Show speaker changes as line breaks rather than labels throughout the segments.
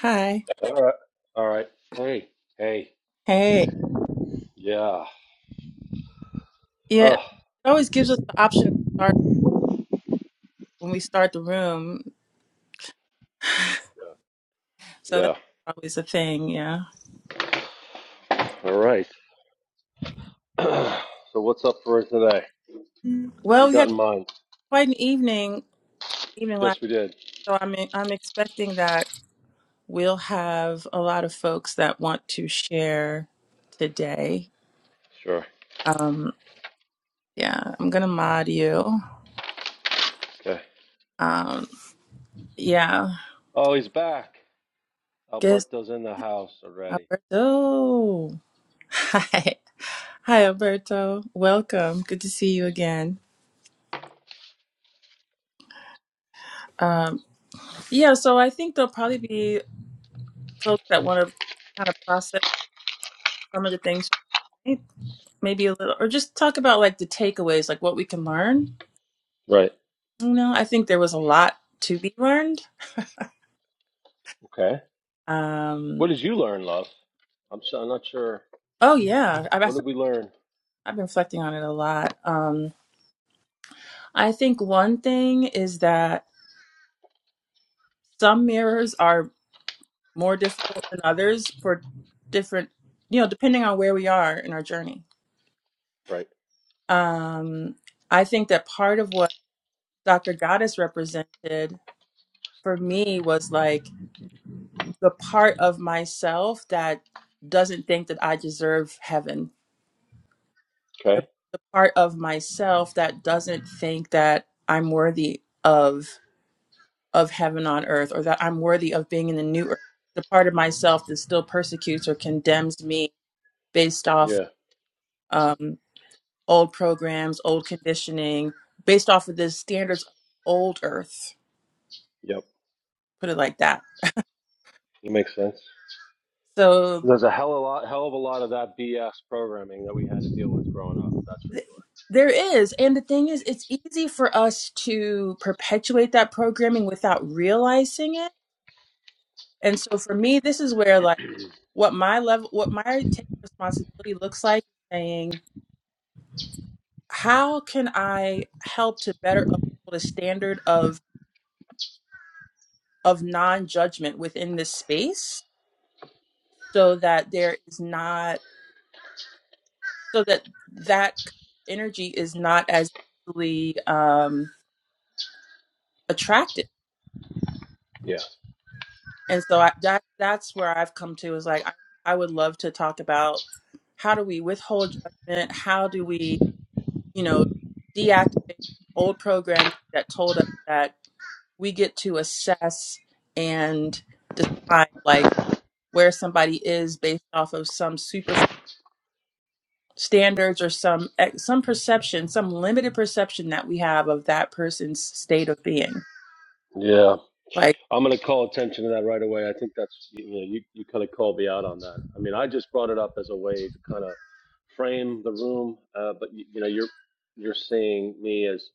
Hi.
All right. All right. Hey. Hey.
Hey.
Yeah.
Yeah, it
Oh.
always gives us the option to start when we start the room. So that's
Yeah.
always a thing, yeah.
Yeah. All right. so what's up for us today? What do
Well,
you
we
got
had
in mind?
quite an evening evening last
Yes, we did.
so I'm I'm expecting that we'll have a lot of folks that want to share today.
Sure.
Um yeah, I'm gonna mod you.
Okay.
Um yeah.
Oh, he's back.
Guess
Alberto's in the house already.
Alberto. Hi. Hi Alberto. Welcome. Good to see you again. Um, Yeah, so I think there'll probably be folks that want to kind of process some of the things, right? maybe a little, or just talk about like the takeaways, like what we can learn.
Right.
You know, I think there was a lot to be learned.
Okay. What
Um,
did you learn, love? I'm, s- I'm not sure.
oh yeah, I've
What
I've
did we learn?
I've been reflecting on it a lot. Um, I think one thing is that some mirrors are more difficult than others for different, you know, depending on where we are in our journey.
Right.
Um, I think that part of what Dr. Goddess represented for me was like the part of myself that doesn't think that I deserve heaven, the,
Okay.
the part of myself that doesn't think that I'm worthy of of heaven on earth or that I'm worthy of being in the new earth, the part of myself that still persecutes or condemns me based off
Yeah.
um, old programs, old conditioning, based off of the standards of old earth,
Yep.
put it like that.
It makes sense.
So.
There's a hell of a lot, hell of a lot of that BS programming that we had to deal with growing up. That's for
Th- There is. And the thing is, it's easy for us to perpetuate that programming without realizing it. And so for me, this is where like what my level, what my take responsibility looks like saying, how can I help to better uphold a standard of of non-judgment within this space so that there is not so that that energy is not as easily um attractive and so I, that that's where I've come to is like I, I would love to talk about how do we withhold judgment? How do we you
sure.
know
Yeah.
deactivate old programming that told us that we get to assess and decide like where somebody is based off of some super standards or some eh, some perception, some limited perception that we have of that person's state of being.
Yeah.
Like
I'm going to call attention to that right away. I think that's you know you, you kind of called me out on that. I mean, I just brought it up as a way to kind of frame the room, uh, but you, you know you're you're seeing me as,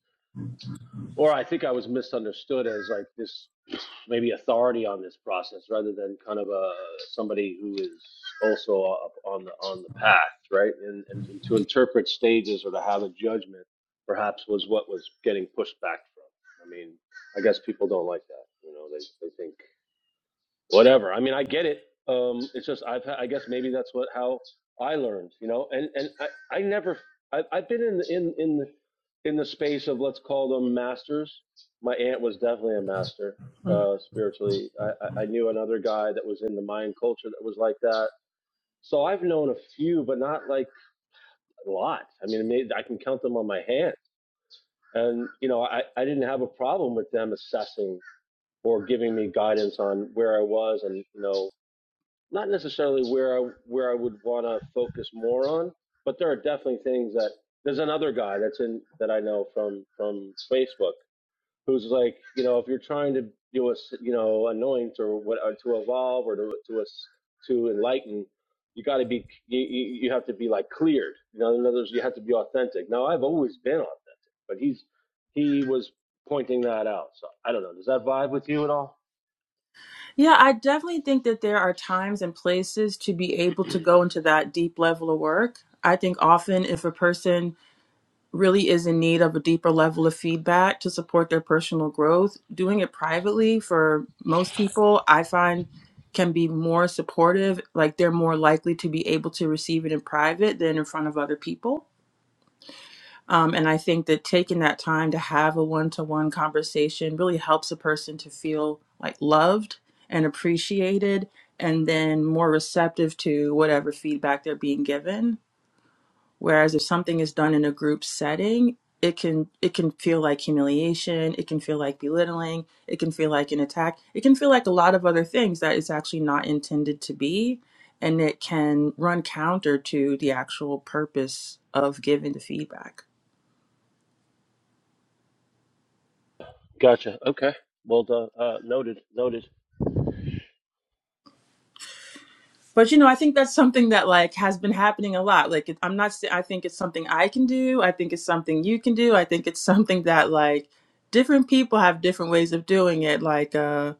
or I think I was misunderstood as like this maybe authority on this process rather than kind of a somebody who is also up on the on the path, right? And, and and to interpret stages or to have a judgment perhaps was what was getting pushed back from. I mean, I guess people don't like that. You know, they they think whatever. I mean, I get it. Um, it's just I've I guess maybe that's what how I learned, you know. And and I I never I, I've been in in in the in the space of let's call them masters. My aunt was definitely a master uh, spiritually. I, I I knew another guy that was in the Mayan culture that was like that. So I've known a few, but not like a lot. I mean, maybe I can count them on my hand. And you know, I, I didn't have a problem with them assessing or giving me guidance on where I was and you know not necessarily where I where I would want to focus more on, but there are definitely things that there's another guy that's in that I know from from Facebook who's like, you know, if you're trying to do a s- you know anoint or what or to evolve or to to us to enlighten, you got to be you, you you have to be like cleared. You know, in other words, you have to be authentic. Now I've always been authentic, but he's he was pointing that out. So I don't know. Does that vibe with you at all?
Yeah, I definitely think that there are times and places to be able to go into that deep level of work. I think often if a person really is in need of a deeper level of feedback to support their personal growth, doing it privately for most people, I find can be more supportive. Like they're more likely to be able to receive it in private than in front of other people. Um, and I think that taking that time to have a one to one conversation really helps a person to feel like loved and appreciated and then more receptive to whatever feedback they're being given. Whereas if something is done in a group setting, it can it can feel like humiliation, it can feel like belittling, it can feel like an attack, it can feel like a lot of other things that it's actually not intended to be and it can run counter to the actual purpose of giving the feedback.
Gotcha. Okay. Well, uh, uh, noted. Noted.
But you know, I think that's something that like has been happening a lot. Like, it- I'm not. sa- I think it's something I can do. I think it's something you can do. I think it's something that like different people have different ways of doing it. Like, uh,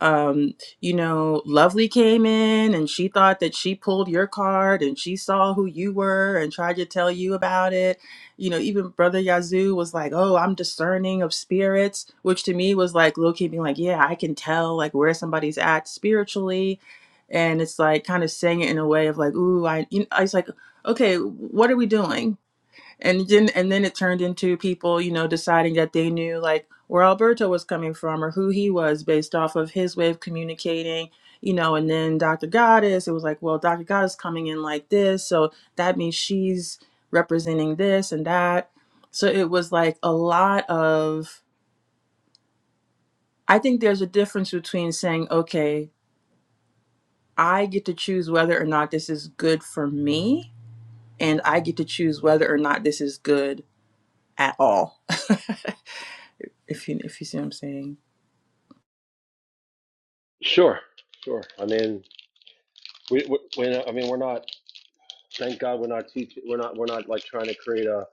um, you know, Lovely came in and she thought that she pulled your card and she saw who you were and tried to tell you about it. You know, even Brother Yazoo was like, "Oh, I'm discerning of spirits," which to me was like low key being like, "Yeah, I can tell like where somebody's at spiritually." and it's like kind of saying it in a way of like, "Ooh, I," you know, I was like, "Okay, what are we doing?" And then and then it turned into people, you know, deciding that they knew like where Alberto was coming from or who he was based off of his way of communicating, you know. And then Dr. Goddess, it was like, "Well, Dr. Goddess coming in like this, so that means she's representing this and that." So it was like a lot of. I think there's a difference between saying, "Okay, I get to choose whether or not this is good for me," and I get to choose whether or not this is good at all. if you if you see what I'm saying.
Sure, sure. I mean, we, we, we I mean, we're not. Thank God, we're not teaching. We're not. We're not like trying to create a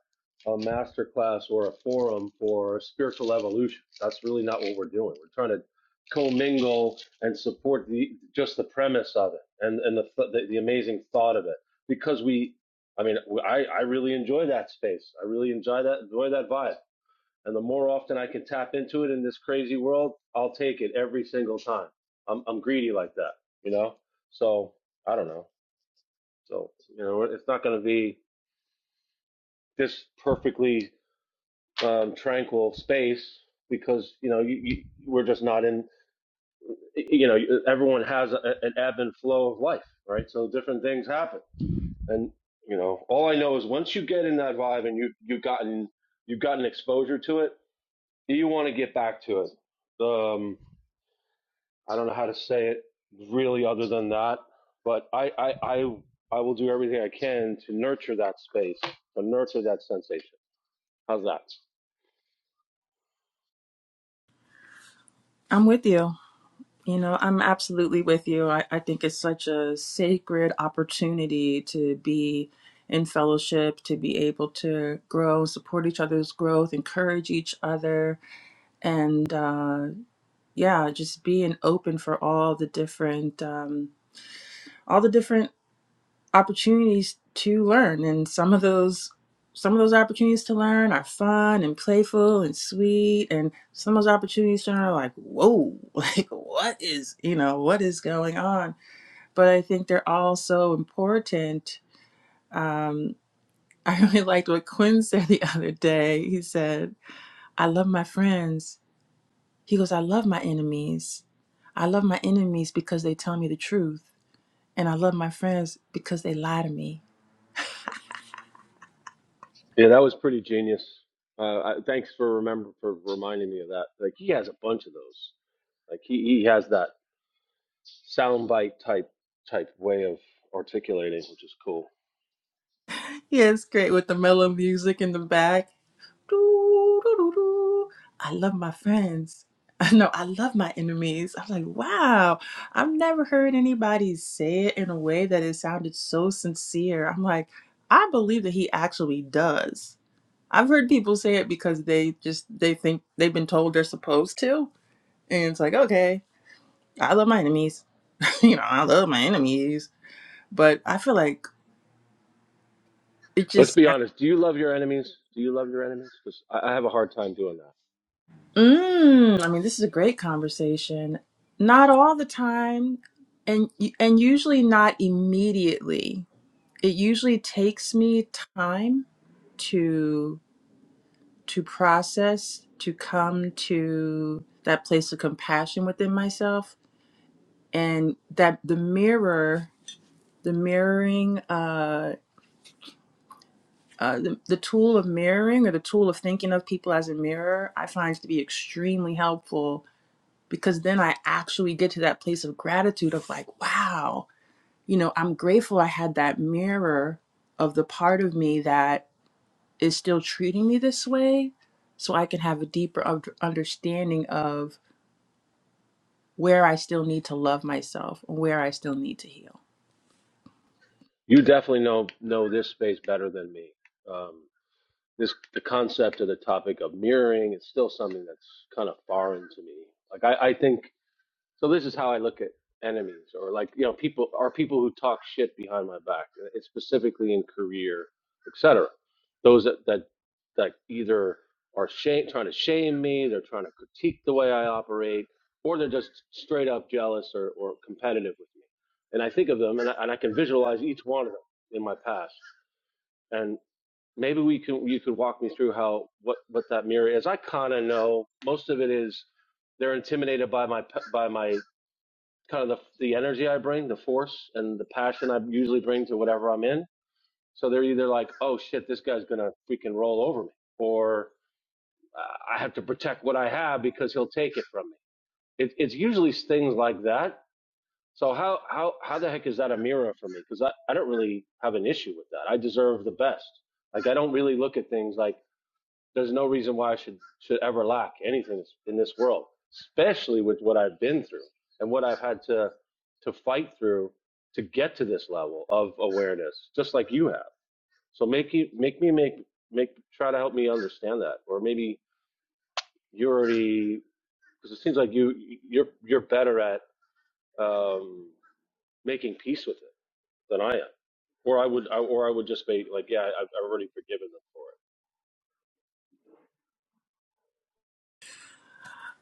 a master class or a forum for spiritual evolution. That's really not what we're doing. We're trying to commingle and support the just the premise of it and and the th- the, the amazing thought of it because we. I mean, I, I really enjoy that space. I really enjoy that enjoy that vibe. And the more often I can tap into it in this crazy world, I'll take it every single time. I'm I'm greedy like that, you know. So I don't know. So you know, it's not going to be this perfectly um, tranquil space because you know you, you, we're just not in. You know, everyone has a, an ebb and flow of life, right? So different things happen, and you know, all I know is once you get in that vibe and you you've gotten you've gotten exposure to it, you want to get back to it. Um, I don't know how to say it really other than that, but I, I, I, I will do everything I can to nurture that space, to nurture that sensation. How's that?
I'm with you. You know, I'm absolutely with you. I, I think it's such a sacred opportunity to be in fellowship, to be able to grow, support each other's growth, encourage each other, and uh, yeah, just being open for all the different um, all the different opportunities to learn and some of those some of those opportunities to learn are fun and playful and sweet and some of those opportunities to learn are like whoa like what is you know what is going on but i think they're all so important um, i really liked what quinn said the other day he said i love my friends he goes i love my enemies i love my enemies because they tell me the truth and i love my friends because they lie to me
Yeah, that was pretty genius. Uh, I, thanks for remember for reminding me of that. Like he has a bunch of those. Like he, he has that soundbite type type way of articulating, which is cool.
Yeah, it's great with the mellow music in the back. Doo, doo, doo, doo. I love my friends. No, I love my enemies. I'm like, wow, I've never heard anybody say it in a way that it sounded so sincere. I'm like, I believe that he actually does. I've heard people say it because they just they think they've been told they're supposed to. And it's like, okay, I love my enemies. you know, I love my enemies. But I feel like it
Let's
just
be honest. Do you love your enemies? Do you love your enemies? Because I, I have a hard time doing that.
Mm, I mean, this is a great conversation. Not all the time, and and usually not immediately. It usually takes me time to to process, to come to that place of compassion within myself, and that the mirror, the mirroring, uh, uh, the, the tool of mirroring or the tool of thinking of people as a mirror, I find to be extremely helpful because then I actually get to that place of gratitude of like, wow, you know, I'm grateful I had that mirror of the part of me that is still treating me this way so I can have a deeper un- understanding of where I still need to love myself and where I still need to heal.
You definitely know know this space better than me. Um, this the concept of the topic of mirroring is still something that's kind of foreign to me. Like I, I think So this is how I look at enemies, or like you know, people are people who talk shit behind my back, uh, It's specifically in career, etc. Those that that that either are shame, trying to shame me, they're trying to critique the way I operate, or they're just straight up jealous or, or competitive with me. And I think of them, and I, and I can visualize each one of them in my past. And maybe we can you could walk me through how what what that mirror is. I kind of know most of it is they're intimidated by my p- by my kind of the, the energy I bring, the force and the passion I usually bring to whatever I'm in. So they're either like, oh shit, this guy's going to freaking roll over me, or uh, I have to protect what I have because he'll take it from me. It, it's usually things like that. So how, how, how the heck is that a mirror for me? Because I, I don't really have an issue with that. I deserve the best. Like I don't really look at things like there's no reason why I should should ever lack anything in this world, especially with what I've been through and what I've had to to fight through to get to this level of awareness, just like you have. So make you make me make make try to help me understand that, or maybe you're already because it seems like you you're you're better at um, making peace with it than I am, or I would I, or I would just be like, yeah, I, I've already forgiven them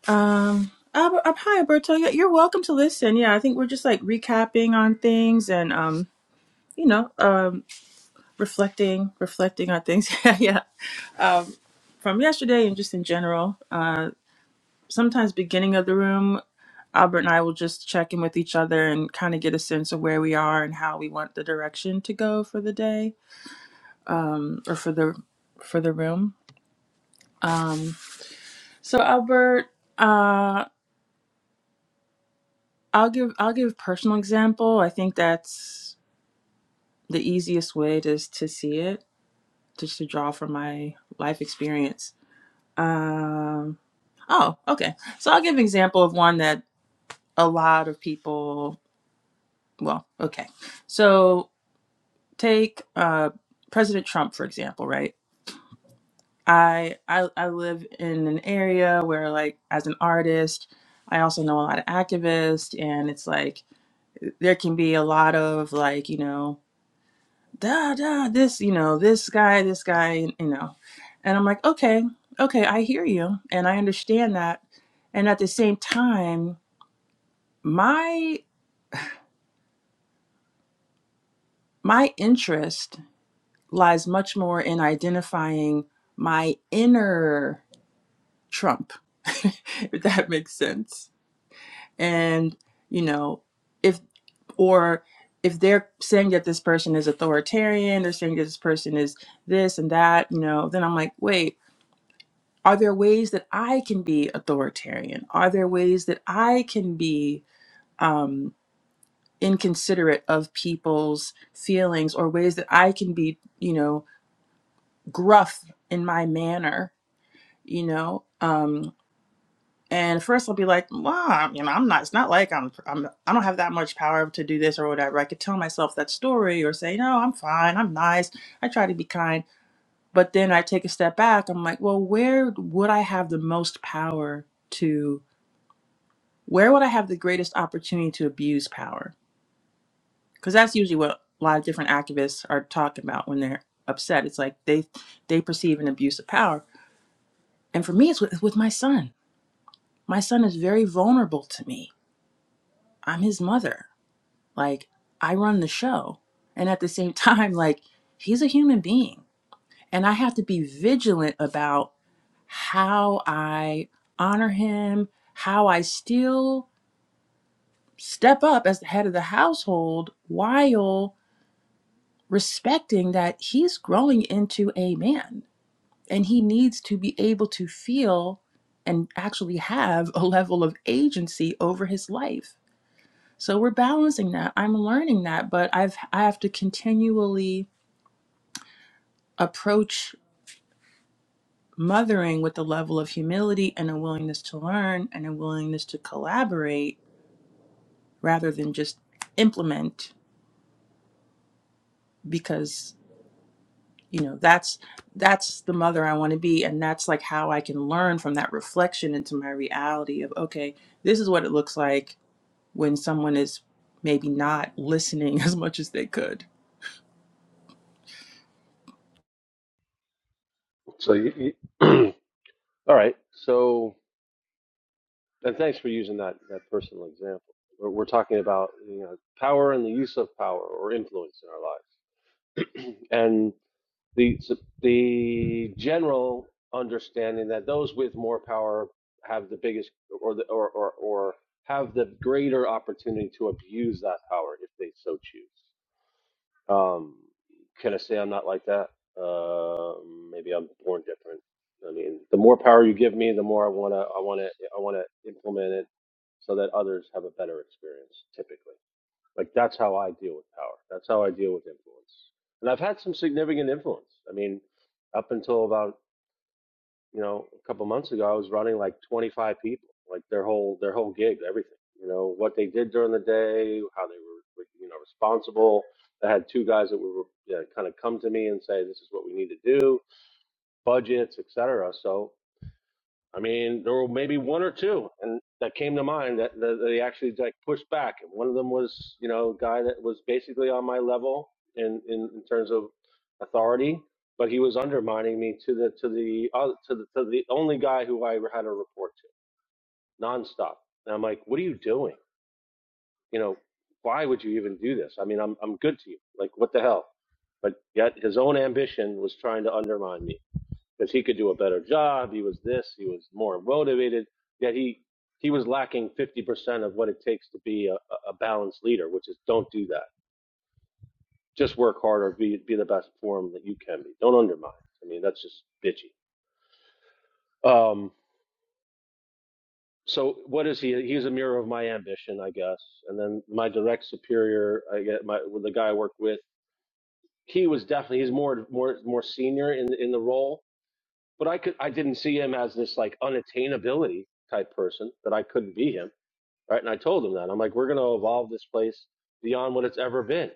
Um, Albert, uh, hi, Alberto. Yeah, You're welcome to listen. Yeah, I think we're just like recapping on things and, um, you know, um, reflecting, reflecting on things. yeah, yeah. Um, from yesterday and just in general, uh, sometimes beginning of the room, Albert and I will just check in with each other and kind of get a sense of where we are and how we want the direction to go for the day um, or for the for the room. Um, so Albert, uh, I'll give I'll give a personal example. I think that's the easiest way to to see it, just to draw from my life experience. Um, oh, okay. So I'll give an example of one that a lot of people well okay so take uh president trump for example right I, I i live in an area where like as an artist i also know a lot of activists and it's like there can be a lot of like you know da da this you know this guy this guy you know and i'm like okay okay i hear you and i understand that and at the same time my my interest lies much more in identifying my inner Trump, if that makes sense. And, you know, if, or if they're saying that this person is authoritarian, they're saying that this person is this and that, you know, then I'm like, wait, are there ways that I can be authoritarian? Are there ways that I can be um, inconsiderate of people's feelings or ways that I can be, you know, gruff in my manner? you know um and first i'll be like well you know i'm not it's not like I'm, I'm i don't have that much power to do this or whatever i could tell myself that story or say no i'm fine i'm nice i try to be kind but then i take a step back i'm like well where would i have the most power to where would i have the greatest opportunity to abuse power because that's usually what a lot of different activists are talking about when they're upset it's like they they perceive an abuse of power and for me it's with, with my son my son is very vulnerable to me I'm his mother. Like, I run the show. And at the same time, like, he's a human being. And I have to be vigilant about how I honor him, how I still step up as the head of the household while respecting that he's growing into a man and he needs to be able to feel and actually have a level of agency over his life So we're balancing that. I'm learning that, but I've I have to continually approach mothering with a level of humility and a willingness to learn and a willingness to collaborate rather than just implement because you know that's that's the mother I want to be and that's like how I can learn from that reflection into my reality of okay, this is what it looks like when someone is maybe not listening as much as they could
for it. So you, you all right, so. And thanks for using that, that personal example. We're, we're talking about you know power and the use of power or influence in our lives, and the the general understanding that those with more power have the biggest or the or or, or have the greater opportunity to abuse that power if they so choose. Um, can I say I'm not like that? Uh, maybe I'm born different. I mean, the more power you give me, the more I wanna, I wanna, I wanna implement it so that others have a better experience. Typically, like that's how I deal with power. That's how I deal with influence. And I've had some significant influence. I mean, up until about you know, a couple months ago, I was running like 25 people, like their whole their whole gig, everything. You know, what they did during the day, how they were, you know, responsible. I had two guys that were you know, kind of come to me and say, "This is what we need to do, budgets, etc." I mean, there were maybe one or two, and that came to mind that, that they actually like pushed back. And one of them was, you know, a guy that was basically on my level in, in, in terms of authority, but he was undermining me to the to the uh, to the to the only guy who I had a report to nonstop. And I'm like, what are you doing? You know, why would you even do this? I mean, I'm I'm good to you. Like, what the hell? But yet, his own ambition was trying to undermine me because he could do a better job. He was this, he was more motivated. Yet he he was lacking 50% of what it takes to be a, a balanced leader, which is don't do that. Just work harder. be be the best form that you can be. Don't undermine. I mean, that's just bitchy. Um, so what is he? He's a mirror of my ambition, I guess. And then my direct superior, I get my the guy I work with. He was definitely he's more more more senior in in the role, but I could I didn't see him as this like unattainability type person that I couldn't be him, right? And I told him that I'm like, we're going to evolve this place beyond what it's ever been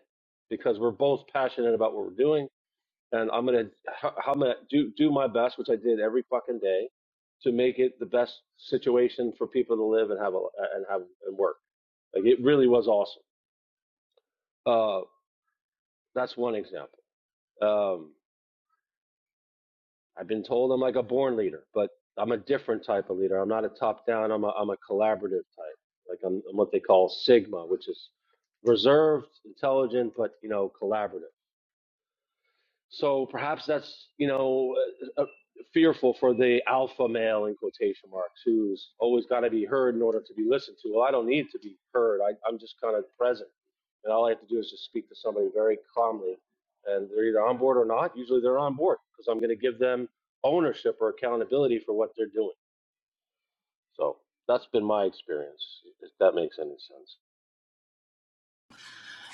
because we're both passionate about what we're doing, and I'm gonna h- I'm gonna do do my best, which I did every fucking day, to make it the best situation for people to live and have a and have and work. Like it really was awesome. Uh, that's one example. Um, I've been told I'm like a born leader, but I'm a different type of leader. I'm not a top down. I'm a I'm a collaborative type. Like I'm, I'm what they call Sigma, which is reserved, intelligent, but you know, collaborative. So perhaps that's you know uh, uh, fearful for the alpha male in quotation marks who's always got to be heard in order to be listened to. Well, I don't need to be heard. I, I'm just kind of present, and all I have to do is just speak to somebody very calmly, and they're either on board or not. Usually they're on board because I'm going to give them ownership or accountability for what they're doing. So that's been my experience. If that makes any sense.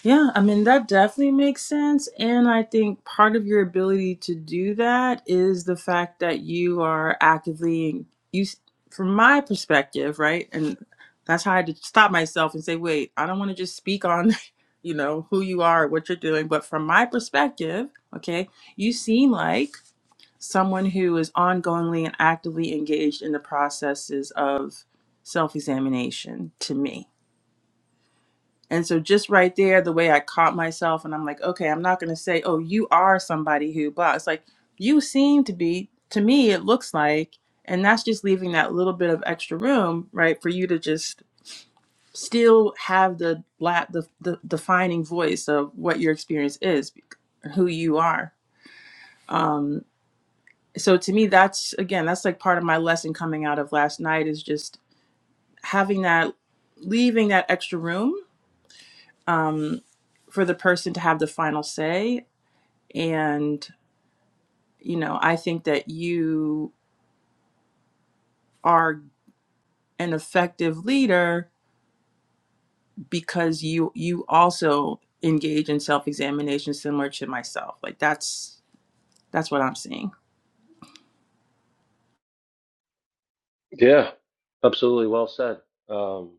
Yeah, I mean, that definitely makes sense. And I think part of your ability to do that is the fact that you are actively, you, from my perspective, right? And that's how I had to stop myself and say, wait, I don't want to just speak on, you know, who you are, what you're doing. But from my perspective, okay, you seem like someone who is ongoingly and actively engaged in the processes of self examination to me and so just right there, the way I caught myself and I'm like, okay, I'm not going to say, oh, you are somebody who blah. It's like, you seem to be, to me, it looks like, and that's just leaving that little bit of extra room, right, for you to just still have the, la- the, the defining voice of what your experience is, who you are. Um, so to me, that's, again, that's like part of my lesson coming out of last night is just having that, leaving that extra room for the person to have the final say And, you know, I think that you are an effective leader because you you also engage in self-examination similar to myself. Like that's that's what I'm seeing.
Yeah, absolutely. Well said. Um,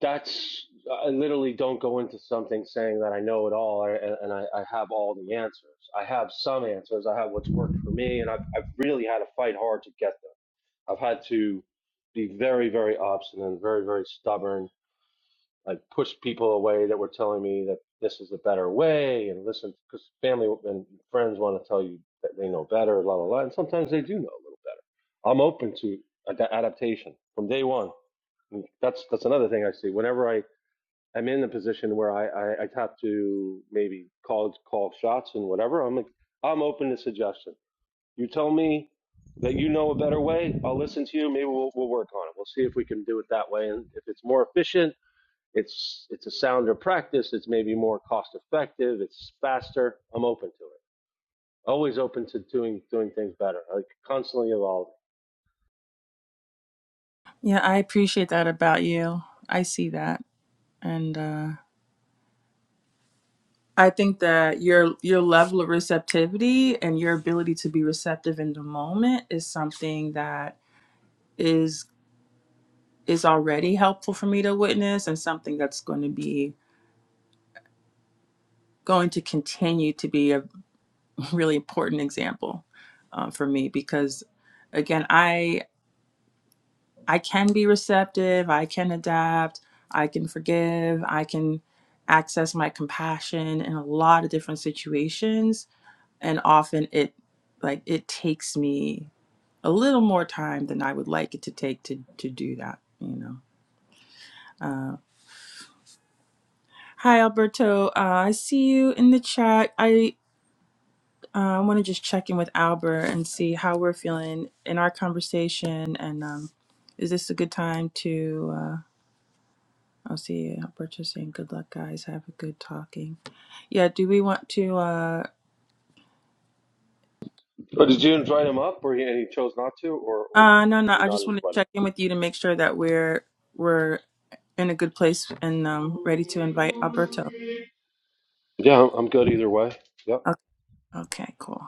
that's I literally don't go into something saying that I know it all and, and I, I have all the answers. I have some answers. I have what's worked for me, and I've I've really had to fight hard to get them. I've had to be very very obstinate, very very stubborn. I pushed people away that were telling me that this is a better way, and listen, because family and friends want to tell you that they know better, la la la, and sometimes they do know a little better. I'm open to ad- adaptation from day one. And That's that's another thing I see whenever I I'm in the position where I, I, I have to maybe call call shots and whatever. I'm like, I'm open to suggestion. You tell me that you know a better way. I'll listen to you. Maybe we'll we'll work on it. We'll see if we can do it that way. And if it's more efficient, it's it's a sounder practice. It's maybe more cost effective. It's faster. I'm open to it. Always open to doing doing things better. Like constantly evolving.
Yeah, I appreciate that about you. I see that. And uh I think that your your level of receptivity and your ability to be receptive in the moment is something that is is already helpful for me to witness and something that's going to be going to continue to be a really important example uh, for me because again i i can be receptive i can adapt i can forgive i can access my compassion in a lot of different situations and often it like it takes me a little more time than i would like it to take to to do that you know uh, hi alberto uh, i see you in the chat I Uh, I want to just check in with Albert and see how we're feeling in our conversation. And um, is this a good time to? Uh, I'll see. Albert just saying, "Good luck, guys. Have a good talking." Yeah. Do we want to? Uh,
But did you invite him up, or he, and he chose not to, or or did
uh, no, no.
we
I
not
just want to
invite
check
him?
in with you to make sure that we're we're in a good place and um, ready to invite Alberto.
Yeah, I'm good either way. Yep.
Okay. Okay. Cool.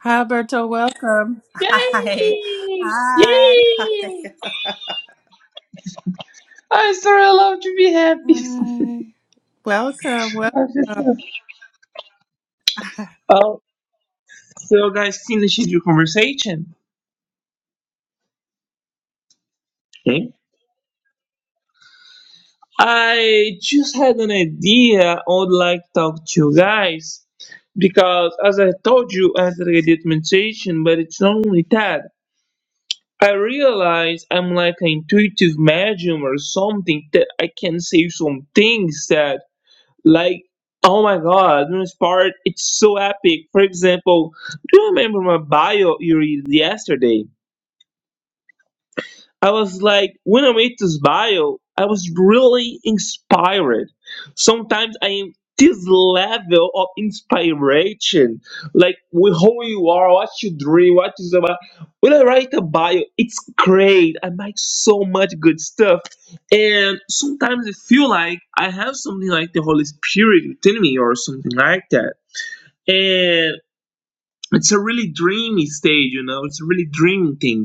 Hi, Alberto. Welcome. Hi.
Yay!
Hi. Hi.
Yay! I'm sorry, I love to be happy.
Hi. Welcome.
I'm just
Welcome.
so- oh, so guys, finish your conversation. Hmm? I just had an idea I would like to talk to you guys because, as I told you after I did meditation, but it's not only that. I realize I'm like an intuitive medium or something that I can say some things that Like, oh my god, this part, it's so epic. For example, do you remember my bio you read yesterday? I was like, when I made this bio, I was really inspired. Sometimes I am this level of inspiration, like with who you are, what you dream, what is about. When I write a bio, it's great. I make so much good stuff, and sometimes I feel like I have something like the Holy Spirit within me or something like that, and. It's a really dreamy stage, you know. It's a really dreamy thing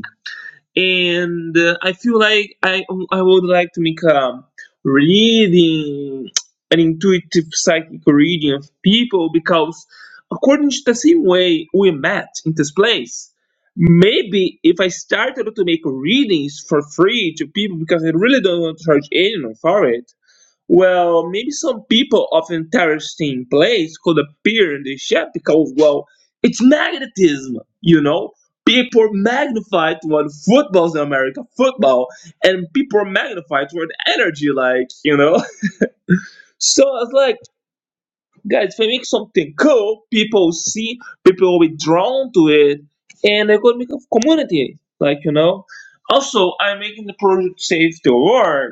and uh, I feel like I I would like to make a reading, an intuitive psychic reading of people because according to the same way we met in this place, maybe if I started to make readings for free to people because I really don't want to charge anyone for it, well, maybe some people of interesting place could appear in this chat because, well, it's magnetism, you know? People magnify toward footballs in America, football, and people magnify toward energy, like, you know? So I was like, guys, if I make something cool, people see, people will be drawn to it, and they could make a community, like, you know? Also, I'm making the project Save the World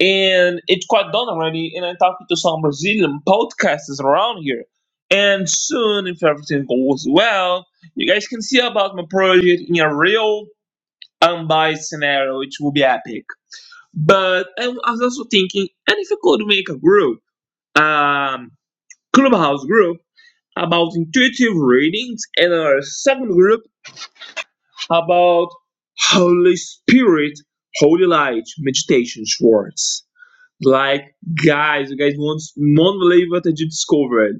and it's quite done already. And I'm talking to some Brazilian podcasters around here. And soon, if everything goes well, you guys can see about my project in a real unbiased scenario, which will be epic. But I was also thinking, and if I could make a group, um, clubhouse group about intuitive readings, and a second group about Holy Spirit, Holy Light, meditation, Schwartz. Like, guys, you guys won't, won't believe what I just discovered.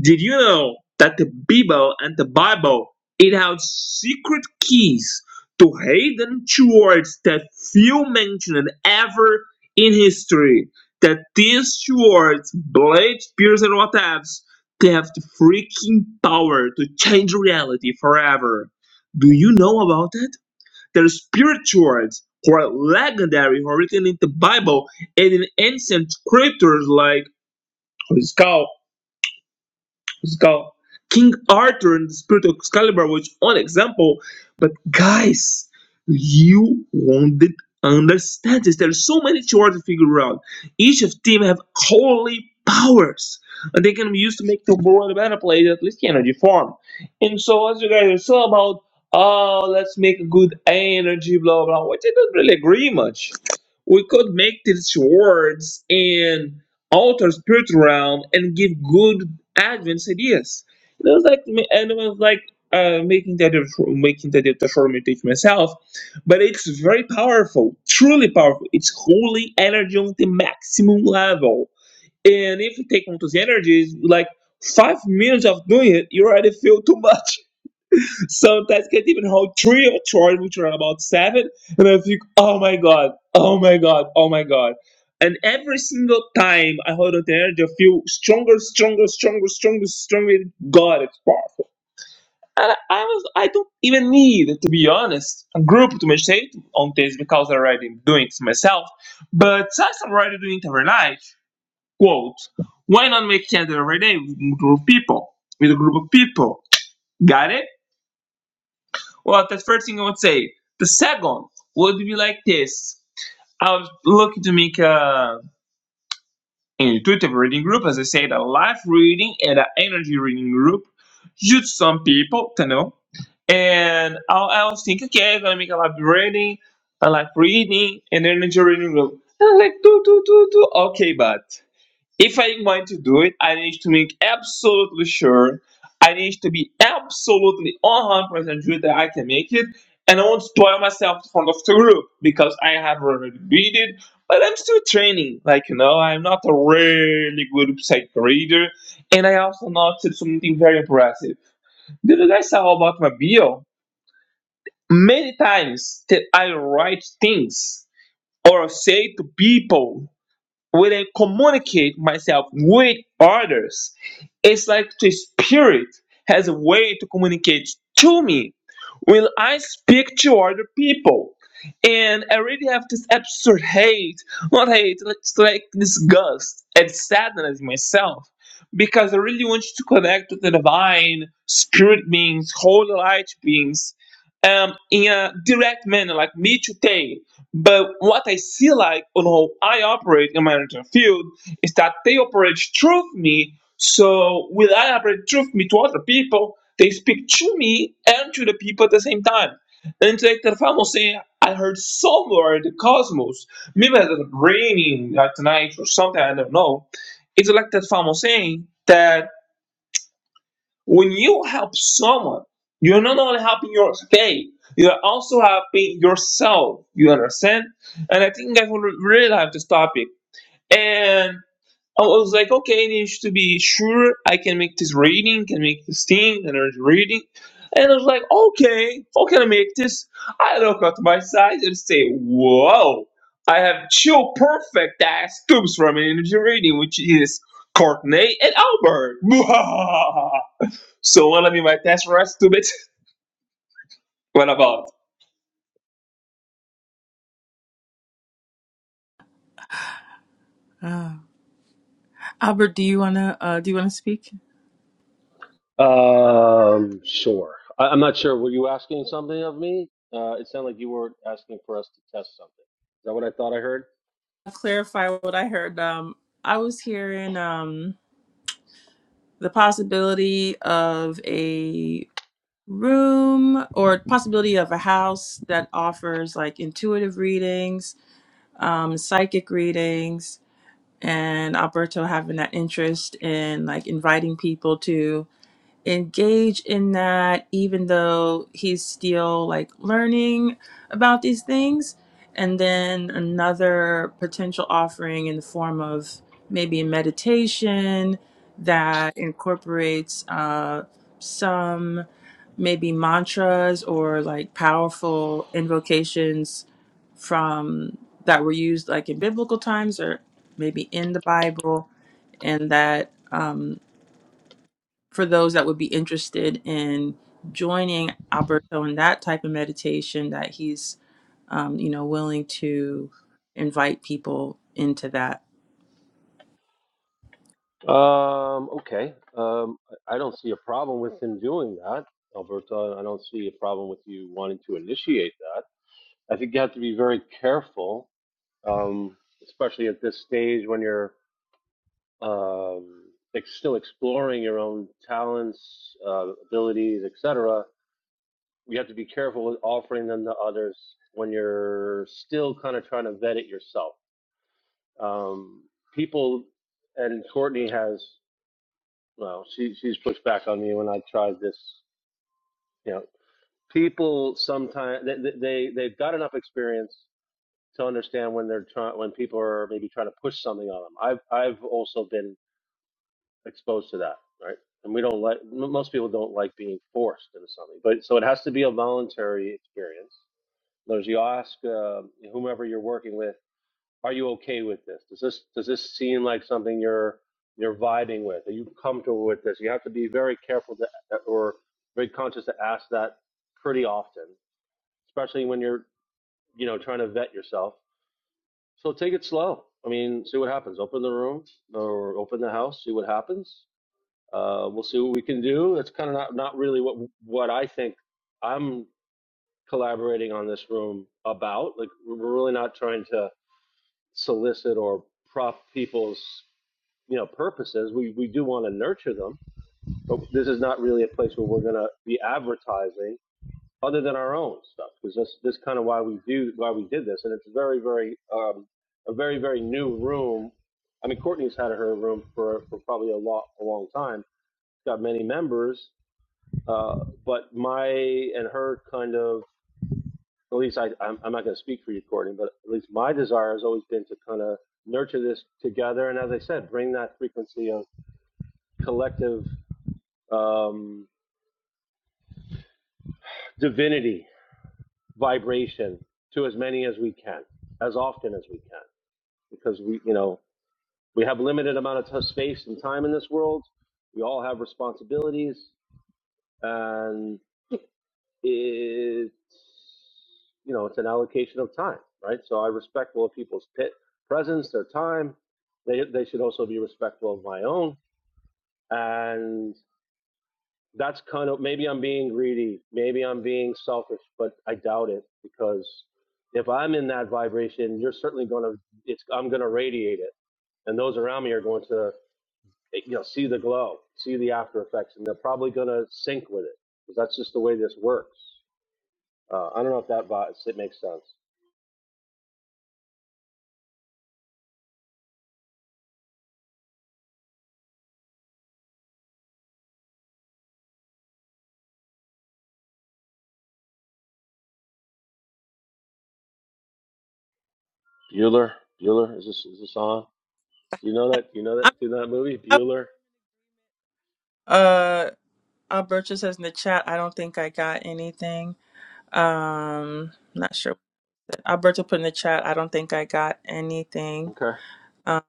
Did you know that the Bible and the Bible it has secret keys to hidden words that few mentioned ever in history? That these words, blades, spears, and what haves, they have the freaking power to change reality forever. Do you know about that? There's spirituals who are legendary, who are written in the Bible and in ancient scriptures like Holy Cow skull. King Arthur and the Spirit of Excalibur was one example, but guys, you won't understand this. There are so many chores to figure out. Each of them have holy powers, and they can be used to make the world a better place, at least the energy form. And so, as you guys are so about, oh, let's make a good energy, blah blah, which I don't really agree much. We could make these swords and alter spirit realm and give good Advent said yes. And it was like, and it was like uh, making that making that deformity myself, but it's very powerful, truly powerful. It's holy energy on the maximum level. And if you take on those energies, like five minutes of doing it, you already feel too much. Sometimes can't even hold three or charge, which are about seven. And I think, oh my god, oh my god, oh my god. And every single time I hold on to energy, I feel stronger, stronger, stronger, stronger, stronger. God, it's powerful. And I I was, I don't even need, to be honest, a group to meditate on this because I already doing it myself. But since I'm already doing it every night, quote, why not make it every day with group of people, with a group of people? Got it? Well, the first thing I would say. The second would be like this. I was looking to make a an intuitive reading group, as I said, a life reading and an energy reading group. Just some people to know. And I, I was thinking, okay, I'm gonna make a life reading, a life reading, and energy reading group. And I was like, do do do do. Okay, but. If I'm going to do it, I need to make absolutely sure. I need to be absolutely 100% sure that I can make it. And I won't spoil myself in front of the group because I have already read it. But I'm still training. Like, you know, I'm not a really good psych reader. And I also noticed something very impressive. Did you guys saw about my bio? Many times that I write things or say to people when I communicate myself with others, it's like the spirit has a way to communicate to me. When I speak to other people, and I really have this absurd hate, not hate, like, it's like disgust and sadness myself, because I really want you to connect with the divine spirit beings, holy light beings, um, in a direct manner, like me today. But what I see like on how I operate in my mental field is that they operate through me. So when I operate through me to other people, they speak to me and to the people at the same time. And it's like the famous saying, I heard somewhere in the cosmos, maybe it's raining like tonight or something, I don't know. It's like that famous saying that when you help someone, you're not only helping your faith, you're also helping yourself. You understand? And I think I will really have this topic. And I was like, okay, I need to be sure I can make this reading, can make this thing, and I was reading. And I was like, okay, how can I make this? I look at my size and say, whoa, I have two perfect ass tubes from an energy reading, which is Courtney and Albert. So what to be my test rest to bit? What about?
Albert, do you wanna uh, do you wanna speak?
Um, sure. I, I'm not sure. Were you asking something of me? Uh, it sounded like you were asking for us to test something. Is that what I thought I heard?
Clarify what I heard. Um, I was hearing um, the possibility of a room or possibility of a house that offers like intuitive readings, um, psychic readings, and Alberto having that interest in like inviting people to. engage in that even though he's still like learning about these things and then another potential offering in the form of maybe a meditation that incorporates uh, some maybe mantras or like powerful invocations from that were used like in biblical times or maybe in the bible and that um, for those that would be interested in joining Alberto in that type of meditation that he's um, you know willing to invite people into that.
Um, okay. Um, I I don't see a problem with him doing that, Alberta. I don't see a problem with you wanting to initiate that. I think you have to be very careful, um, especially at this stage when you're um, ex- still exploring your own talents, uh, abilities, etc you have to be careful with offering them to others when you're still kind of trying to vet it yourself. Um, people, and Courtney has, well, she, she's pushed back on me when I tried this. You know, people sometimes they, they they've got enough experience to understand when they're trying when people are maybe trying to push something on them. I've I've also been exposed to that, right? And we don't like most people don't like being forced into something, but so it has to be a voluntary experience There's you ask uh, whomever you're working with, are you okay with this? Does this does this seem like something you're you're vibing with? Are you comfortable with this? You have to be very careful to, or very conscious to ask that pretty often, especially when you're you know trying to vet yourself. So take it slow. I mean, see what happens. Open the room or open the house. See what happens. Uh, we'll see what we can do. That's kind of not not really what what I think I'm collaborating on this room about. Like we're really not trying to solicit or prop people's you know purposes. We we do want to nurture them, but this is not really a place where we're going to be advertising other than our own stuff because this this kind of why we do why we did this, and it's very very um, a very very new room. I mean, Courtney's had her room for, for probably a lot a long time. got many members, uh, but my and her kind of at least I, I'm, I'm not going to speak for you, Courtney, but at least my desire has always been to kind of nurture this together. And as I said, bring that frequency of collective um, divinity vibration to as many as we can, as often as we can, because we, you know, we have limited amount of space and time in this world. We all have responsibilities, and. it's you know it's an allocation of time, right? So I respect all people's pit presence, their time. They they should also be respectful of my own, and that's kind of maybe I'm being greedy, maybe I'm being selfish, but I doubt it because if I'm in that vibration, you're certainly gonna it's I'm gonna radiate it, and those around me are going to you know see the glow, see the after effects, and they're probably gonna sync with it because that's just the way this works. Uh, I don't know if that vi- it makes sense. Bueller, Bueller, is this is this on? Do you know that? Do you know that?
I,
Do you know that movie,
I,
Bueller?
uh, Alberto says in the chat, I don't think I got anything. Um, not sure. Alberto put in the chat, I don't think I got anything.
Okay.
Um,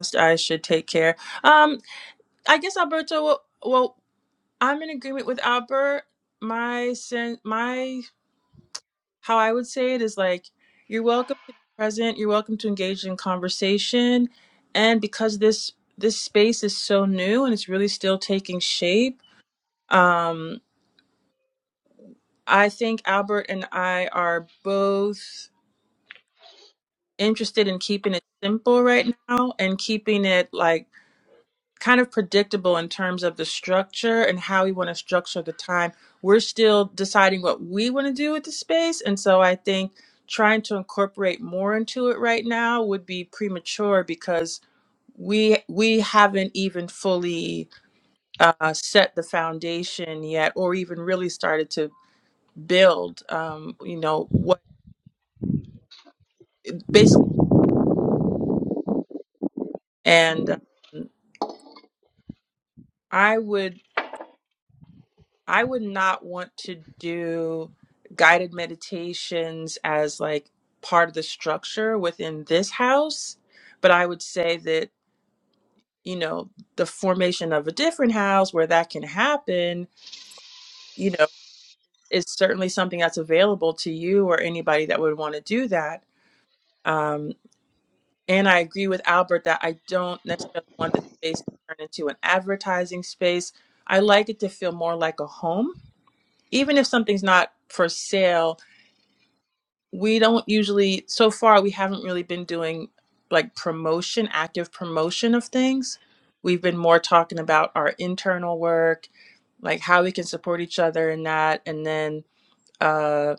just I should take care. Um, I guess Alberto. Well, well, I'm in agreement with Albert. My sin, my how I would say it is like you're welcome to be present, you're welcome to engage in conversation, and because this this space is so new and it's really still taking shape, um, I think Albert and I are both interested in keeping it simple right now and keeping it like kind of predictable in terms of the structure and how we want to structure the time. We're still deciding what we want to do with the space. And so I think trying to incorporate more into it right now would be premature because we we haven't even fully uh, set the foundation yet or even really started to build um, you know what basically and um, i would I would not want to do guided meditations as like part of the structure within this house, but I would say that, you know, the formation of a different house where that can happen, you know, is certainly something that's available to you or anybody that would want to do that. Um, and I agree with Albert that I don't necessarily want the space to turn into an advertising space. I like it to feel more like a home, even if something's not for sale we don't usually so far we haven't really been doing like promotion active promotion of things we've been more talking about our internal work like how we can support each other in that and then uh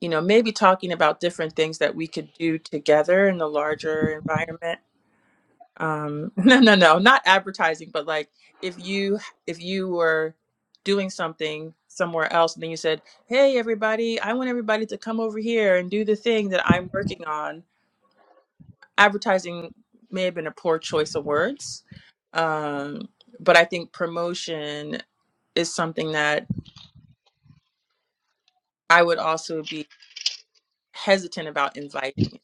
you know maybe talking about different things that we could do together in the larger environment um no no no not advertising but like if you if you were doing something somewhere else and then you said hey everybody i want everybody to come over here and do the thing that i'm working on advertising may have been a poor choice of words um but i think promotion is something that i would also be hesitant about inviting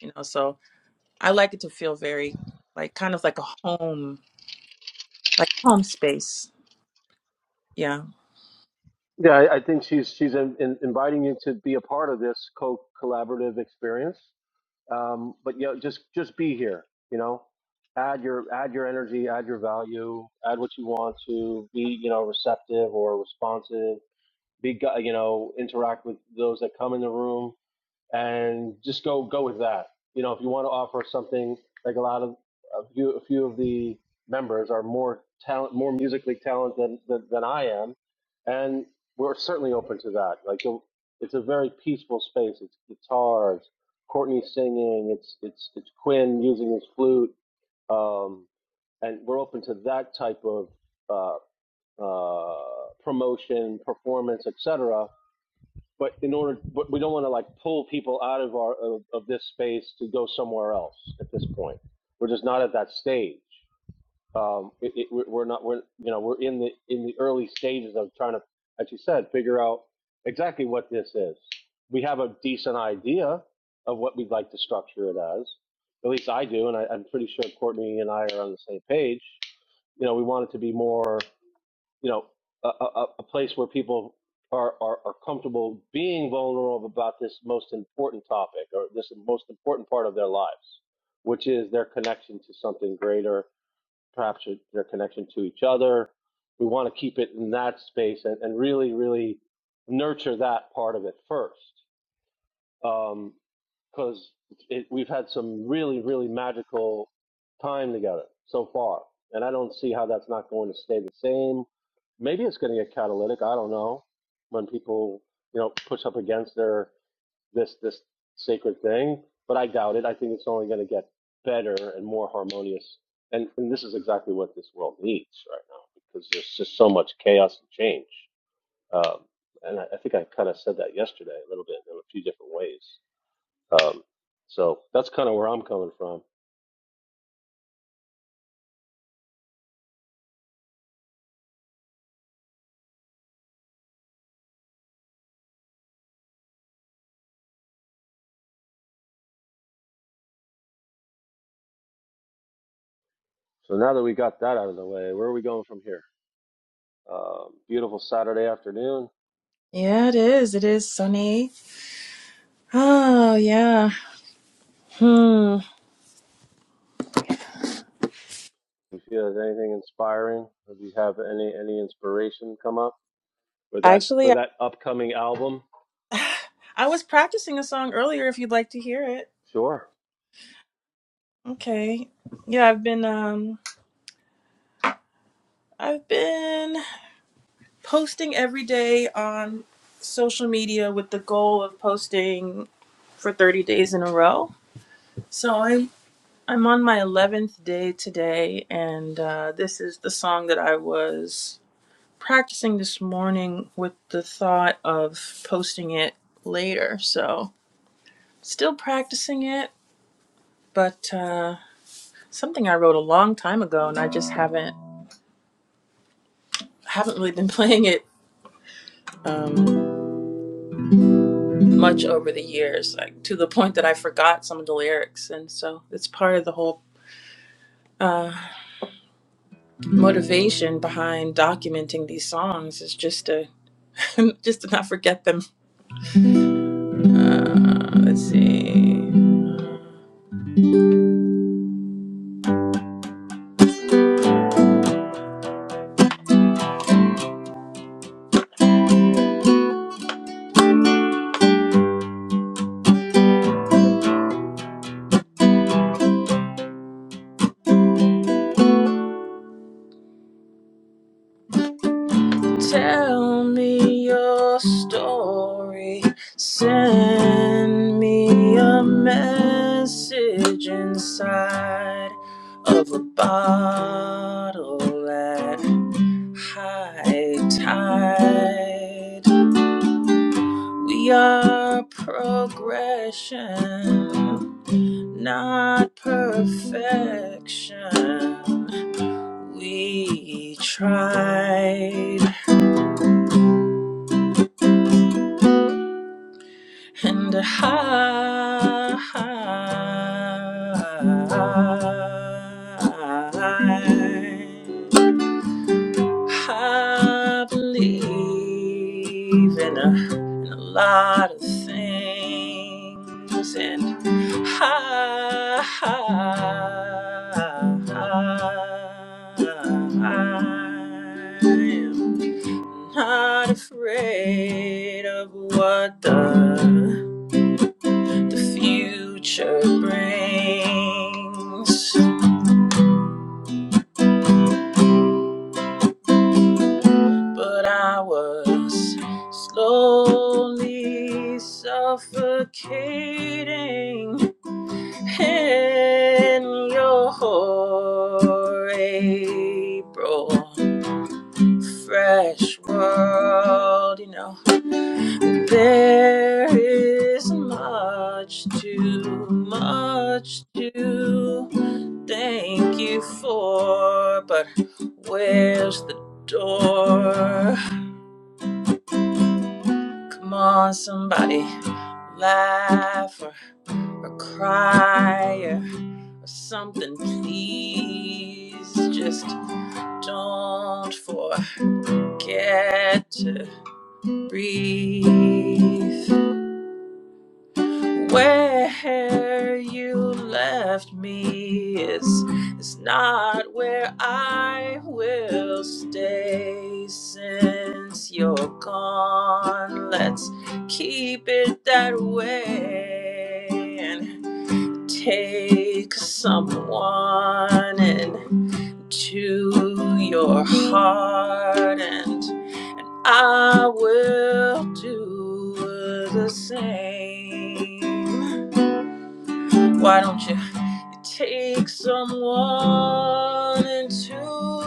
you know so i like it to feel very like kind of like a home like home space yeah
Yeah, I, I think she's she's in, in inviting you to be a part of this co collaborative experience. Um, but yeah, just just be here. You know, add your add your energy, add your value, add what you want to be. You know, receptive or responsive. Be gu- you know interact with those that come in the room and just go go with that. You know, if you want to offer something like a lot of a few a few of the members are more talent, more musically talented than than, than I am, and we're certainly open to that. Like you'll- it's a very peaceful space. It's guitars, Courtney singing. It's it's it's Quinn using his flute, um, and we're open to that type of uh, uh, promotion, performance, etc but in order, but we don't want to like pull people out of our, of, of this space to go somewhere else at this point. We're just not at that stage. Um, it, it, we're not, we're, you know, we're in the, in the early stages of trying to, as you said, figure out exactly what this is. We have a decent idea of what we'd like to structure it as. At least I do, and I, I'm pretty sure Courtney and I are on the same page. You know, we want it to be more you know, a, a, a- place where people are, are, are comfortable being vulnerable about this most important topic or this most important part of their lives, which is their connection to something greater, perhaps their connection to each other. We want to keep it in that space and, and really, really nurture that part of it first. Um, because we've had some really, really magical time together so far, and I don't see how that's not going to stay the same. Maybe it's going to get catalytic. I don't know. When people, you know, push up against their this this sacred thing, but I doubt it. I think it's only going to get better and more harmonious. And, and this is exactly what this world needs right now because there's just so much chaos and change. Um, and I, I think I kind of said that yesterday a little bit in a few different ways. Um, so that's kind of where I'm coming from. So now that we got that out of the way, where are we going from here? Um, beautiful Saturday afternoon.
Yeah, it is. It is sunny. Oh, yeah. Hmm.
If you have anything inspiring, if you have any any inspiration come up for that for
Actually,
that upcoming album,
I, I was practicing a song earlier if you'd like to hear it.
sure.
Okay. Yeah, I've been um I've been posting every day on social media with the goal of posting for 30 days in a row. So I'm I'm on my 11th day today and uh, this is the song that I was practicing this morning with the thought of posting it later. So, still practicing it, but uh, something I wrote a long time ago, and I just haven't haven't really been playing it um, much over the years, like to the point that I forgot some of the lyrics. And so, it's part of the whole uh, motivation behind documenting these songs is just to just to not forget them. Uh, let's see. Tell me your story. Send me a message inside of a bottle at high tide. We are progression, not perfection. We tried. and high. I believe in a, in a lot of things, and I, am not afraid of what the the future brings. But I was slowly suffocating in your April fresh world, you know. There is much too much to thank you for, but where's the door? Come on, somebody, laugh or, or cry or, or something, please. Just don't forget to breathe. Where you left me is, is not where I will stay since you're gone. Let's keep it that way and take someone into your heart, and I will do the same. Why don't you take someone into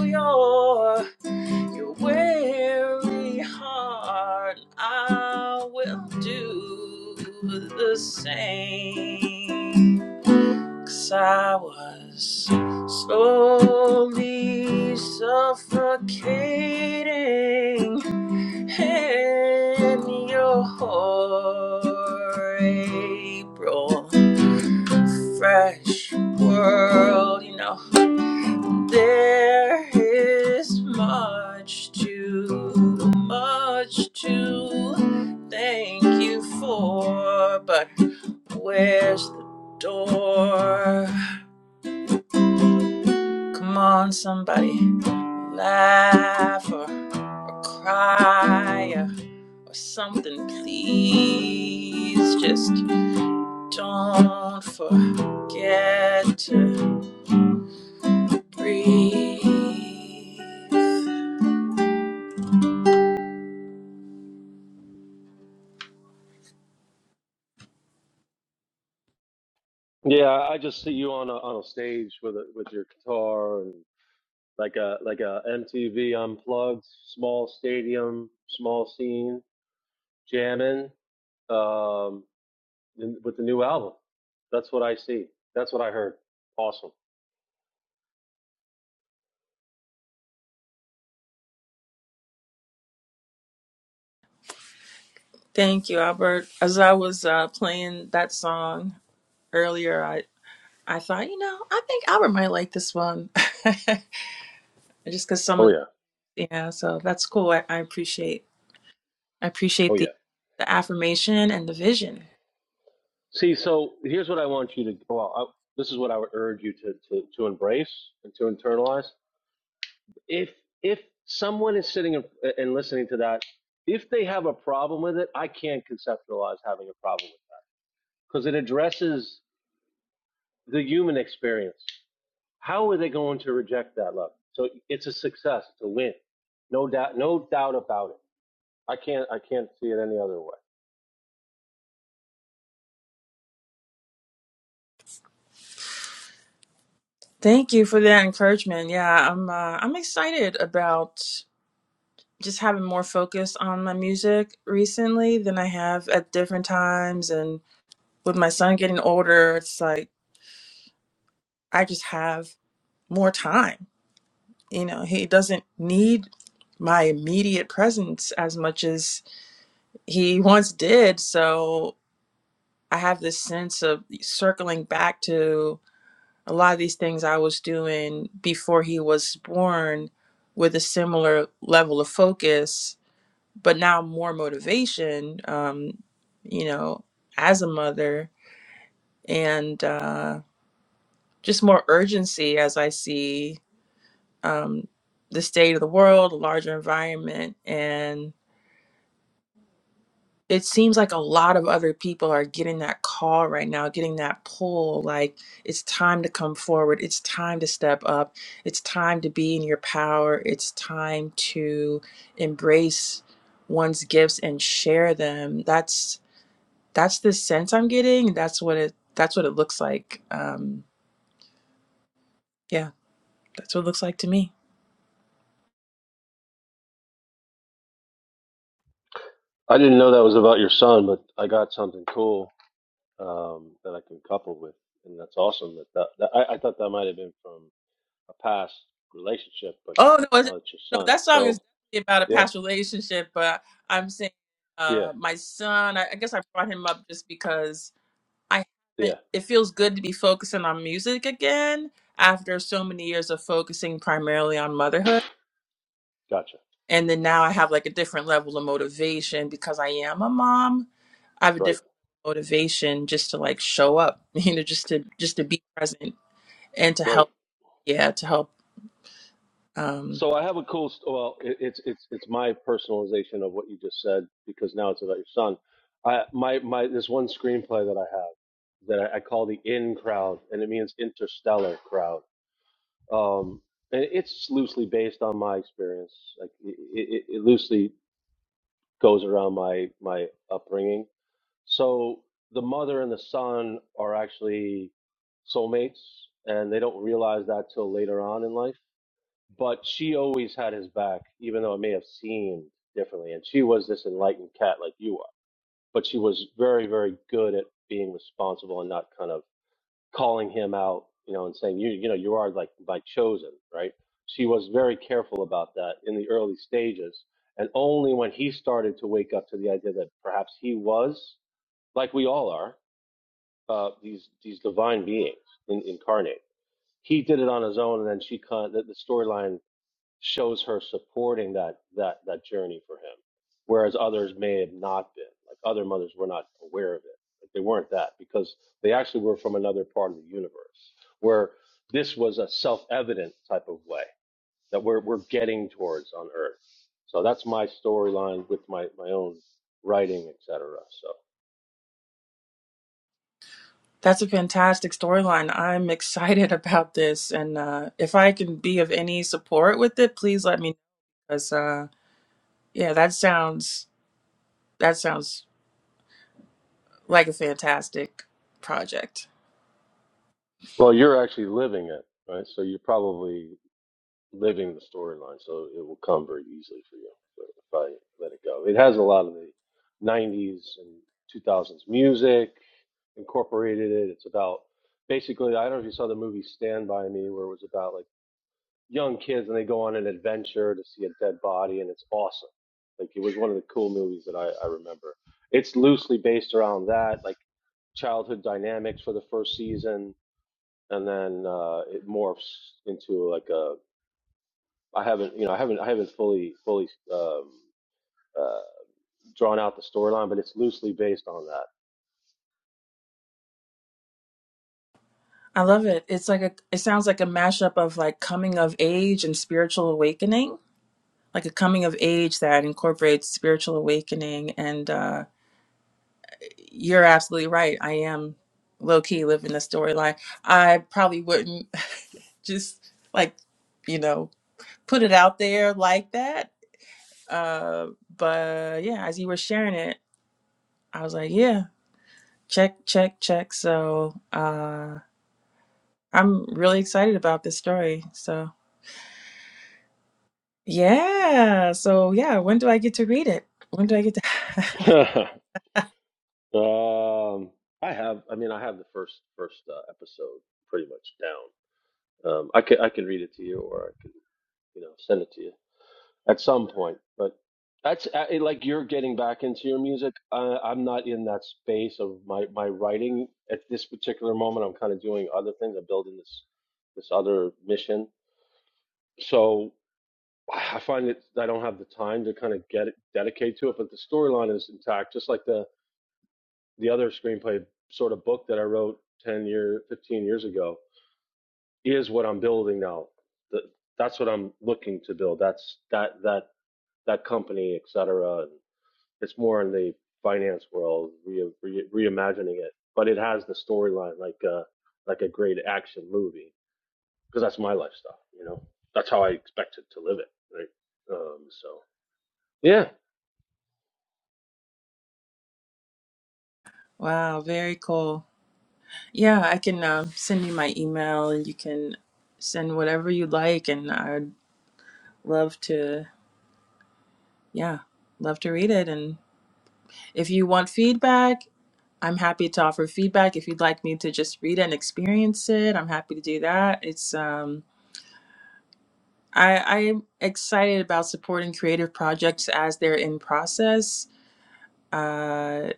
your your weary heart? I will do the same. 'Cause I was slowly suffocating in your April fresh world, you know. There is much too much to thank you for, but where's the door? Come on, somebody, laugh or, or cry or, or something, please. Just don't forget to. Breathe.
Yeah, I just see you on a on a stage with a, with your guitar and like a like a MTV unplugged, small stadium, small scene, jamming. Um, in, with the new album. That's what I see. That's what I heard. Awesome.
Thank you, Albert. As I was uh, playing that song earlier, I, I thought, you know, I think Albert might like this one. Just because some
Oh
of
yeah.
the, yeah, so that's cool. I, I appreciate, I
Oh
appreciate
yeah.
the, the affirmation and the vision.
See, so here's what I want you to go out. well, this is what I would urge you to, to to embrace and to internalize. If if someone is sitting and listening to that, if they have a problem with it, I can't conceptualize having a problem with that because it addresses the human experience. How are they going to reject that love? So it's a success, it's a win, no doubt, no doubt about it. I can't I can't see it any other way.
Thank you for that encouragement. Yeah, I'm, uh, I'm excited about just having more focus on my music recently than I have at different times. And with my son getting older, it's like, I just have more time. You know, he doesn't need my immediate presence as much as he once did. So I have this sense of circling back to a lot of these things I was doing before he was born with a similar level of focus, but now more motivation, um, you know, as a mother and uh, just more urgency as I see um, the state of the world, a larger environment. And it seems like a lot of other people are getting that call right now, getting that pull. Like, it's time to come forward. It's time to step up. It's time to be in your power. It's time to embrace one's gifts and share them. That's that's the sense I'm getting. That's what it that's what it looks like. Um, yeah, that's what it looks like to me.
I didn't know that was about your son, but I got something cool um, that I can couple with, and that's awesome. That, that, that I, I thought that might have been from a past relationship, but
Oh no, it's-
now it's your
no,
son.
that song is
So
definitely about a
yeah,
past relationship, but I'm saying
yeah,
uh my son, I, I guess I brought him up just because I
yeah.
haven't it feels good to be focusing on music again after so many years of focusing primarily on motherhood.
Gotcha.
And then now I have like a different level of motivation because I am a mom. I have a
Right,
different motivation just to like show up, you know, just to just to be present and to
right.
help, yeah, to help um,
So I have a cool. st- Well, it, it's it's it's my personalization of what you just said because now it's about your son. I my my this one screenplay that I have that I, I call the in crowd, and it means interstellar crowd Um, and it's loosely based on my experience. Like it, it, it loosely goes around my my upbringing. So the mother and the son are actually soulmates, and they don't realize that till later on in life. But she always had his back, even though it may have seemed differently. And she was this enlightened cat like you are, but she was very, very good at being responsible and not kind of calling him out, you know, and saying, you, you know, you are like my chosen, right? She was very careful about that in the early stages. And only when he started to wake up to the idea that perhaps he was, like we all are, uh, these, these divine beings in, incarnate, he did it on his own. And then she, con- the, the storyline shows her supporting that that that journey for him, whereas others may have not been. Like other mothers were not aware of it. Like they weren't that because they actually were from another part of the universe, where this was a self-evident type of way that we're we're getting towards on Earth. So that's my storyline with my my own writing, etc. So
That's a fantastic storyline. I'm excited about this, and uh, if I can be of any support with it, please let me know. 'Cause, uh, yeah, that sounds that sounds like a fantastic project.
well, you're actually living it, right? So you're probably living the storyline, so it will come very easily for you if I let it go. It has a lot of the 90s and 2000s music incorporated it. It's about basically, I don't know if you saw the movie Stand By Me, where it was about like young kids and they go on an adventure to see a dead body, and it's awesome. Like it was one of the cool movies that I, I remember. It's loosely based around that, like childhood dynamics for the first season, and then uh, it morphs into like a I haven't, you know, I haven't, I haven't fully, fully um, uh, drawn out the storyline, but it's loosely based on
I love it. It's like a it sounds like a mashup of like coming of age and spiritual awakening, like a coming of age that incorporates spiritual awakening. And uh, you're absolutely right. I am low key living the storyline. I probably wouldn't just like you know put it out there like that. Uh, but yeah, as you were sharing it, I was like, yeah, check, check, check. So uh, I'm really excited about this story. So yeah, so yeah, when do I get to read it? When do I get to?
that. um, I have, I mean, I have the first first uh, episode pretty much down. Um, I can I can read it to you, or I can, you know, send it to you at some point. But that's uh, it- like you're getting back into your music. I, I'm not in that space of my my writing at this particular moment. I'm kind of doing other things. I'm building this this other mission. So I find that I don't have the time to kind of get it, dedicate to it, but the storyline is intact, just like the the other screenplay sort of book that I wrote ten year, fifteen years ago is what I'm building now. That that's what I'm looking to build. That's that that that company, et cetera. It's more in the finance world, re, re, reimagining it, but it has the storyline like a like a great action movie because that's my lifestyle. You know, that's how I expect to live it. Right. Um, so yeah,
wow, very cool. Yeah, I can um, send you my email and you can send whatever you like, and I'd love to. Yeah, love to read it and if you want feedback I'm happy to offer feedback if you'd like me to just read it and experience it. I'm happy to do that. It's um I I'm excited about supporting creative projects as they're in process. Uh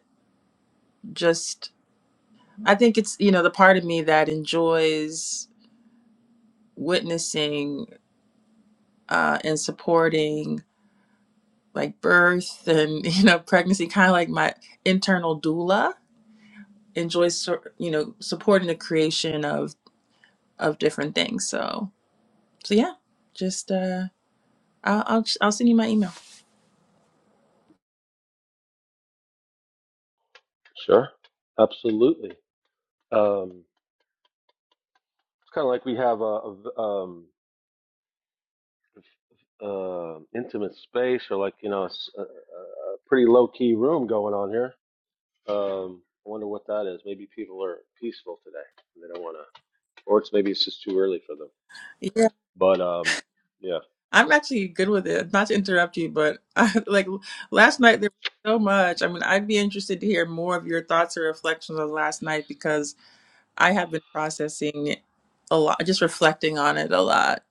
just I think it's you know the part of me that enjoys witnessing uh and supporting like birth and you know pregnancy kind of like my internal doula enjoys sor- you know supporting the creation of of different things. So so yeah, just uh I'll, I'll I'll send you my email.
Sure, absolutely. Um, it's kind of like we have a, a v- um, uh, intimate space, or like you know, a, s- a- a pretty low key room going on here. Um, I wonder what that is. Maybe people are peaceful today, and they don't want to, or it's maybe it's just too early for them.
Yeah,
But um, yeah,
I'm actually good with it. Not to interrupt you, but I, like last night there was so much. I mean, I'd be interested to hear more of your thoughts or reflections on last night because I have been processing a lot, just reflecting on it a lot.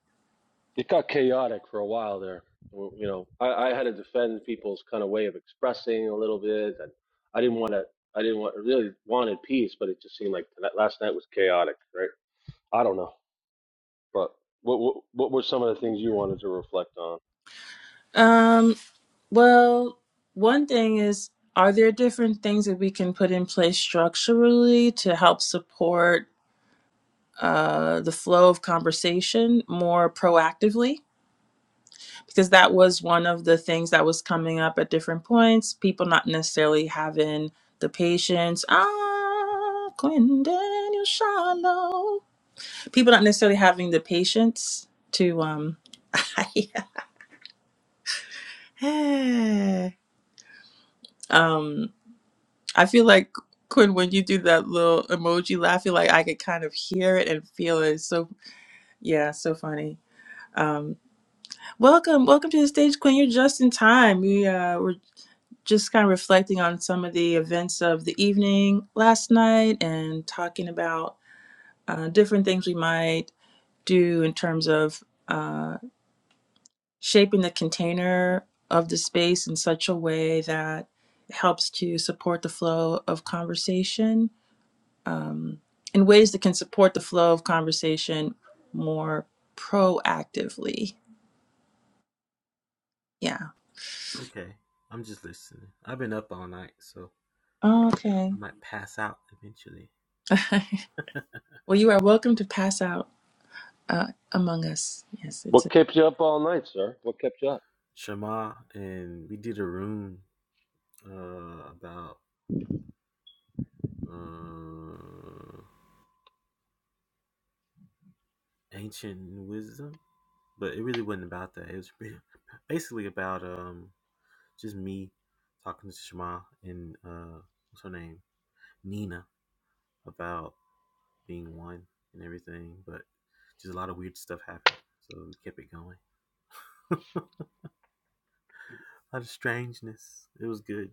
it got chaotic for a while there. Well, You know, I, I had to defend people's kind of way of expressing a little bit, and I didn't want to. I didn't want really wanted peace, but it just seemed like that last night was chaotic, right? I don't know, but what, what what were some of the things you wanted to reflect on?
Um, well, one thing is, are there different things that we can put in place structurally to help support uh, the flow of conversation more proactively? because that was one of the things that was coming up at different points. People not necessarily having the patience. Ah, Quinn Daniel Shallow. People not necessarily having the patience to um. um, I feel like Quinn when you do that little emoji laugh, I feel like I could kind of hear it and feel it. So yeah, so funny. Um, welcome, welcome to the stage, Quinn. You're just in time. We uh, we're just kind of reflecting on some of the events of the evening last night and talking about uh, different things we might do in terms of uh, shaping the container of the space in such a way that it helps to support the flow of conversation um, in ways that can support the flow of conversation more proactively. Yeah.
Okay, I'm just listening. I've been up all night, so
Okay.
I might pass out eventually.
well, you are welcome to pass out uh, among us. Yes, it's.
What
a
kept you up all night, sir? What kept you up?
Shema and we did a room uh, about uh, ancient wisdom, but it really wasn't about that. It was really, basically about um, just me talking to Shema and uh, what's her name, Nina, about being one and everything. But just a lot of weird stuff happened, so we kept it going. a lot of strangeness. It was good.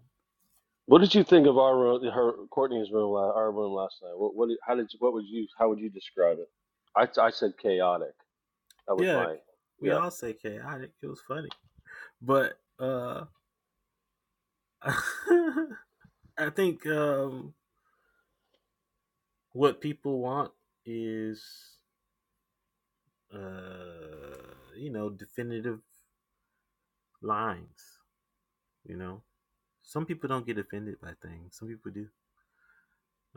What did you think of our room, her Courtney's room, la- our room last night? What what did- how did you, what would you how would you describe it? I I said chaotic. That was
Yeah,
my
we
yeah.
all say chaotic. It was funny, but uh, I think um, what people want is uh, you know definitive lines. You know, some people don't get offended by things. Some people do.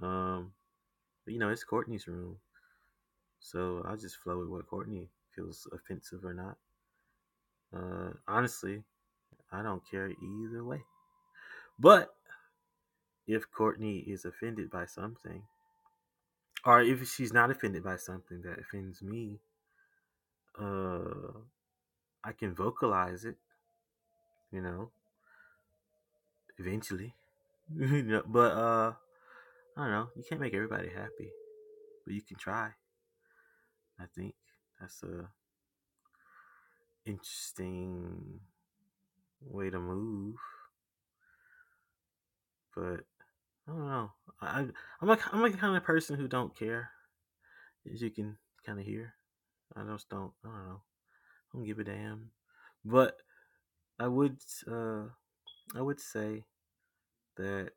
Um, but, you know, it's Courtney's room, so I'll just flow with what Courtney feels offensive or not. Uh, honestly, I don't care either way. But if Courtney is offended by something, or if she's not offended by something that offends me uh i can vocalize it you know eventually you know, but uh i don't know you can't make everybody happy but you can try i think that's a interesting way to move but i don't know I, I- am like i'm like the kind of person who don't care as you can kind of hear i just don't i don't know i don't give a damn but i would uh i would say that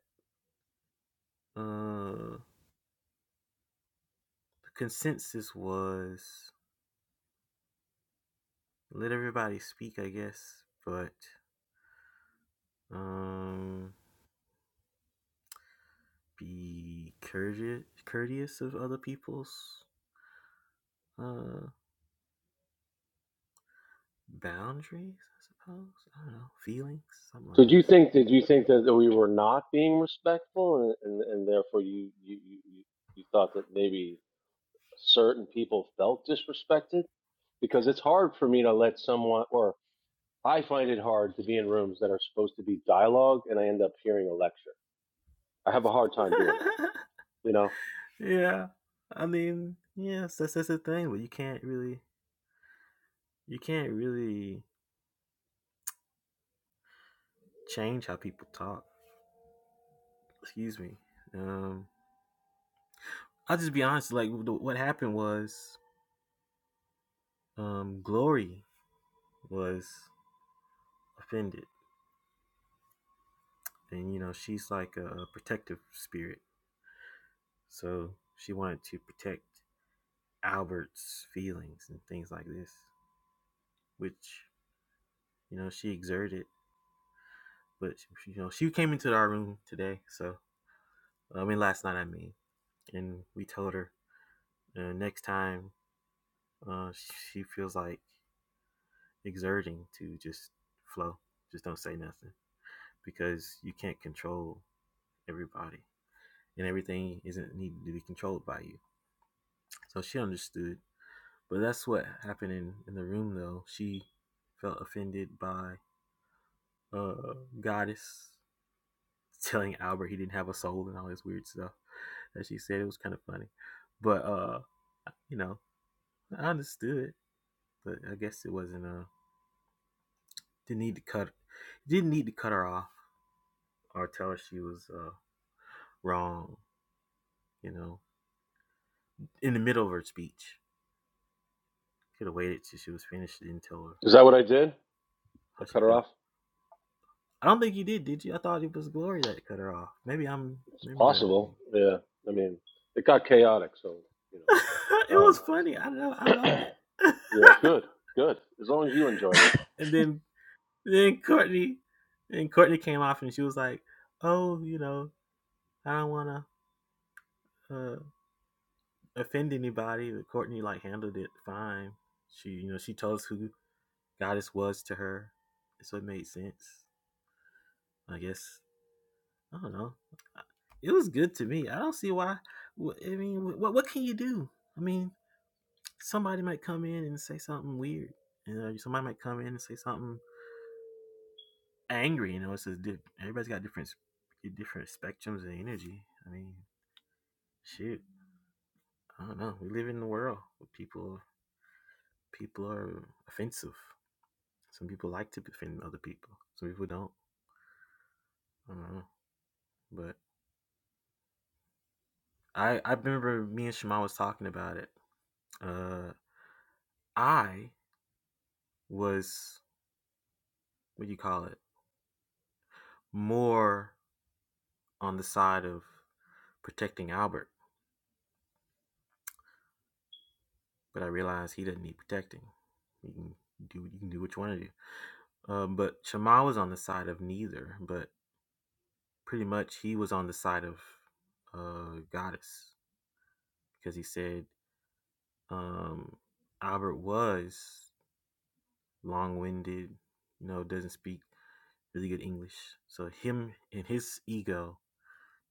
Uh, the consensus was let everybody speak, I guess, but um, be courteous, courteous of other people's uh boundaries, I suppose. I don't know feelings, something like
Did you think did you think that we were not being respectful and and, and therefore you you, you you you thought that maybe certain people felt disrespected? Because it's hard for me to let someone or I find it hard to be in rooms that are supposed to be dialogue and I end up hearing a lecture. I have a hard time doing that.
this.
You know,
yeah, I mean, yes, that's that's the thing, but you can't really, you can't really change how people talk. Excuse me. Um, I'll just be honest. Like what happened was, um, Glory was offended. And, you know, she's like a, protective spirit. So she wanted to protect Albert's feelings and things like this, which, you know, she exerted. But, she, you know, she came into our room today. So, I mean, last night, I mean, and we told her uh, next time uh, she feels like exerting to just flow, just don't say nothing because you can't control everybody and everything isn't needed to be controlled by you. So she understood But that's what happened in, in the room, though. She felt offended by uh, Goddess telling Albert he didn't have a soul and all this weird stuff that she said. It was kind of funny. But, uh, you know, I understood. But I guess it wasn't, uh, didn't need to cut, didn't need to cut her off or tell her she was uh, wrong, you know, in the middle of her speech. Could have waited till she was finished and tell her
is that what I did?
how
I
she
cut her
felt.
off.
I don't think you did, did you? I thought it was Glory that cut her off. Maybe I'm
It's
remembering.
possible. Yeah. I mean, it got chaotic, so you know, my
it
bad.
was
Um,
funny. I know. I loved it.
yeah, good, good. As long as you enjoyed it.
and then then Courtney and Courtney came off and she was like, "Oh, you know, I don't want to uh, offend anybody." But Courtney like handled it fine. She you know she told us who Goddess was to her, so it made sense. I guess I don't know. It was good to me. I don't see why. I mean, what what can you do? I mean, somebody might come in and say something weird. You know, somebody might come in and say something angry. You know, it's just di- everybody's got different different spectrums of energy. I mean, shit, I don't know. We live in a world where people people are offensive. Some people like to offend other people. Some people don't. I don't know. But I I remember me and Shema was talking about it. Uh, I was what do you call it more on the side of protecting Albert, but I realized he doesn't need protecting. You can do you can do what you want to do. Um, but Shammai was on the side of neither, but pretty much he was on the side of uh, Goddess because he said um, Albert was long winded, you know, doesn't speak really good English. So him and his ego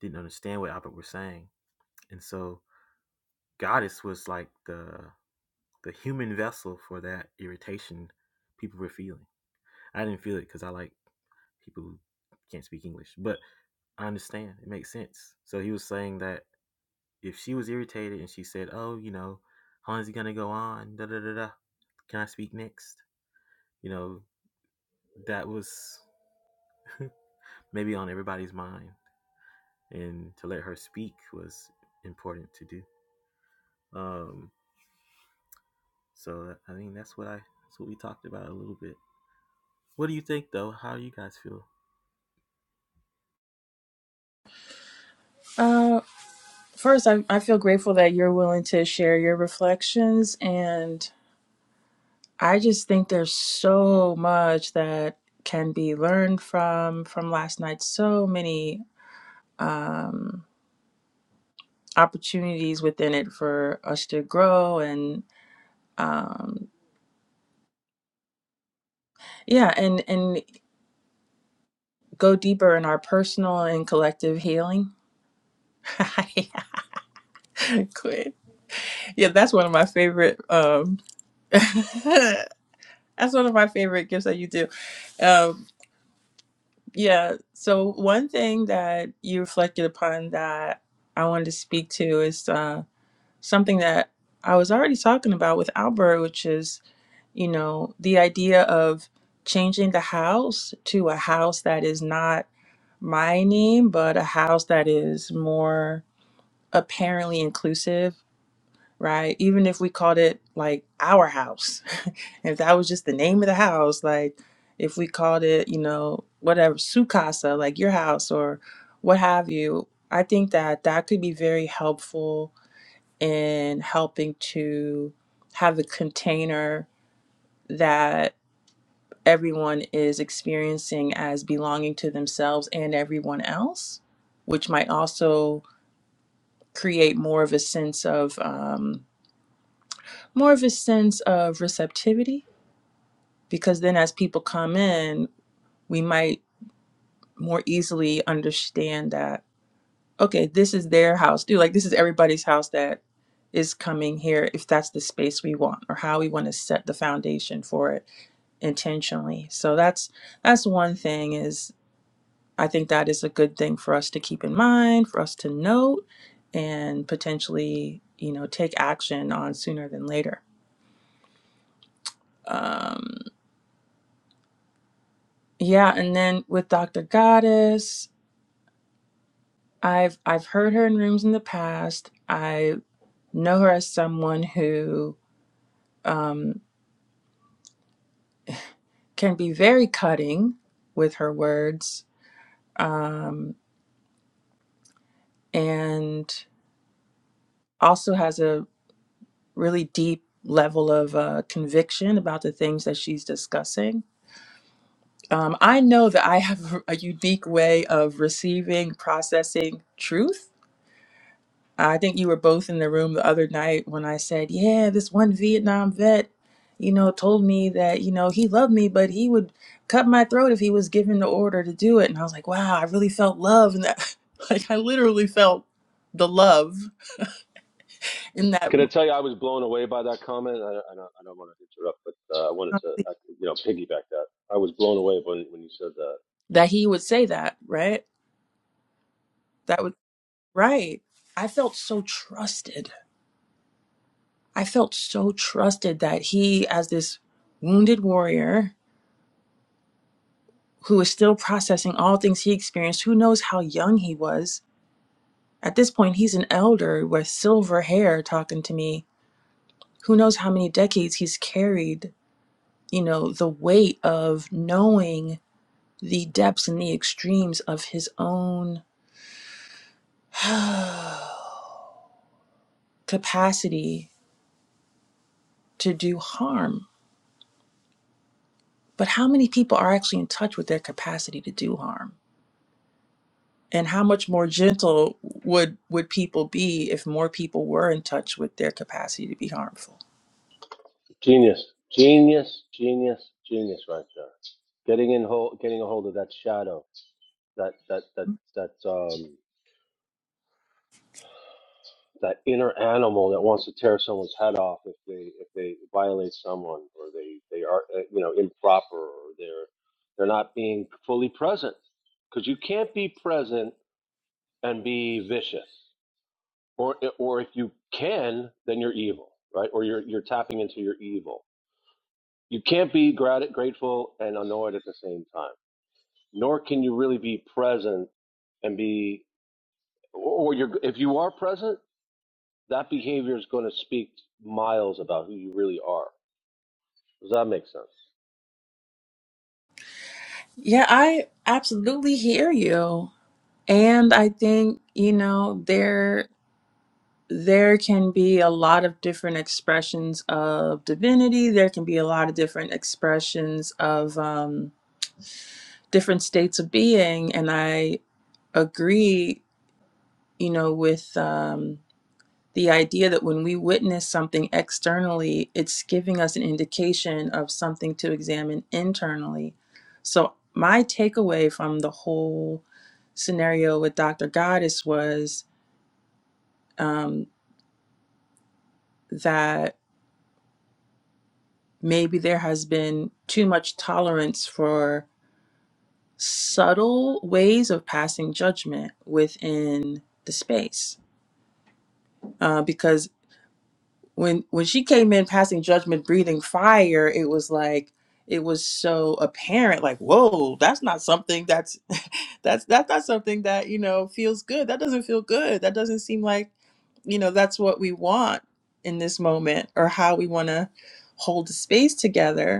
didn't understand what Albert was saying. And so Goddess was like the the human vessel for that irritation people were feeling. I didn't feel it because I like people who can't speak English, but I understand. It makes sense. So he was saying that if she was irritated and she said, "Oh, you know, how long is he gonna go on?" Da da da da. Can I speak next? You know, that was maybe on everybody's mind, and to let her speak was important to do. Um, so I think that's what I that's what we talked about a little bit. What do you think though? How you guys feel?
Uh, first, I, I feel grateful that you're willing to share your reflections. And I just think there's so much that can be learned from from last night. So many um, opportunities within it for us to grow and um, yeah, and and go deeper in our personal and collective healing. Quit. Yeah, that's one of my favorite. Um, that's one of my favorite gifts that you do Um, Yeah. So one thing that you reflected upon that I wanted to speak to is uh, something that I was already talking about with Albert, which is, you know, the idea of changing the house to a house that is not my name, but a house that is more apparently inclusive right? Even if we called it like our house, if that was just the name of the house, like if we called it, you know, whatever, su casa, like your house or what have you, I think that that could be very helpful in helping to have a container that everyone is experiencing as belonging to themselves and everyone else, which might also create more of a sense of um, more of a sense of receptivity because then as people come in we might more easily understand that okay this is their house too like this is everybody's house that is coming here if that's the space we want or how we want to set the foundation for it intentionally so that's that's one thing is i think that is a good thing for us to keep in mind for us to note and potentially you know take action on sooner than later Um, Yeah, and then with Dr. Goddess, I've I've heard her in rooms in the past. I know her as someone who um, can be very cutting with her words, um, and also has a really deep level of uh, conviction about the things that she's discussing. Um, I know that I have a unique way of receiving, processing truth I think you were both in the room the other night when I said, Yeah, this one Vietnam vet, you know, told me that, you know, he loved me, but he would cut my throat if he was given the order to do it. And I was like, Wow, I really felt love. And that, like, I literally felt the love in that
Can I
moment
tell you I was blown away by that comment? I, I, don't, I don't want to interrupt, but uh, I wanted to, uh, you know, piggyback that. I was blown away when when you said that.
that he would say that, right? That was right. I felt so trusted. I felt so trusted that he, as this wounded warrior, who is still processing all things he experienced. Who knows how young he was? At this point, he's an elder with silver hair talking to me. Who knows how many decades he's carried, you know, the weight of knowing the depths and the extremes of his own capacity to do harm. But how many people are actually in touch with their capacity to do harm? and how much more gentle would would people be if more people were in touch with their capacity to be harmful
Genius, genius, genius, genius, right there. Getting in hold, getting a hold of that shadow that that that that um that inner animal that wants to tear someone's head off if they if they violate someone or they they are uh, you know improper or they're they're not being fully present because you can't be present and be vicious or or if you can then you're evil right or you're you're tapping into your evil you can't be grat- grateful and annoyed at the same time nor can you really be present and be or you're if you are present that behavior is going to speak miles about who you really are. Does that make sense?
yeah i absolutely hear you and i think you know there there can be a lot of different expressions of divinity there can be a lot of different expressions of um, different states of being and i agree you know with um, the idea that when we witness something externally, it's giving us an indication of something to examine internally. So, my takeaway from the whole scenario with Dr. Goddess was um, that maybe there has been too much tolerance for subtle ways of passing judgment within the space. uh, because. when when she came in passing judgment breathing fire it was like it was so apparent like whoa that's not something that's that's that's not something that you know feels good that doesn't feel good that doesn't seem like you know that's what we want in this moment or how we want to hold the space together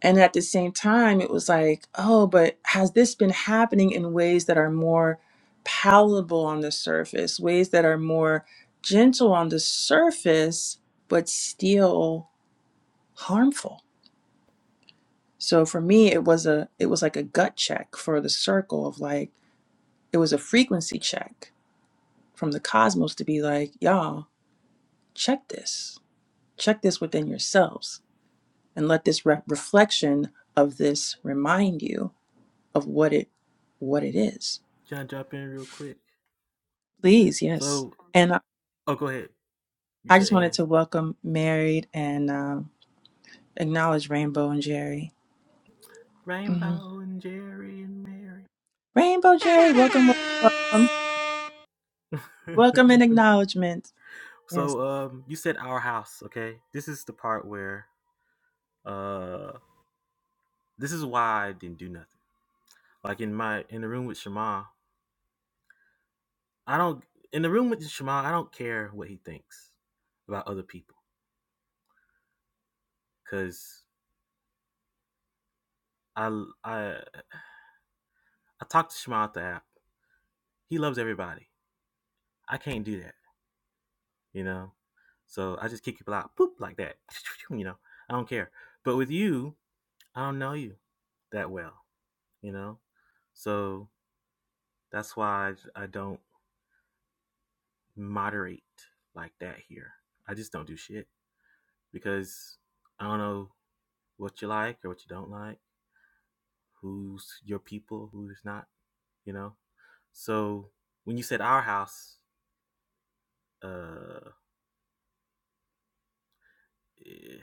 and at the same time, it was like, oh, but has this been happening in ways that are more palatable on the surface, ways that are more gentle on the surface, but still harmful? So for me, it was a it was like a gut check for the circle of like it was a frequency check from the cosmos to be like, y'all, check this. Check this within yourselves and let this re- reflection of this remind you of what it what it is.
Can I jump in real quick?
Please, yes.
So,
And I
oh, go ahead. You
I
said
just wanted
Anne.
to welcome Married and um, acknowledge Rainbow and Jerry. hmm
Rainbow and Jerry and Mary.
Rainbow Jerry, welcome, welcome, welcome, welcome and acknowledgement. Yes.
So um you said our house, okay? This is the part where uh this is why I didn't do nothing. Like in my in the room with Shema, I don't in the room with Shema, I don't care what he thinks about other people cuz I I I talk to Shema at the app. He loves everybody. I can't do that, you know? So I just kick people out, poop like that. You know, I don't care. But with you, I don't know you that well, you know? So that's why I, I don't moderate like that here. I just don't do shit because I don't know what you like or what you don't like, who's your people, who's not, you know? So when you said our house, uh, eh,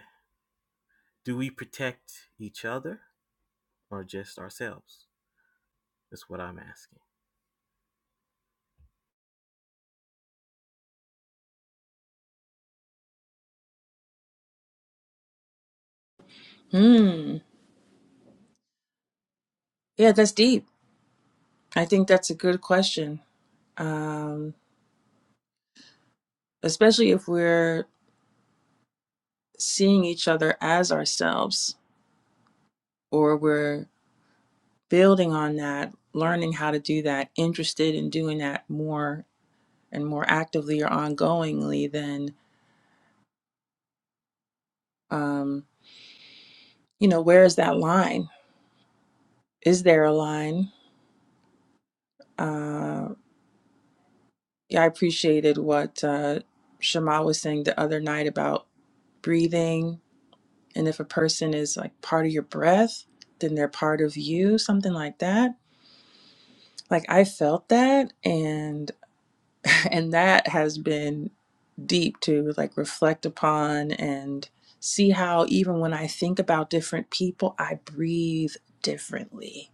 do we protect each other or just ourselves? That's what I'm asking.
Hmm. Yeah, that's deep. I think that's a good question, um, especially if we're seeing each other as ourselves or we're building on that, learning how to do that, interested in doing that more and more actively or ongoingly, then, um, you know, where is that line? Is there a line? Uh, yeah, I appreciated what uh, Shema was saying the other night about breathing. And if a person is like part of your breath, then they're part of you, something like that. Like I felt that and and that has been deep to like reflect upon and see how even when I think about different people, I breathe differently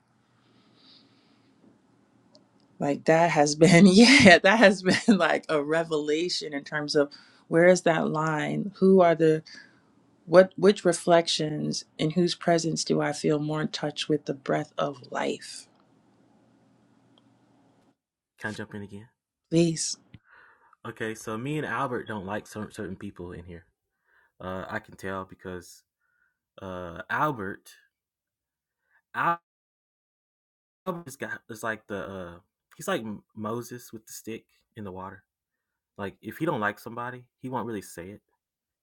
Like that has been, yeah, that has been like a revelation in terms of where is that line? Who are the what which reflections in whose presence do I feel more in touch with the breath of life?
Can I jump in again?
Please.
Okay, so me and Albert don't like cer- certain people in here. Uh, I can tell because uh, Albert This guy is like the uh, he's like Moses with the stick in the water. Like if he don't like somebody, he won't really say it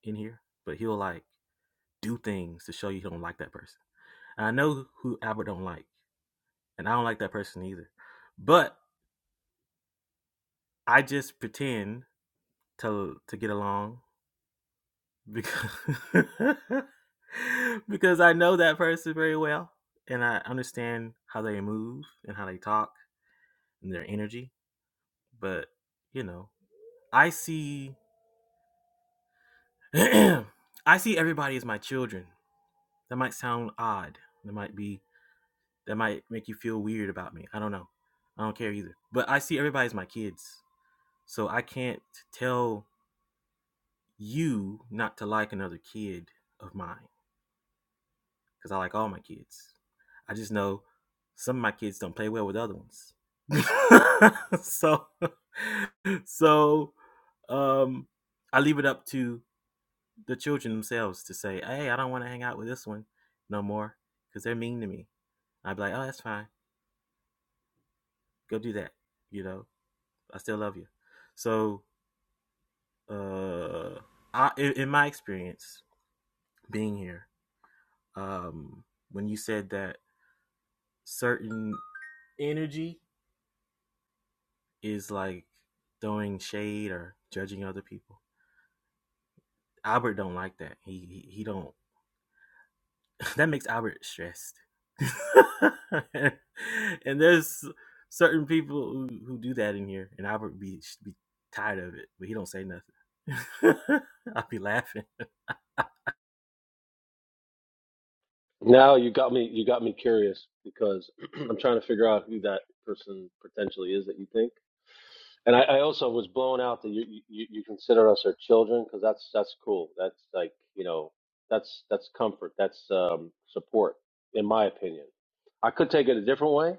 in here, but he'll like do things to show you he don't like that person. And I know who Albert don't like, and I don't like that person either. But I just pretend to to get along because because I know that person very well and I understand how they move and how they talk and their energy. But you know, I see I see everybody as my children. That might sound odd. That might be that might make you feel weird about me. I don't know. I don't care either. But I see everybody as my kids. So I can't tell you not to like another kid of mine cuz I like all my kids. I just know some of my kids don't play well with other ones. so so um I leave it up to the children themselves to say, "Hey, I don't want to hang out with this one no more because they're mean to me." I'd be like, "Oh, that's fine. Go do that. You know, I still love you." So, uh, I in, my experience being here, um, when you said that certain energy is like throwing shade or judging other people, Albert don't like that. He he, he don't That makes Albert stressed. and and there's certain people who, who do that in here, and Albert be be tired of it, but he don't say nothing. I'll be laughing.
Now you got me. You got me curious because I'm trying to figure out who that person potentially is that you think. And I, I also was blown out that you you, you consider us our children because that's that's cool. That's like you know that's that's comfort. That's um, support, in my opinion. I could take it a different way.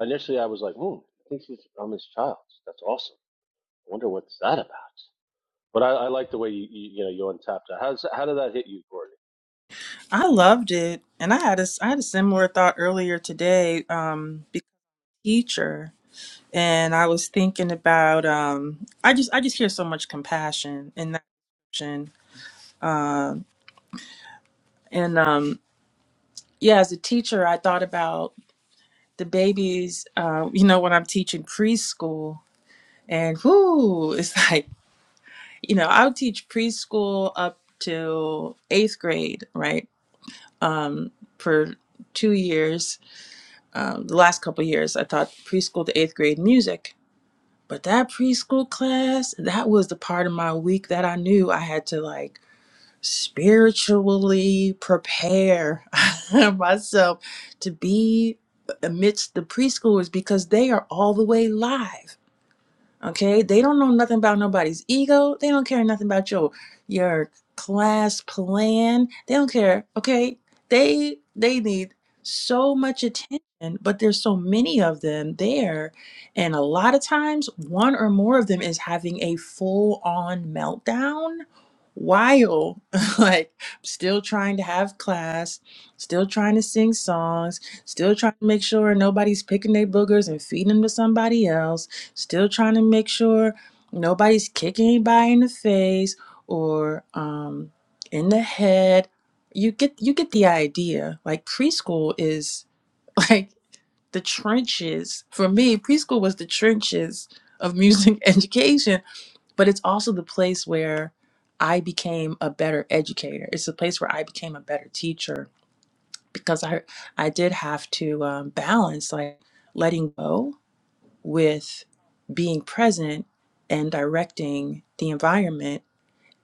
Initially, I was like, hmm, I think she's, I'm his child. That's awesome. I wonder what's that about. But I, I like the way you, you you know you untapped that. How's how did that hit you, Courtney?
I loved it. And I had a I had a similar thought earlier today, um, be- teacher. And I was thinking about um I just I just hear so much compassion in that action. Um and um yeah, as a teacher I thought about the babies, um, you know, when I'm teaching preschool, and whoo, it's like, you know, I'll teach preschool up to eighth grade, right? Um, for two years, um, the last couple years, I taught preschool to eighth grade music. But that preschool class, that was the part of my week that I knew I had to like spiritually prepare myself to be amidst the preschoolers because they are all the way live Okay, they don't know nothing about nobody's ego. They don't care nothing about your your class plan. They don't care. Okay, they they need so much attention, but there's so many of them there, and a lot of times one or more of them is having a full on meltdown while like still trying to have class, still trying to sing songs, still trying to make sure nobody's picking their boogers and feeding them to somebody else Still trying to make sure nobody's kicking anybody in the face or um, in the head. You get you get the idea. Like preschool is like the trenches. For me, preschool was the trenches of music education, but it's also the place where I became a better educator. It's the place where I became a better teacher because I I did have to um, balance like letting go with being present and directing the environment.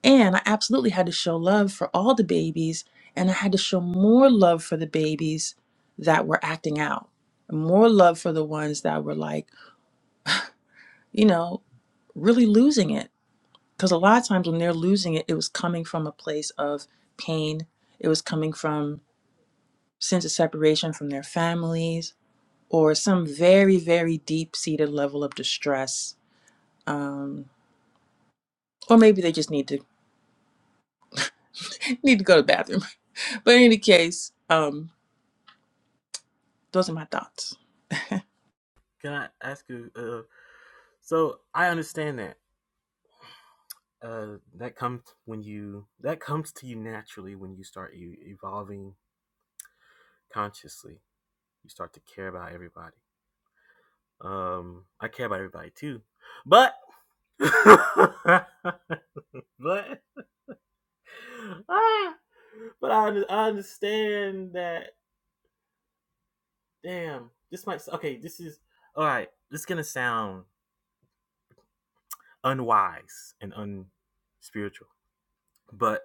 And I absolutely had to show love for all the babies, and I had to show more love for the babies that were acting out, more love for the ones that were like, you know, really losing it. Because a lot of times when they're losing it, it was coming from a place of pain, it was coming from sense of separation from their families, or some very, very deep seated level of distress. Um, or maybe they just need to need to go to the bathroom. But in any case, um, those are my thoughts.
Can I ask you? Uh, so I understand that uh, that comes when you that comes to you naturally when you start you evolving consciously. You start to care about everybody. Um, I care about everybody too, but but ah, but I, I understand that. Damn, this might. Okay, this is all right. This is gonna sound unwise and unspiritual, but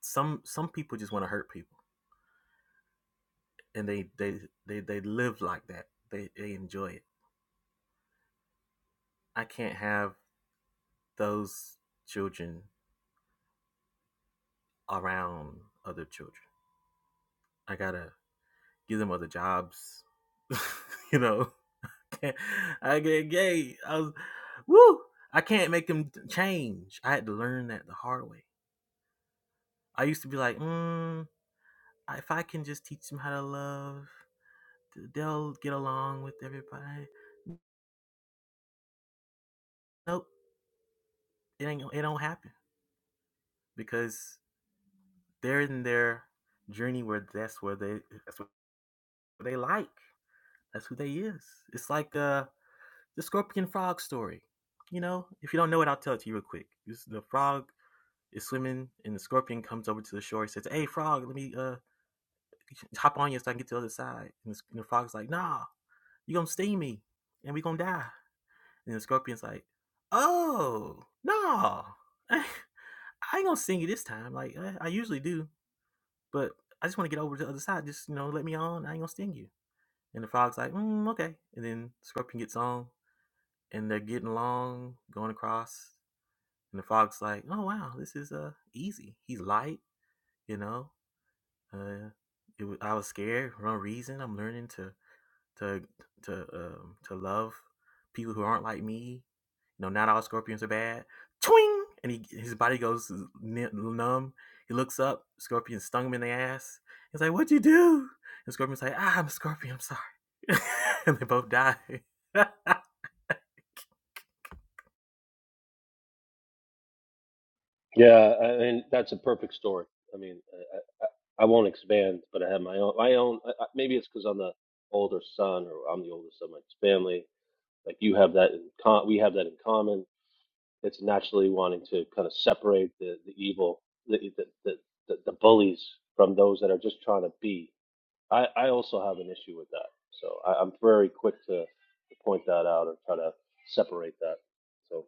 some some people just want to hurt people, and they they they they live like that. They they enjoy it. I can't have those children around other children. I gotta give them other jobs. you know, I get gay. I was woo. I can't make them change. I had to learn that the hard way. I used to be like, mm, if I can just teach them how to love, they'll get along with everybody. Nope, it ain't. It don't happen because they're in their journey where that's where they that's what they like. That's who they is. It's like the the scorpion frog story. You know, if you don't know it, I'll tell it to you real quick. It's the frog is swimming, and the scorpion comes over to the shore. He says, "Hey, frog, let me uh hop on you so I can get to the other side." And the, and the frog's like, "Nah, you gonna sting me, and we gonna die." And the scorpion's like, "Oh, no, I ain't gonna sting you this time. Like I, I usually do, but I just want to get over to the other side. Just you know, let me on. I ain't gonna sting you." And the frog's like, mm, "Okay." And then the scorpion gets on, and they're getting along, going across. And the frog's like, "Oh wow, this is uh easy. He's light, you know. Uh, it was, I was scared for no reason. I'm learning to to to um to love people who aren't like me. You know, not all scorpions are bad. Twing, and he his body goes numb. He looks up. Scorpion stung him in the ass. He's like, "What'd you do?" And Scorpion's like, "Ah, I'm a scorpion. I'm sorry." and they both die.
Yeah, I mean that's a perfect story. I mean, I, I, I won't expand, but I have my own. My own. I, I- maybe it's because I'm the older son, or I'm the oldest of my family. Like you have that in com- we have that in common. It's naturally wanting to kind of separate the the evil, the the the, the, the bullies from those that are just trying to be. I, I also have an issue with that. So I, I'm very quick to, to point that out and try to separate that. So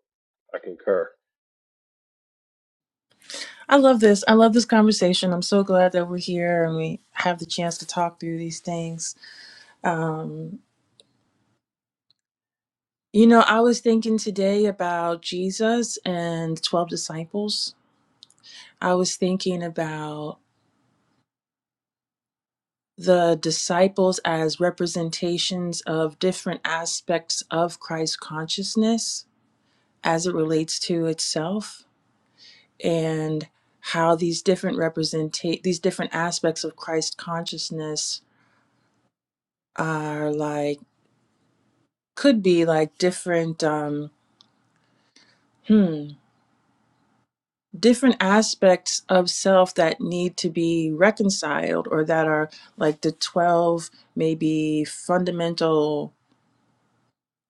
I concur.
I love this. I love this conversation. I'm so glad that we're here and we have the chance to talk through these things. Um, you know, I was thinking today about Jesus and 12 disciples. I was thinking about the disciples as representations of different aspects of Christ consciousness as it relates to itself and how these different representate these different aspects of Christ consciousness are like could be like different um hmm different aspects of self that need to be reconciled or that are like the 12 maybe fundamental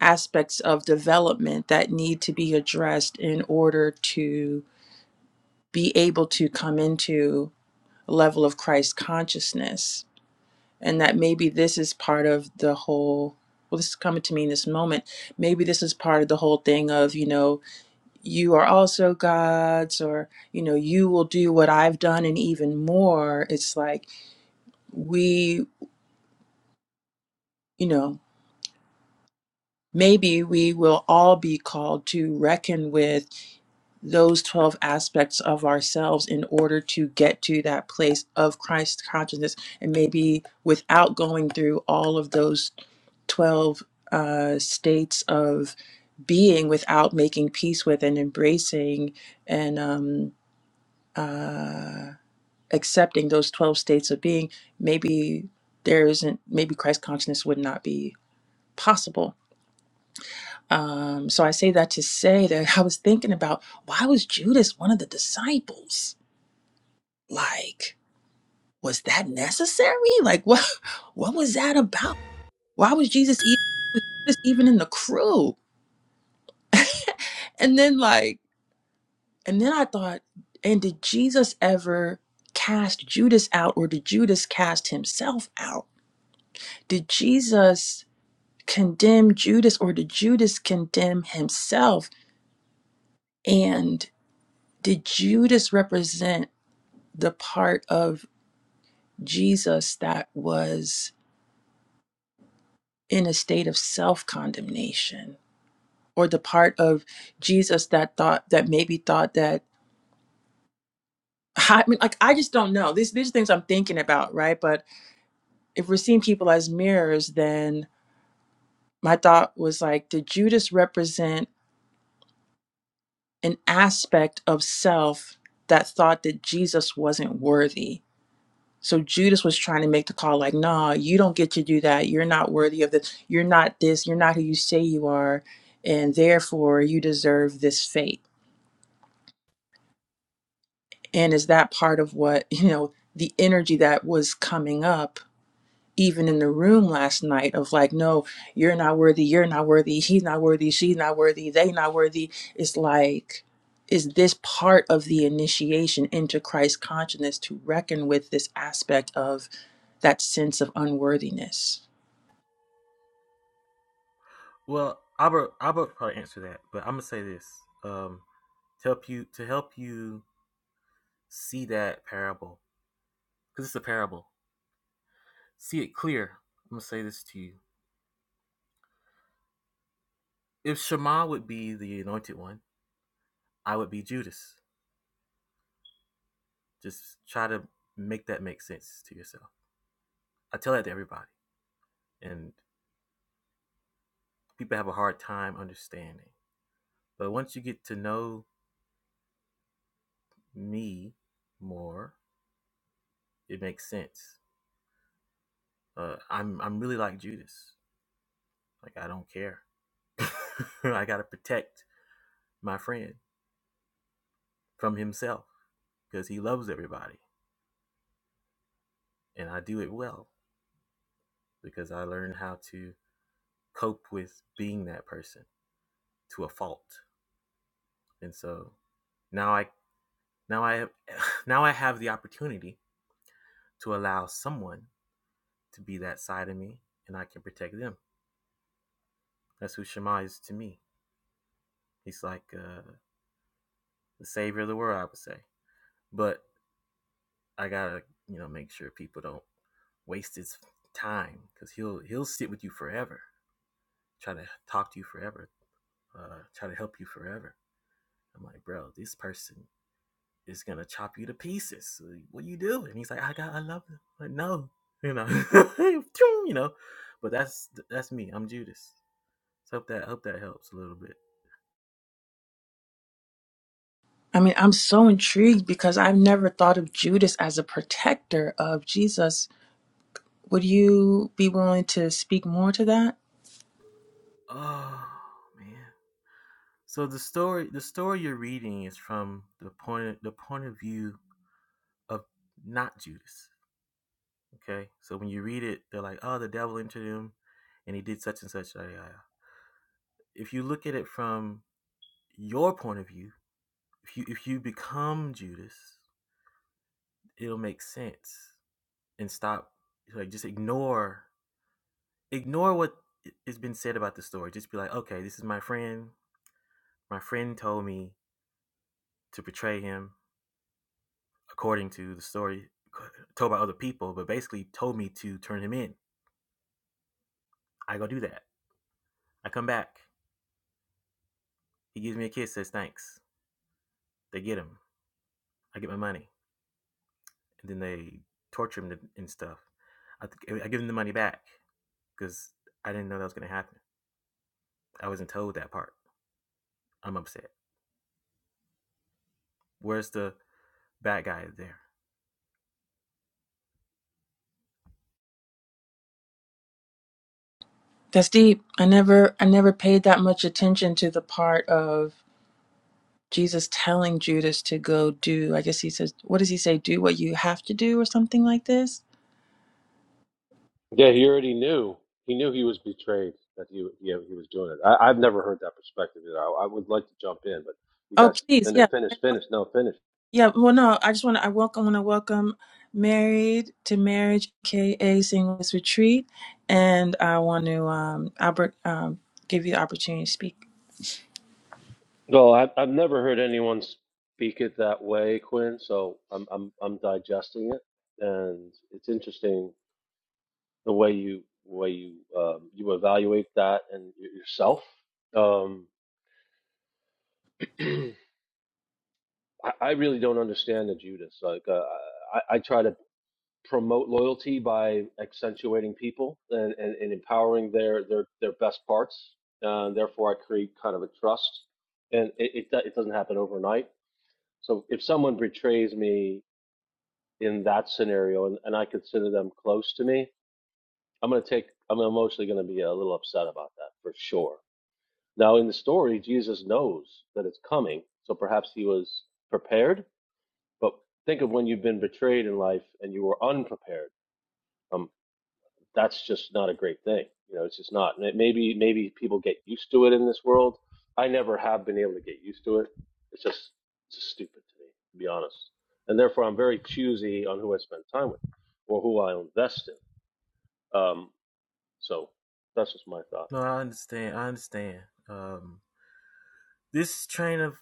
aspects of development that need to be addressed in order to be able to come into a level of Christ consciousness and that maybe this is part of the whole well this is coming to me in this moment maybe this is part of the whole thing of you know you are also gods or you know you will do what i've done and even more it's like we you know maybe we will all be called to reckon with those 12 aspects of ourselves in order to get to that place of Christ consciousness and maybe without going through all of those 12 uh, states of being without making peace with and embracing and um, uh, accepting those 12 states of being, maybe there isn't, maybe Christ consciousness would not be possible. Um, so I say that to say that I was thinking about why was Judas one of the disciples? like was that necessary like what what was that about why was jesus even, was Jesus even in the crew and then like and then i thought and did jesus ever cast judas out or did judas cast himself out did jesus condemn judas or did judas condemn himself and did judas represent the part of jesus that was in a state of self condemnation or the part of Jesus that thought that maybe thought that I mean, like I just don't know. These these are things I'm thinking about, right? But if we're seeing people as mirrors, then my thought was like, did Judas represent an aspect of self that thought that Jesus wasn't worthy? So Judas was trying to make the call, like, nah, you don't get to do that. You're not worthy of this. You're not this. You're not who you say you are, and therefore you deserve this fate And is that part of what, you know, the energy that was coming up even in the room last night of like, no, you're not worthy, you're not worthy, he's not worthy, she's not worthy, they not worthy. It's like, is this part of the initiation into Christ consciousness to reckon with this aspect of that sense of unworthiness?
well, Albert, Albert probably answer that, but I'm gonna say this um, to help you to help you see that parable because it's a parable see it clear. I'm gonna say this to you. If Shema would be the anointed one, I would be Judas. Just try to make that make sense to yourself. I tell that to everybody, and people have a hard time understanding. But once you get to know me more, it makes sense. Uh, I'm I'm really like Judas. Like I don't care. I gotta protect my friend from himself because he loves everybody, and I do it well because I learned how to cope with being that person to a fault. And so now I now I now I have the opportunity to allow someone to be that side of me and I can protect them. That's who Shema is to me. He's like uh, the savior of the world, I would say. But I gotta, you know, make sure people don't waste his time because he'll he'll sit with you forever, try to talk to you forever, uh, try to help you forever. I'm like, bro, this person is gonna chop you to pieces. So, like, What you do? And he's like, I got, I love him. Like, no, you know, you know. But that's that's me. I'm Judas. So hope that hope that helps a little bit.
I mean, I'm so intrigued because I've never thought of Judas as a protector of Jesus. Would you be willing to speak more to that?
Oh man. So the story the story you're reading is from the point of, the point of view of not Judas. Okay. So when you read it, they're like, oh, the devil entered him, and he did such and such. If you look at it from your point of view, if you if you become Judas it'll make sense and stop like just ignore ignore what has been said about the story just be like okay this is my friend my friend told me to portray him according to the story told by other people but basically told me to turn him in i go do that i come back he gives me a kiss says thanks they get him i get my money and then they torture him and stuff i, th- I give him the money back because i didn't know that was going to happen i wasn't told that part i'm upset where's the bad guy is there.
That's deep. I never I never paid that much attention to the part of Jesus telling Judas to go do. I guess he says, what does he say? Do what you have to do or something like this?
Yeah, he already knew. He knew he was betrayed that he he, he was doing it. I, I've never heard that perspective. Either. I, I would like to jump in, but you
Oh,
guys
please.
finish,
Yeah.
finish, finish. No, finish.
Yeah, well no, I just want to I welcome want to welcome Married to Marriage KA Singles Retreat and I want to um Albert um give you the opportunity to speak.
No, I, I've never heard anyone speak it that way, Quinn. So I'm I'm I'm digesting it, and it's interesting the way you way you um, you evaluate that and y- yourself. Um, I, I really don't understand the Judas. Like uh, I, I try to promote loyalty by accentuating people and, and, and empowering their their their best parts. Uh, therefore, I create kind of a trust, and it, it do- it doesn't happen overnight. So if someone betrays me in that scenario, and, and I consider them close to me, I'm gonna take. I'm emotionally gonna be a little upset about that for sure Now, in the story, Jesus knows that it's coming, so perhaps he was prepared. But think of when you've been betrayed in life and you were unprepared. Um, that's just not a great thing. You know, it's just not. Maybe maybe people get used to it in this world. I never have been able to get used to it. It's just it's just stupid to me, to be honest. And therefore, I'm very choosy on who I spend time with or who I invest in. Um, so that's just my thought.
No, I understand. I understand. Um, this train of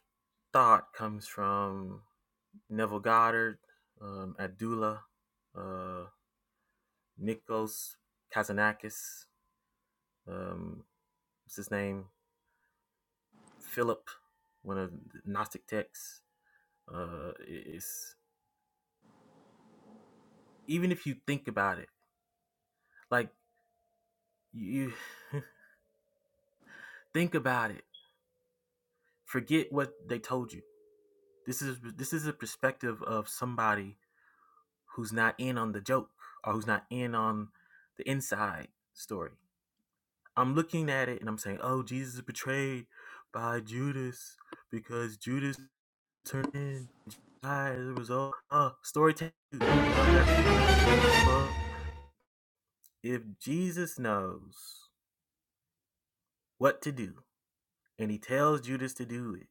thought comes from Neville Goddard, um, Abdullah, uh, Nikos Kazanakis. Um, what's his name? Philip, one of the Gnostic texts. Uh, it's even if you think about it, like you think about it, forget what they told you. This is this is a perspective of somebody who's not in on the joke or who's not in on the inside story. I'm looking at it and I'm saying, oh, Jesus is betrayed by Judas because Judas turned in as a result. Oh, story two. You know, I got dramatic. But if Jesus knows what to do and he tells Judas to do it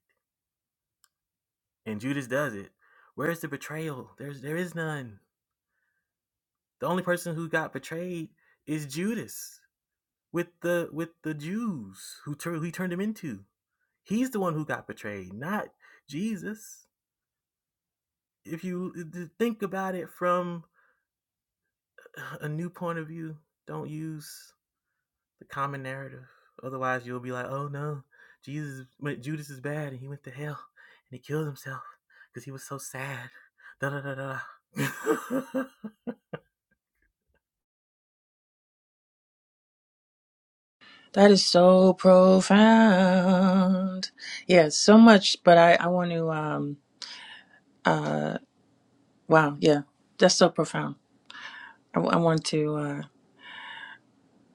and Judas does it, where's the betrayal? There's there is none. The only person who got betrayed is Judas. with the with the Jews who tur- who he turned him into. He's the one who got betrayed, not Jesus. If you think about it from a new point of view, don't use the common narrative. Otherwise, you'll be like, "Oh no, Jesus, went, Judas is bad, and he went to hell, and he killed himself because he was so sad." Da da da da.
That is so profound. Yeah, so much, but I I want to um Wow, yeah, that's so profound. I, w- I want to uh,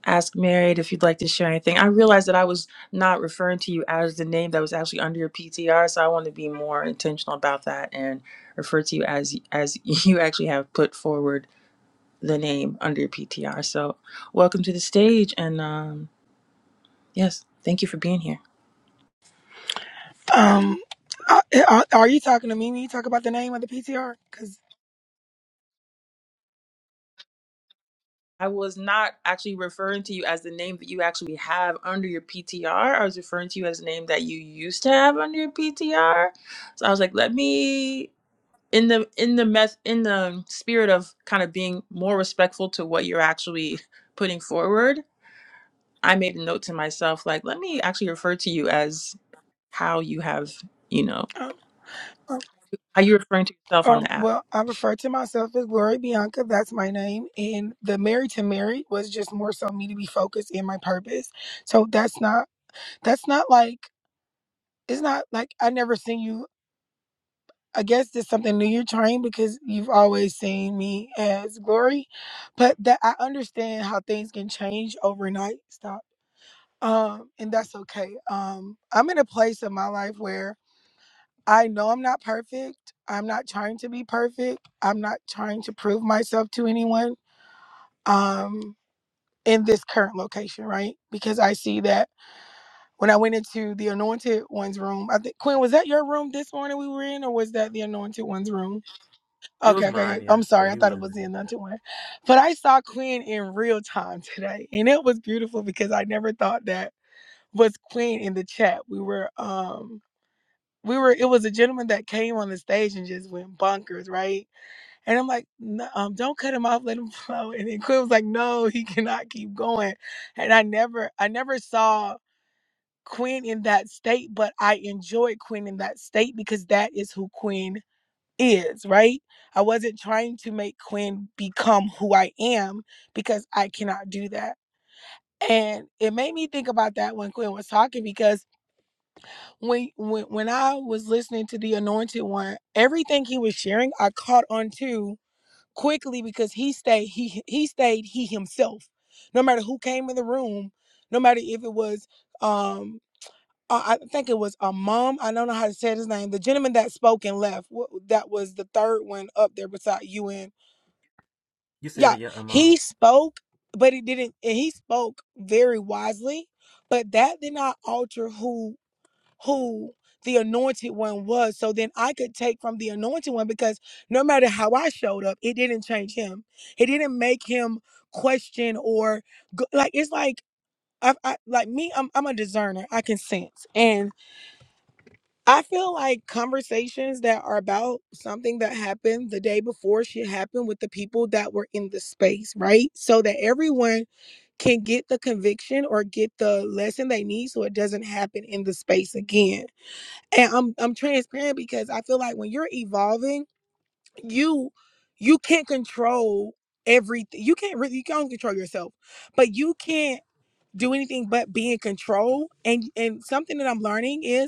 ask Married if you'd like to share anything. I realized that I was not referring to you as the name that was actually under your PTR, so I want to be more intentional about that and refer to you as as you actually have put forward the name under your PTR. So, welcome to the stage, and um, yes, thank you for being here.
Um, uh, are, are you talking to me when you talk about the name of the PTR? Because,
I was not actually referring to you as the name that you actually have under your PTR. I was referring to you as the name that you used to have under your PTR. So I was like, let me in the in the meth in the spirit of kind of being more respectful to what you're actually putting forward. I made a note to myself like, let me actually refer to you as how you have, you know,
um, um,
how you're referring to yourself on
um,
the app.
well, I refer to myself as Glory Bianca. That's my name. And the Married to Married was just more so me to be focused in my purpose. So that's not, that's not like, it's not like I never seen you. I guess there's something new you're trying because you've always seen me as Glory. But that I understand how things can change overnight. Stop. Um, and that's okay. Um, I'm in a place of my life where I know I'm not perfect. I'm not trying to be perfect. I'm not trying to prove myself to anyone um, in this current location, right? Because I see that when I went into the Anointed One's room, I think, Quinn, was that your room this morning we were in, or was that the Anointed One's room?
it was
Okay, okay,
mine,
okay.
yeah,
I'm
but
sorry. I
he was
thought it
in
was the
there. Yeah.
Anointed One. But I saw Quinn in real time today, and it was beautiful because I never thought that was Quinn in the chat. We were. um we were it was a gentleman that came on the stage and just went bonkers, right? And I'm like, no, um, don't cut him off, let him flow. And then Quinn was like, no, he cannot keep going. And I never, I never saw Quinn in that state, but I enjoyed Quinn in that state because that is who Quinn is, right? I wasn't trying to make Quinn become who I am because I cannot do that. And it made me think about that when Quinn was talking because when when when I was listening to the anointed one, everything he was sharing, I caught on to quickly because he stayed he he stayed he himself. No matter who came in the room, no matter if it was um I I think it was a mom. I don't know how to say his name. The gentleman that spoke and left. wh- That was the third one up there beside you and
You said
yeah,
it, yeah, Amon.
he spoke, but it didn't. And he spoke very wisely, but that did not alter who who the anointed one was so then I could take from the anointed one because no matter how I showed up, it didn't change him. It didn't make him question or go, like it's like I, I like me I'm I'm a discerner. I can sense. And I feel like conversations that are about something that happened the day before should happen with the people that were in the space, right? So that everyone can get the conviction or get the lesson they need so it doesn't happen in the space again and I'm I'm transparent because I feel like when you're evolving, you you can't control everything. You can't really you can't control yourself, but you can't do anything but be in control. And and something that I'm learning is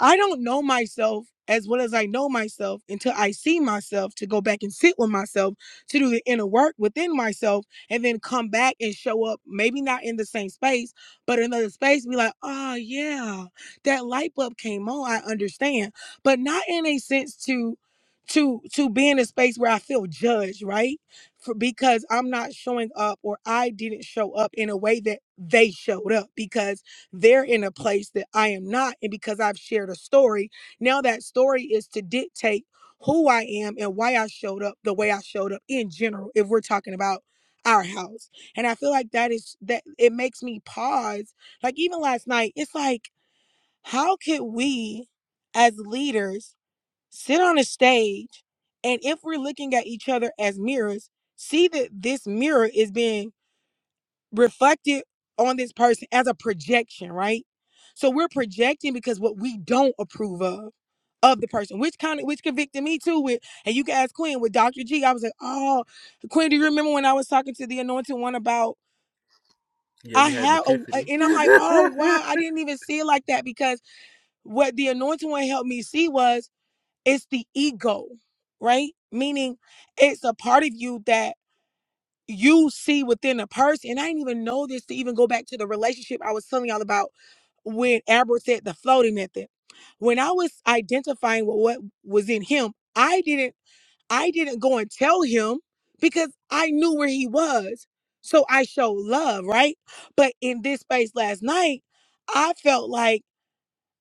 I don't know myself as well as I know myself until I see myself to go back and sit with myself to do the inner work within myself and then come back and show up, maybe not in the same space, but in another space, be like, oh, yeah, that light bulb came on. I understand. But not in a sense to to to be in a space where I feel judged, right? For, because I'm not showing up or I didn't show up in a way that they showed up because they're in a place that I am not. And because I've shared a story, now that story is to dictate who I am and why I showed up the way I showed up in general, if we're talking about our house. And I feel like that is that it makes me pause. Like even last night, it's like, how could we as leaders sit on a stage and if we're looking at each other as mirrors, see that this mirror is being reflected on this person as a projection, right? So we're projecting because what we don't approve of of the person, which kind of which convicted me too with, and you guys, Queen, with Dr. G, I was like, oh, Queen, do you remember when I was talking to the anointed one about
Yeah,
I
you had an
have a
epiphany.
and I'm like, oh wow, I didn't even see it like that because what the anointed one helped me see was it's the ego, right? Meaning it's a part of you that you see within a person, and I didn't even know this to even go back to the relationship I was telling y'all about when Albert said the floating method. When I was identifying with what was in him, I didn't I didn't go and tell him because I knew where he was. So I showed love, right? But in this space last night, I felt like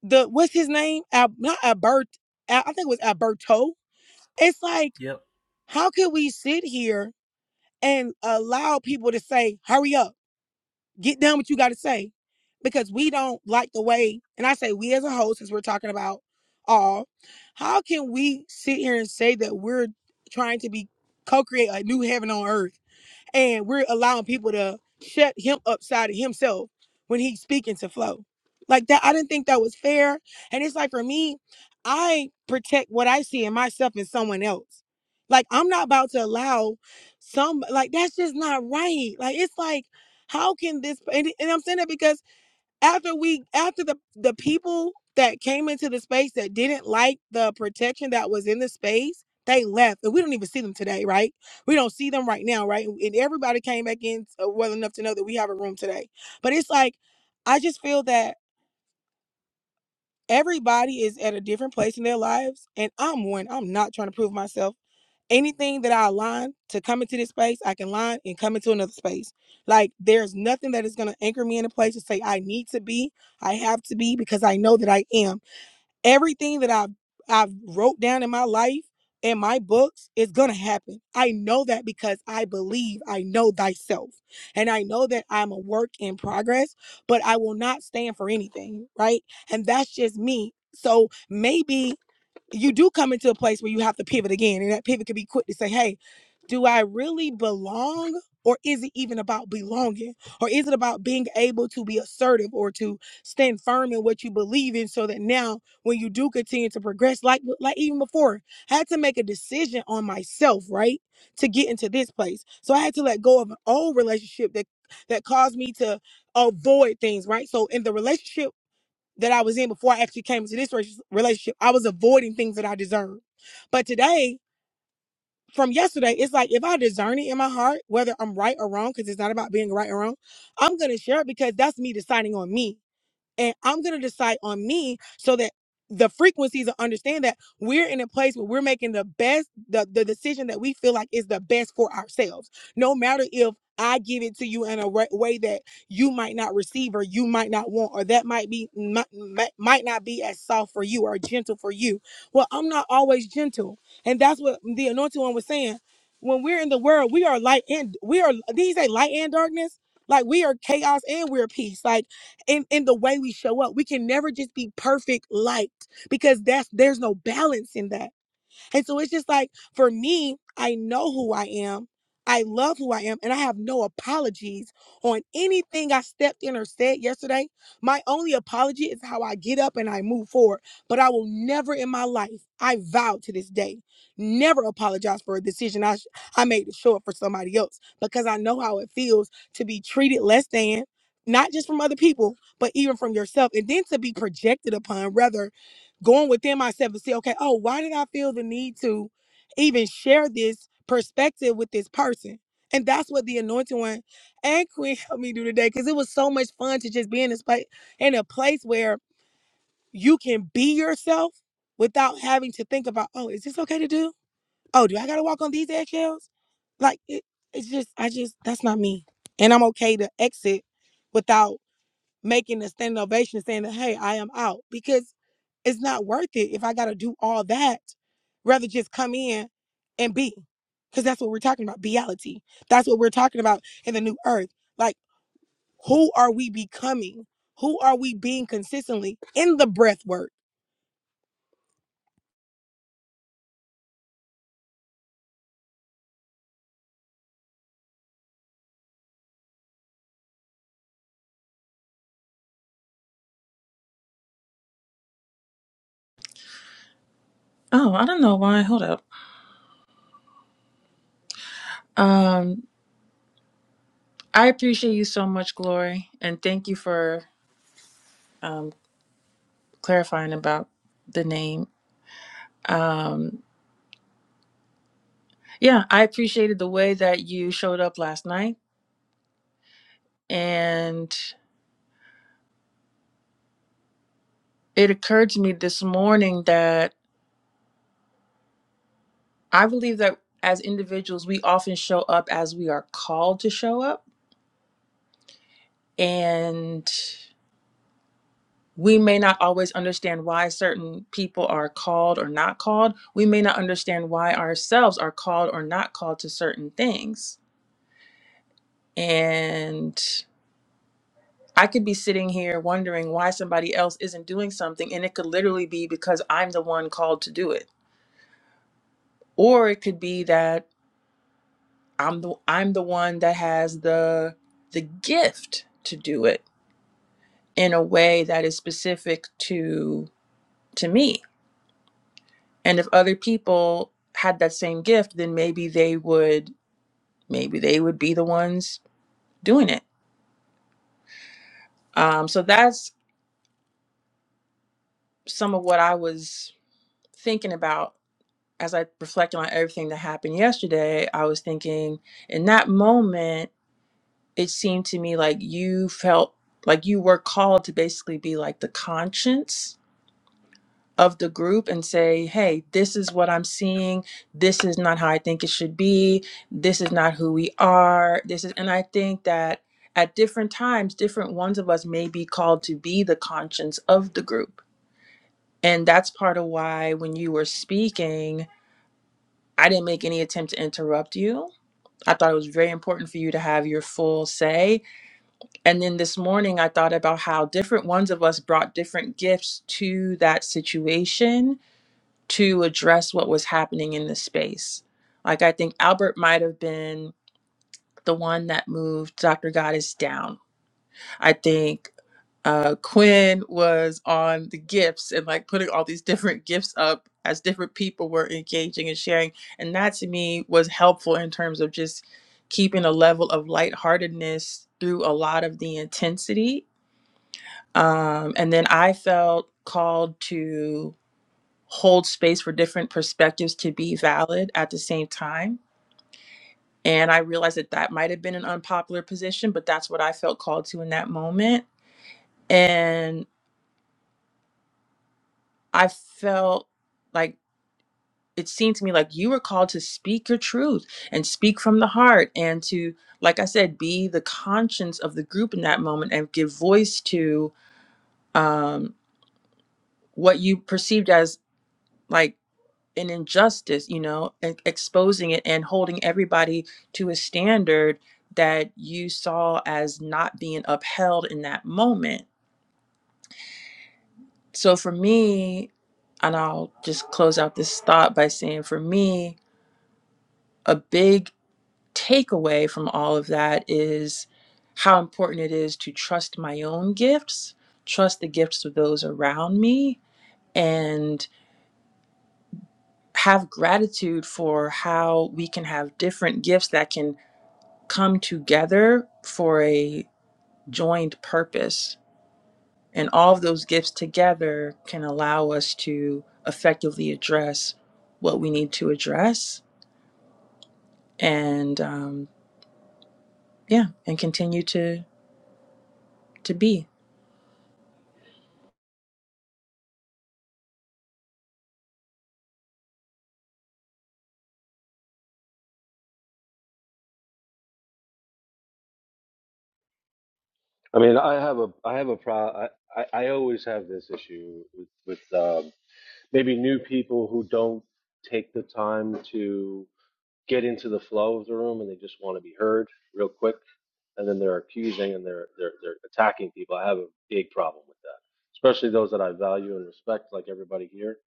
the what's his name? Al, not Albert. Al- I think it was Alberto. It's like,
yep.
how could we sit here? and allow people to say, hurry up, get done what you got to say. Because we don't like the way, and I say we as a whole, since we're talking about all, how can we sit here and say that we're trying to be co create a new heaven on earth? and we're allowing people to shut him upside of himself when he's speaking to Flo. Like that, I didn't think that was fair. And it's like for me, I protect what I see in myself and someone else. Like I'm not about to allow some like that's just not right. Like it's like, how can this and, and I'm saying that because after we after the the people that came into the space that didn't like the protection that was in the space they left and we don't even see them today right we don't see them right now right and everybody came back in uh, well enough to know that we have a room today but it's like i just feel that everybody is at a different place in their lives and i'm one i'm not trying to prove myself anything that I align to come into this space, I can align and come into another space. Like there's nothing that is going to anchor me in a place to say I need to be, I have to be because I know that I am. Everything that I've I've wrote down in my life in my books is going to happen. I know that because I believe I know thyself. And I know that I'm a work in progress, but I will not stand for anything, right? And that's just me. So maybe you do come into a place where you have to pivot again and that pivot could be quick to say hey do i really belong or is it even about belonging or is it about being able to be assertive or to stand firm in what you believe in so that now when you do continue to progress like like even before i had to make a decision on myself right to get into this place so i had to let go of an old relationship that that caused me to avoid things right so in the relationship that I was in before I actually came into this relationship. I was avoiding things that I deserved. But today, from yesterday, it's like if I discern it in my heart, whether I'm right or wrong, because it's not about being right or wrong, I'm going to share it because that's me deciding on me and I'm gonna decide on me so that the frequencies will understand that we're in a place where we're making the best the, the decision that we feel like is the best for ourselves no matter if i give it to you in a re- way that you might not receive or you might not want or that might be might, might not be as soft for you or gentle for you well i'm not always gentle and that's what the anointed one was saying when we're in the world we are light and we are Did he say light and darkness like we are chaos and we're peace like in in the way we show up. We can never just be perfect light because that's there's no balance in that. And so it's just like for me, I know who I am. I love who I am, and I have no apologies on anything I stepped in or said yesterday. My only apology is how I get up and I move forward. But I will never in my life, I vow to this day, never apologize for a decision I, sh- I made to show up for somebody else because I know how it feels to be treated less than, not just from other people, but even from yourself, and then to be projected upon rather going within myself and see, okay, oh, why did I feel the need to even share this perspective with this person? And that's what the anointing one and Queen helped me do today because it was so much fun to just be in this place in a place where you can be yourself without having to think about, oh, is this okay to do? Oh, do I gotta walk on these eggshells? Like it, it's just, I just that's not me, and I'm okay to exit without making a standing ovation saying that, hey, I am out because it's not worth it if I got to do all that. Rather just come in and be because that's what we're talking about. Reality. That's what we're talking about in the new earth. Like, who are we becoming? Who are we being consistently in the breath work?
Oh, I don't know why. Hold up. Um, I appreciate you so much, Glory, and thank you for um. clarifying about the name. Um, yeah, I appreciated the way that you showed up last night. And it occurred to me this morning that I believe that as individuals, we often show up as we are called to show up. And we may not always understand why certain people are called or not called. We may not understand why ourselves are called or not called to certain things. And I could be sitting here wondering why somebody else isn't doing something, and it could literally be because I'm the one called to do it, or it could be that I'm the I'm the one that has the the gift to do it in a way that is specific to to me. And if other people had that same gift, then maybe they would maybe they would be the ones doing it. Um, so that's some of what I was thinking about as I reflected on everything that happened yesterday, I was thinking in that moment, it seemed to me like you felt like you were called to basically be like the conscience of the group and say, hey, this is what I'm seeing. This is not how I think it should be. This is not who we are. This is, and I think that at different times, different ones of us may be called to be the conscience of the group. And that's part of why when you were speaking, I didn't make any attempt to interrupt you I thought it was very important for you to have your full say. And then this morning, I thought about how different ones of us brought different gifts to that situation to address what was happening in the space. Like, I think Albert might have been the one that moved Dr. Goddess down. I think uh, Quinn was on the gifts and like putting all these different gifts up as different people were engaging and sharing. And that to me was helpful in terms of just keeping a level of lightheartedness through a lot of the intensity. Um, and then I felt called to hold space for different perspectives to be valid at the same time. And I realized that that might have been an unpopular position, but that's what I felt called to in that moment. and. I felt like it seemed to me like you were called to speak your truth and speak from the heart and to, like I said, be the conscience of the group in that moment and give voice to um, what you perceived as like an injustice, you know, and exposing it and holding everybody to a standard that you saw as not being upheld in that moment. So for me, and I'll just close out this thought by saying for me, a big takeaway from all of that is how important it is to trust my own gifts, trust the gifts of those around me, and have gratitude for how we can have different gifts that can come together for a joined purpose. And all of those gifts together can allow us to effectively address what we need to address and um, yeah, and continue to to be.
I mean, I have a, I have a pro. I, I, I always have this issue with, with um, maybe new people who don't take the time to get into the flow of the room, and they just want to be heard real quick, and then they're accusing and they're they're they're attacking people. I have a big problem with that, especially those that I value and respect, like everybody here.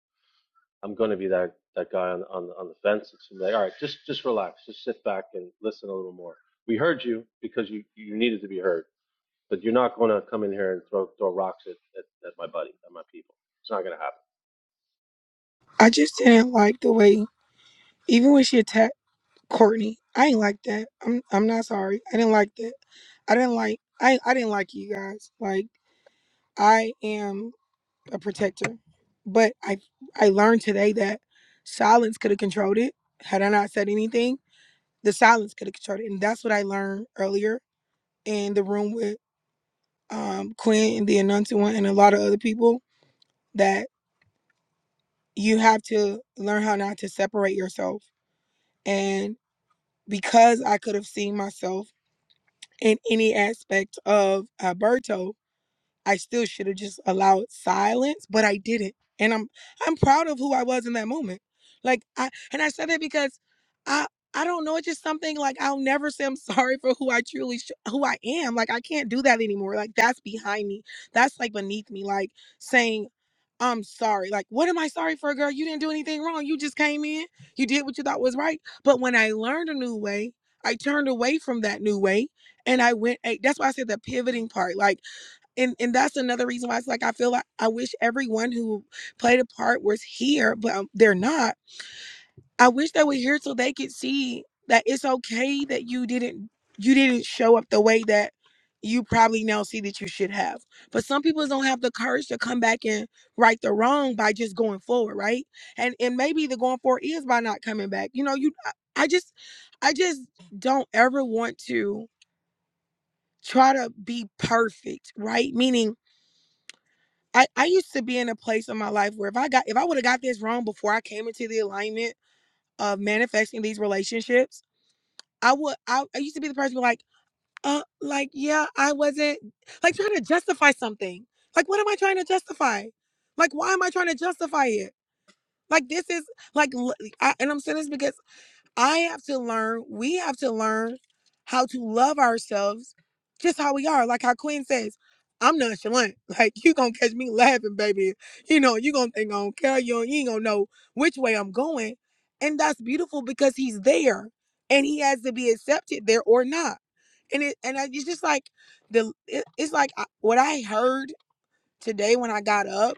I'm going to be that that guy on on, on the fence. It's gonna be like, all right, just just relax, just sit back and listen a little more. We heard you because you you needed to be heard but you're not going to come in here and throw throw rocks at, at, at my buddy, at my people. It's not going to happen
I just didn't like the way, even when she attacked Courtney, I ain't like that. I'm, I'm not sorry. I didn't like that. I didn't like, I, I didn't like you guys. Like, I am a protector. But I I learned today that silence could have controlled it. Had I not said anything, the silence could have controlled it. And that's what I learned earlier in the room with um Quinn and the Anansi one and a lot of other people that you have to learn how not to separate yourself. And because I could have seen myself in any aspect of Alberto, I still should have just allowed silence, but I didn't. And I'm I'm proud of who I was in that moment. Like I and I said that because I I don't know, it's just something like I'll never say I'm sorry for who I truly sh- who I am. Like I can't do that anymore. Like that's behind me. That's like beneath me like saying I'm sorry. Like what am I sorry for, girl? You didn't do anything wrong. You just came in. You did what you thought was right. But when I learned a new way, I turned away from that new way and I went that's why I said the pivoting part. Like and and that's another reason why it's like I feel like I wish everyone who played a part was here, but um, they're not. I wish they were here so they could see that it's okay that you didn't you didn't show up the way that you probably now see that you should have. But some people don't have the courage to come back and right the wrong by just going forward, right? And and maybe the going forward is by not coming back. You know, you I I just I just don't ever want to try to be perfect, right? Meaning I, I used to be in a place in my life where if I got if I would have got this wrong before I came into the alignment of manifesting these relationships, I would I, I used to be the person who like, uh like yeah, I wasn't like trying to justify something. Like what am I trying to justify? Like why am I trying to justify it? Like this is like l- I, and I'm saying this because I have to learn, we have to learn how to love ourselves just how we are. Like how Queen says, I'm nonchalant. Like you gonna catch me laughing, baby. You know, you gonna think I don't care. You, ain't gonna know which way I'm going. And that's beautiful because he's there and he has to be accepted there or not. And it and I, it's just like the it- it's like I, what I heard today when I got up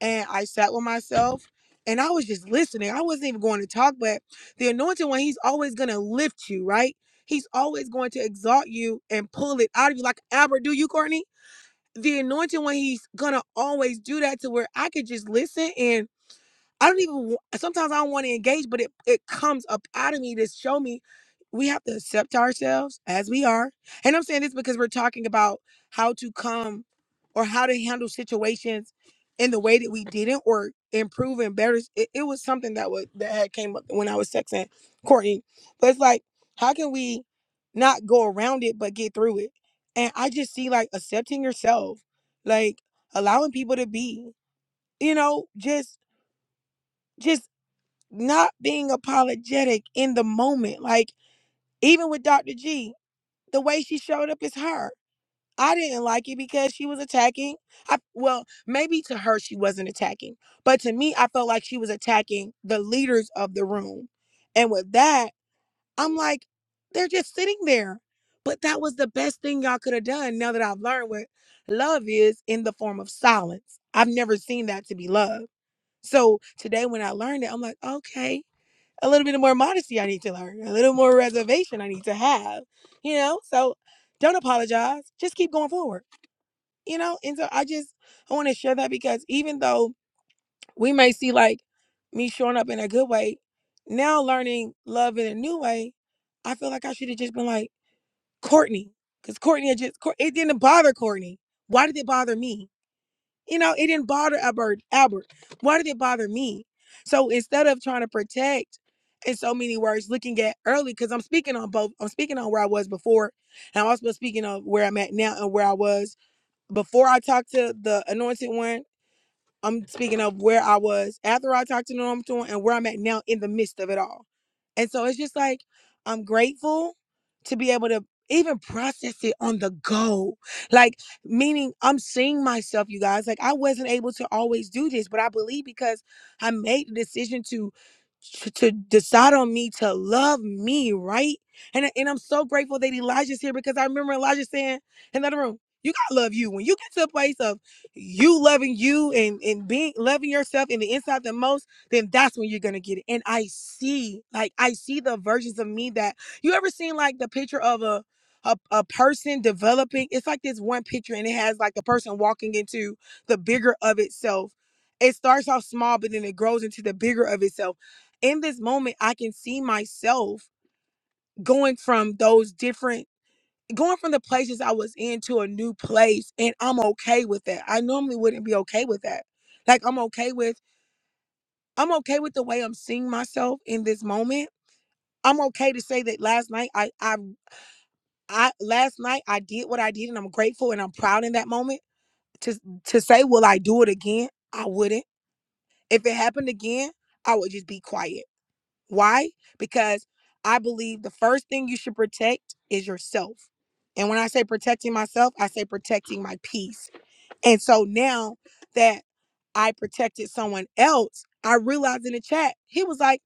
and I sat with myself and I was just listening. I wasn't even going to talk, but the anointed one, he's always going to lift you, right? He's always going to exalt you and pull it out of you like Albert do you, Courtney? The anointed one, he's going to always do that to where I could just listen and I don't even wa- sometimes I don't want to engage, but it it comes up out of me to show me we have to accept ourselves as we are. And I'm saying this because we're talking about how to come or how to handle situations in the way that we didn't or improve and better. It, it was something that was that had came up when I was texting Courtney. But it's like, how can we not go around it but get through it? And I just see like accepting yourself, like allowing people to be, you know, just just not being apologetic in the moment. Like even with Dr. G, the way she showed up is her. I didn't like it because she was attacking. I well, maybe to her she wasn't attacking, but to me I felt like she was attacking the leaders of the room. And with that, I'm like they're just sitting there. But that was the best thing y'all could have done now that I've learned what love is in the form of silence. I've never seen that to be love. So today when I learned it, I'm like, okay, a little bit more modesty I need to learn, a little more reservation I need to have, you know? So don't apologize. Just keep going forward, you know? And so I just, I want to share that because even though we may see like me showing up in a good way, now learning love in a new way, I feel like I should have just been like Courtney, because Courtney had just, Cour- it didn't bother Courtney. Why did it bother me? You know, it didn't bother Albert. Albert, why did it bother me? So instead of trying to protect, in so many words, looking at early, because I'm speaking on both. I'm speaking on where I was before, and I'm also speaking of where I'm at now and where I was before I talked to the anointed one I'm speaking of where I was after I talked to Norm Thorne and where I'm at now in the midst of it all. And so it's just like I'm grateful to be able to even process it on the go. Like meaning I'm seeing myself, you guys. Like I wasn't able to always do this, but I believe because I made the decision to to to decide on me to love me, right? And and I'm so grateful that Elijah's here because I remember Elijah saying in the other room, you gotta love you. When you get to a place of you loving you and and being loving yourself in the inside the most then that's when you're gonna get it and i see like i see the versions of me that you ever seen like the picture of a a, a person developing it's like this one picture and it has like the person walking into the bigger of itself it starts off small but then it grows into the bigger of itself in this moment i can see myself going from those different going from the places I was in to a new place and I'm okay with that. I normally wouldn't be okay with that. Like I'm okay with I'm okay with the way I'm seeing myself in this moment. I'm okay to say that last night I I I last night I did what I did and I'm grateful and I'm proud in that moment. To to say will I do it again? I wouldn't. If it happened again, I would just be quiet. Why? Because I believe the first thing you should protect is yourself. And when I say protecting myself, I say protecting my peace And so now that I protected someone else, I realized in the chat, he was like,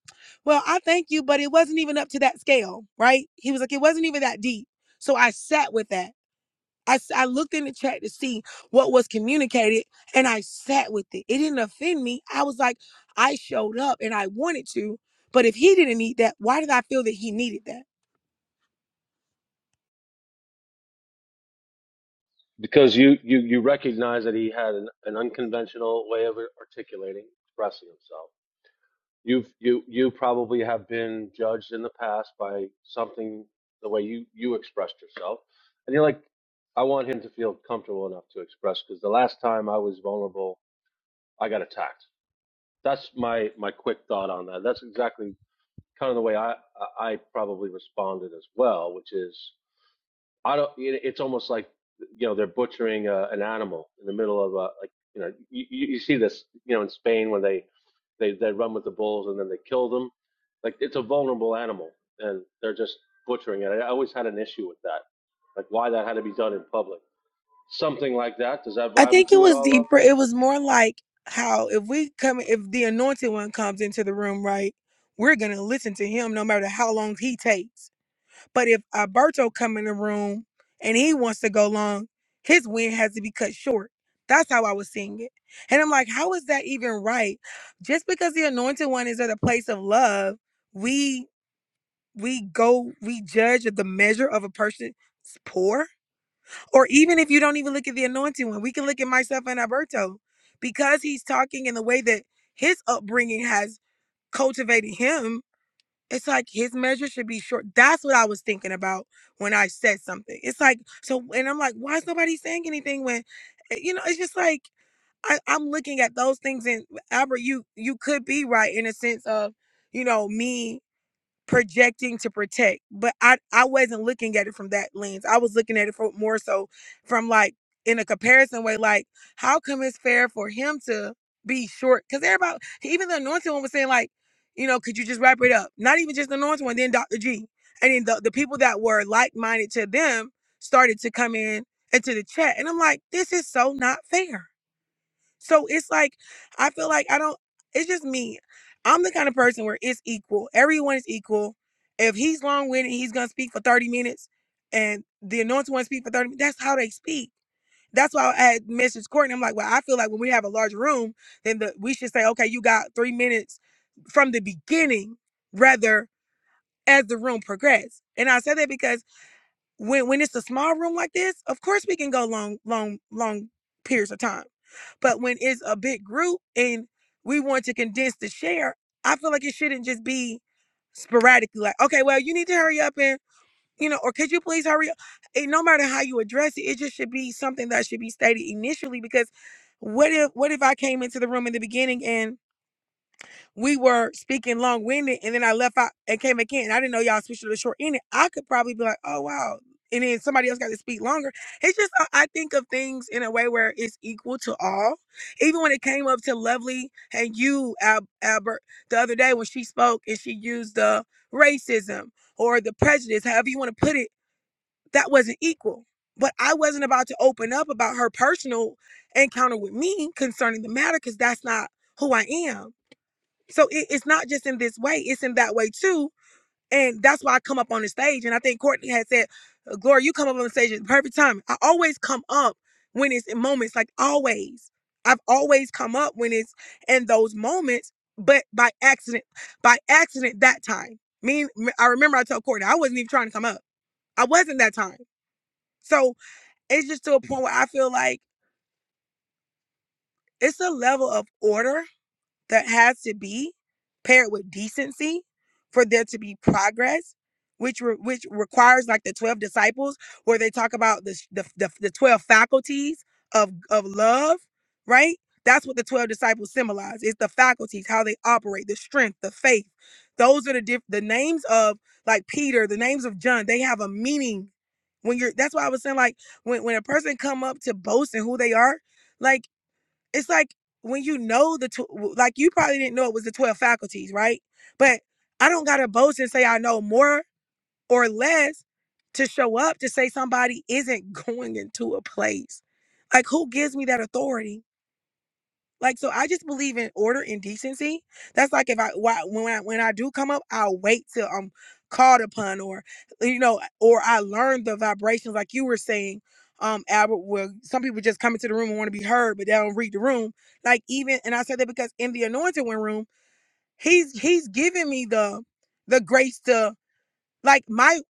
Well, I thank you, but it wasn't even up to that scale, right? He was like, It wasn't even that deep. So I sat with that. I, s- I looked in the chat to see what was communicated and I sat with it. It didn't offend me. I was like, I showed up and I wanted to, but if he didn't need that, why did I feel that he needed that?
because you you you recognize that he had an, an unconventional way of articulating, expressing himself. You've you you probably have been judged in the past by something the way you you expressed yourself, and you're like, I want him to feel comfortable enough to express because the last time I was vulnerable, I got attacked. That's my my quick thought on that. That's exactly kind of the way I I probably responded as well, which is I don't. it's almost like you know they're butchering a, an animal in the middle of a like you know you, you see this you know in Spain when they they they run with the bulls and then they kill them. Like it's a vulnerable animal and they're just butchering it. I always had an issue with that, like why that had to be done in public. Something like that. Does that
I
vibe with
think it
you at
was
all, love?
deeper. It was more like how if we come, if the anointed one comes into the room, right, we're gonna listen to him no matter how long he takes. But if Alberto come in the room and he wants to go long, his win has to be cut short. That's how I was seeing it, and I'm like, how is that even right? Just because the anointed one is at a place of love, we we go we judge the measure of a person's poor or even if you don't even look at the anointed one, we can look at myself and Alberto because he's talking in the way that his upbringing has cultivated him. It's like his measure should be short. That's what I was thinking about when I said something. It's like, so, and I'm like, why is nobody saying anything when, eh, you know, it's just like, I, I'm looking at those things and Albert, you you could be right in a sense of, you know, me projecting to protect but i i wasn't looking at it from that lens i was looking at it for more so from like in a comparison way like how come it's fair for him to be short because everybody even the anointed one was saying like you know could you just wrap it up not even just the anointed one then dr g and then the, the people that were like-minded to them started to come in into the chat and i'm like this is so not fair so it's like I feel like I don't it's just me. I'm the kind of person where it's equal. Everyone is equal. If he's long winded, he's gonna speak for 30 minutes and the anointed one speak for 30 minutes. That's how they speak. That's why I had messaged Courtney. I'm like, well, I feel like when we have a large room, then the, we should say, okay, you got three minutes from the beginning rather as the room progressed. And I said that because when when it's a small room like this, of course we can go long, long, long periods of time. But when it's a big group and we want to condense the share, I feel like it shouldn't just be sporadically like, okay, well, you need to hurry up and you know, or could you please hurry up? And no matter how you address it, it just should be something that should be stated initially because what if what if I came into the room in the beginning and we were speaking long winded, and then I left out and came again. in. I didn't know y'all switched to the short end. I could probably be like, oh wow, and then somebody else got to speak longer. It's just uh, I think of things in a way where it's equal to all. Even when it came up to Lovely and you, Al- Albert, the other day when she spoke and she used the racism or the prejudice, however you want to put it, that wasn't equal. But I wasn't about to open up about her personal encounter with me concerning the matter because that's not who I am so it, it's not just in this way, it's in that way too. And that's why I come up on the stage. And I think Courtney had said, "Uh, Gloria, you come up on the stage at the perfect time. I always come up when it's in moments, like always. I've always come up when it's in those moments, but by accident, by accident that time. Me, me- I remember I told Courtney, I wasn't even trying to come up. I wasn't that time. So it's just to a point where I feel like it's a level of order that has to be paired with decency for there to be progress which re- which requires like the 12 disciples where they talk about the, the the the 12 faculties of of love right that's what the 12 disciples symbolize it's the faculties how they operate the strength the faith those are the diff- the names of like peter the names of john they have a meaning when you're that's why i was saying like when, when a person come up to boast and who they are like it's like when you know the tw- like you probably didn't know it was the 12 faculties right but i don't gotta boast and say i know more or less to show up to say somebody isn't going into a place like who gives me that authority like so, I just believe in order and decency. That's like if I why- when I, when I do come up, I'll wait till I'm called upon, or you know, or I learn the vibrations, like you were saying, um, Albert. Where some people just come into the room and want to be heard, but they don't read the room. Like even, and I said that because in the anointed one room, he's he's giving me the the grace to like my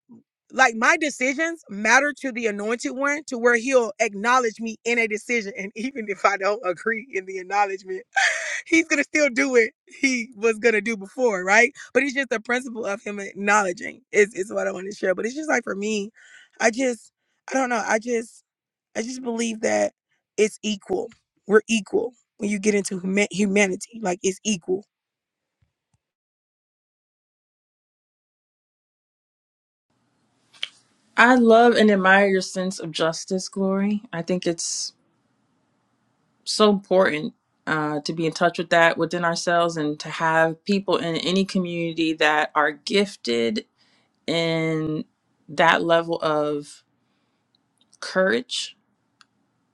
like my decisions matter to the anointed one to where he'll acknowledge me in a decision and even if i don't agree in the acknowledgement he's gonna still do what he was gonna do before, right? But it's just the principle of him acknowledging is is what I want to share. But it's just like for me, I just I don't know. I just I just believe that it's equal. We're equal when you get into huma- humanity. Like it's equal.
I love and admire your sense of justice, Glory. I think it's so important uh, to be in touch with that within ourselves and to have people in any community that are gifted in that level of courage,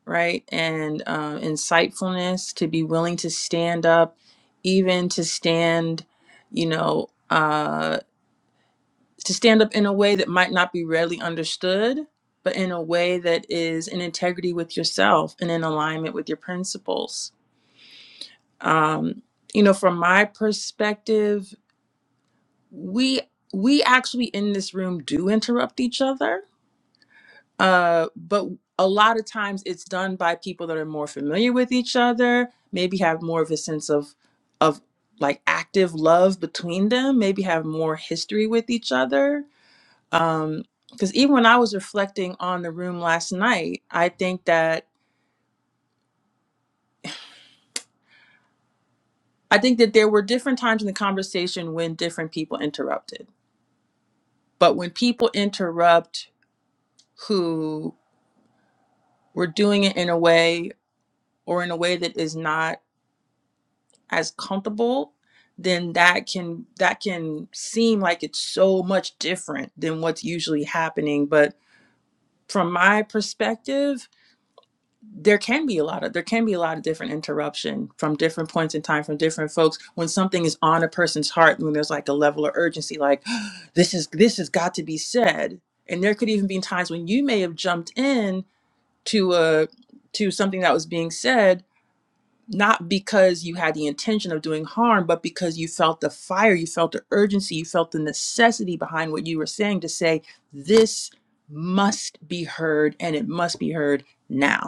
right? And um, insightfulness to be willing to stand up, even to stand, you know. Uh, to stand up in a way that might not be readily understood, but in a way that is in integrity with yourself and in alignment with your principles. Um, you know, from my perspective, we we actually in this room do interrupt each other, uh, but a lot of times it's done by people that are more familiar with each other, maybe have more of a sense of of like active love between them, maybe have more history with each other um because even when i was reflecting on the room last night i think that i think that there were different times in the conversation when different people interrupted but when people interrupt who were doing it in a way or in a way that is not as comfortable then that can that can seem like it's so much different than what's usually happening but from my perspective there can be a lot of there can be a lot of different interruption from different points in time from different folks when something is on a person's heart when there's like a level of urgency like this is this has got to be said and there could even be times when you may have jumped in to a to something that was being said not because you had the intention of doing harm but because you felt the fire you felt the urgency you felt the necessity behind what you were saying to say this must be heard and it must be heard now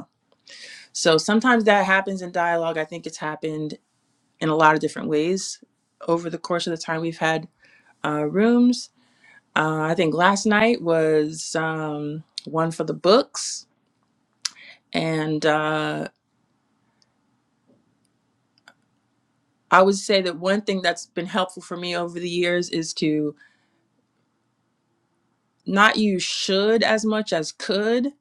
so sometimes that happens in dialogue. I think it's happened in a lot of different ways over the course of the time we've had uh, rooms. Uh, I think last night was um, one for the books. And uh, I would say that one thing that's been helpful for me over the years is to not use should as much as could.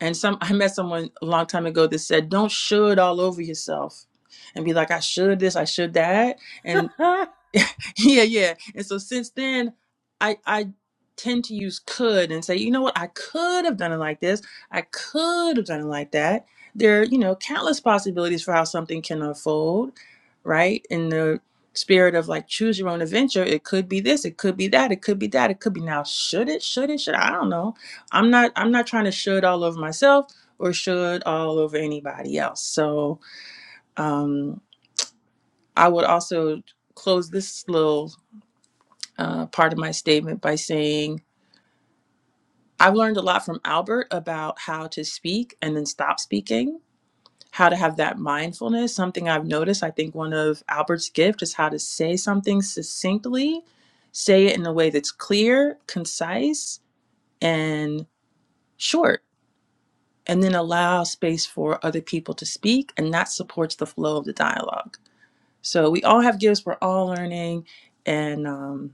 And some I met someone a long time ago that said, don't should all over yourself and be like, I should this, I should that. and. Yeah, yeah. And so since then, I I tend to use could and say, you know what, I could have done it like this. I could have done it like that. There are, you know, countless possibilities for how something can unfold, right? In the spirit of like choose your own adventure, it could be this, it could be that, it could be that, it could be now. Should it? Should it? Should I don't know. I'm not I'm not trying to should all over myself or should all over anybody else. So um I would also close this little uh, part of my statement by saying I've learned a lot from Albert about how to speak and then stop speaking, how to have that mindfulness. Something I've noticed, I think one of Albert's gift is how to say something succinctly, say it in a way that's clear, concise, and short, and then allow space for other people to speak, and that supports the flow of the dialogue. So we all have gifts, we're all learning, and um,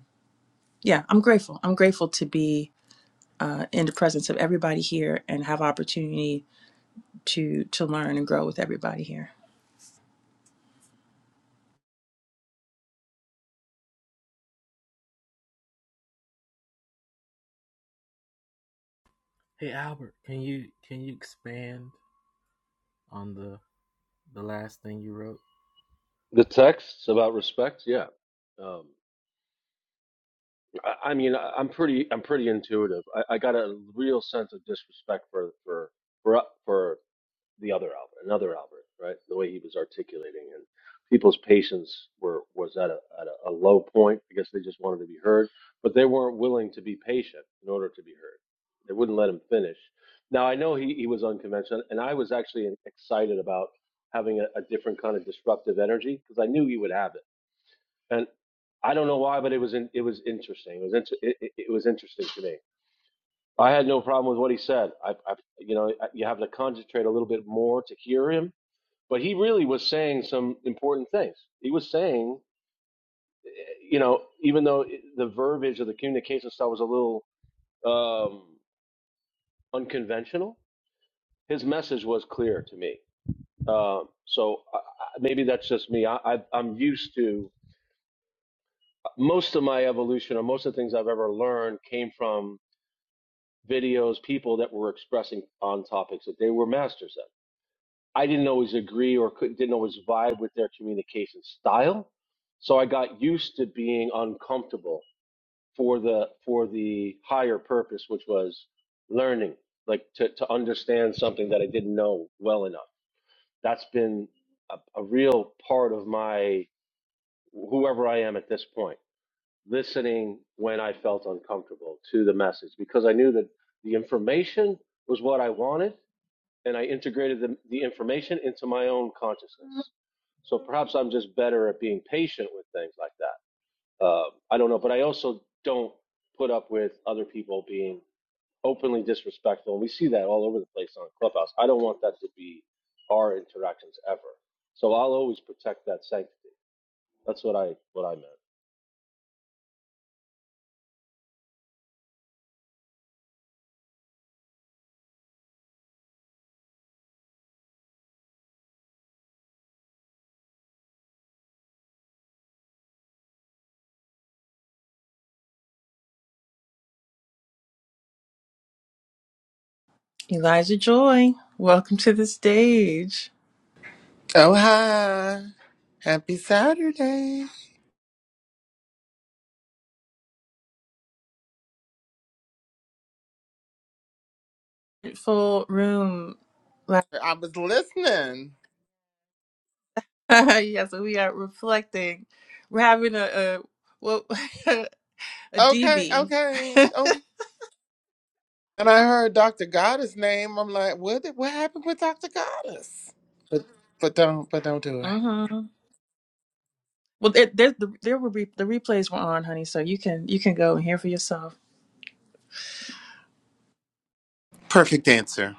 yeah, I'm grateful. I'm grateful to be uh, in the presence of everybody here and have opportunity to to learn and grow with everybody here.
Hey Albert, can you can you expand on the the last thing you wrote?
The texts about respect, yeah. Um, I I mean, I- I'm pretty, I'm pretty intuitive. I, I got a real sense of disrespect for for for for the other Albert, another Albert, right? The way he was articulating and people's patience were was at a at a, a low point. I guess they just wanted to be heard, but they weren't willing to be patient in order to be heard. They wouldn't let him finish. Now I know he he was unconventional, and I was actually excited about having a, a different kind of disruptive energy because I knew he would have it and I don't know why, but it was in, it was interesting. It was inter- it, it, it was interesting to me. I had no problem with what he said. I, I you know I- you have to concentrate a little bit more to hear him, but he really was saying some important things. He was saying, eh, you know, even though it- the verbiage of the communication style was a little um, unconventional, his message was clear to me. Um, so I, I- maybe that's just me. I, I, I'm used to most of my evolution or most of the things I've ever learned came from videos, people that were expressing on topics that they were masters at. I didn't always agree or could, didn't always vibe with their communication style, so I got used to being uncomfortable for the for the higher purpose, which was learning, like to to understand something that I didn't know well enough. That's been a, a real part of my whoever I am at this point listening when I felt uncomfortable to the message because I knew that the information was what I wanted and I integrated the, the information into my own consciousness. So perhaps I'm just better at being patient with things like that. Um, I don't know, but I also don't put up with other people being openly disrespectful. And we see that all over the place on Clubhouse. I don't want that to be our interactions ever. So I'll always protect that sanctity. That's what I what I meant.
Eliza Joy, welcome to the stage.
Oh, hi. Happy Saturday.
Full room. Like-
I was listening.
yes, we are reflecting. We're having a, a well a
Okay,
DB.
okay, okay. And I heard Dr. Goddess' name. I'm like, what What happened with Dr. Goddess? But, but don't but don't do it.
hmm Well, there, there, the, there will be the replays were on, honey. So you can you can go and hear for yourself.
Perfect answer.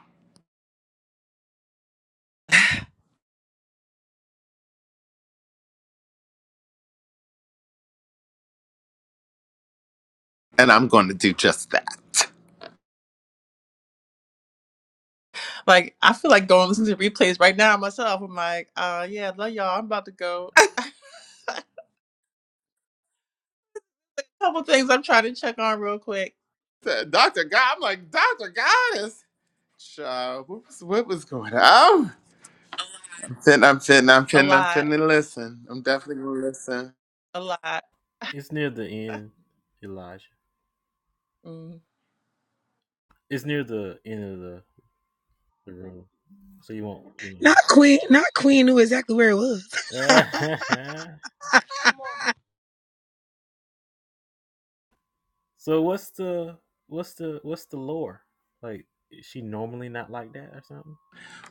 And I'm going to do just that.
Like I feel like going to listen to the replays right now myself. I'm like, uh, yeah, love y'all. I'm about to go. couple things I'm trying to check on real quick.
Said, Dr. God, I'm like, Dr. Goddess? So, what was, what was going on? I'm finna, I'm finna, I'm
A
finna, I'm
lot,
finna listen. I'm definitely going to listen.
a lot.
It's near the end, Elijah.
Mm.
It's near the end of the, the room, so you won't you
Not Queen. Not Queen knew exactly where it was.
know. so what's the what's the what's the lore? Like is she normally not like that or something?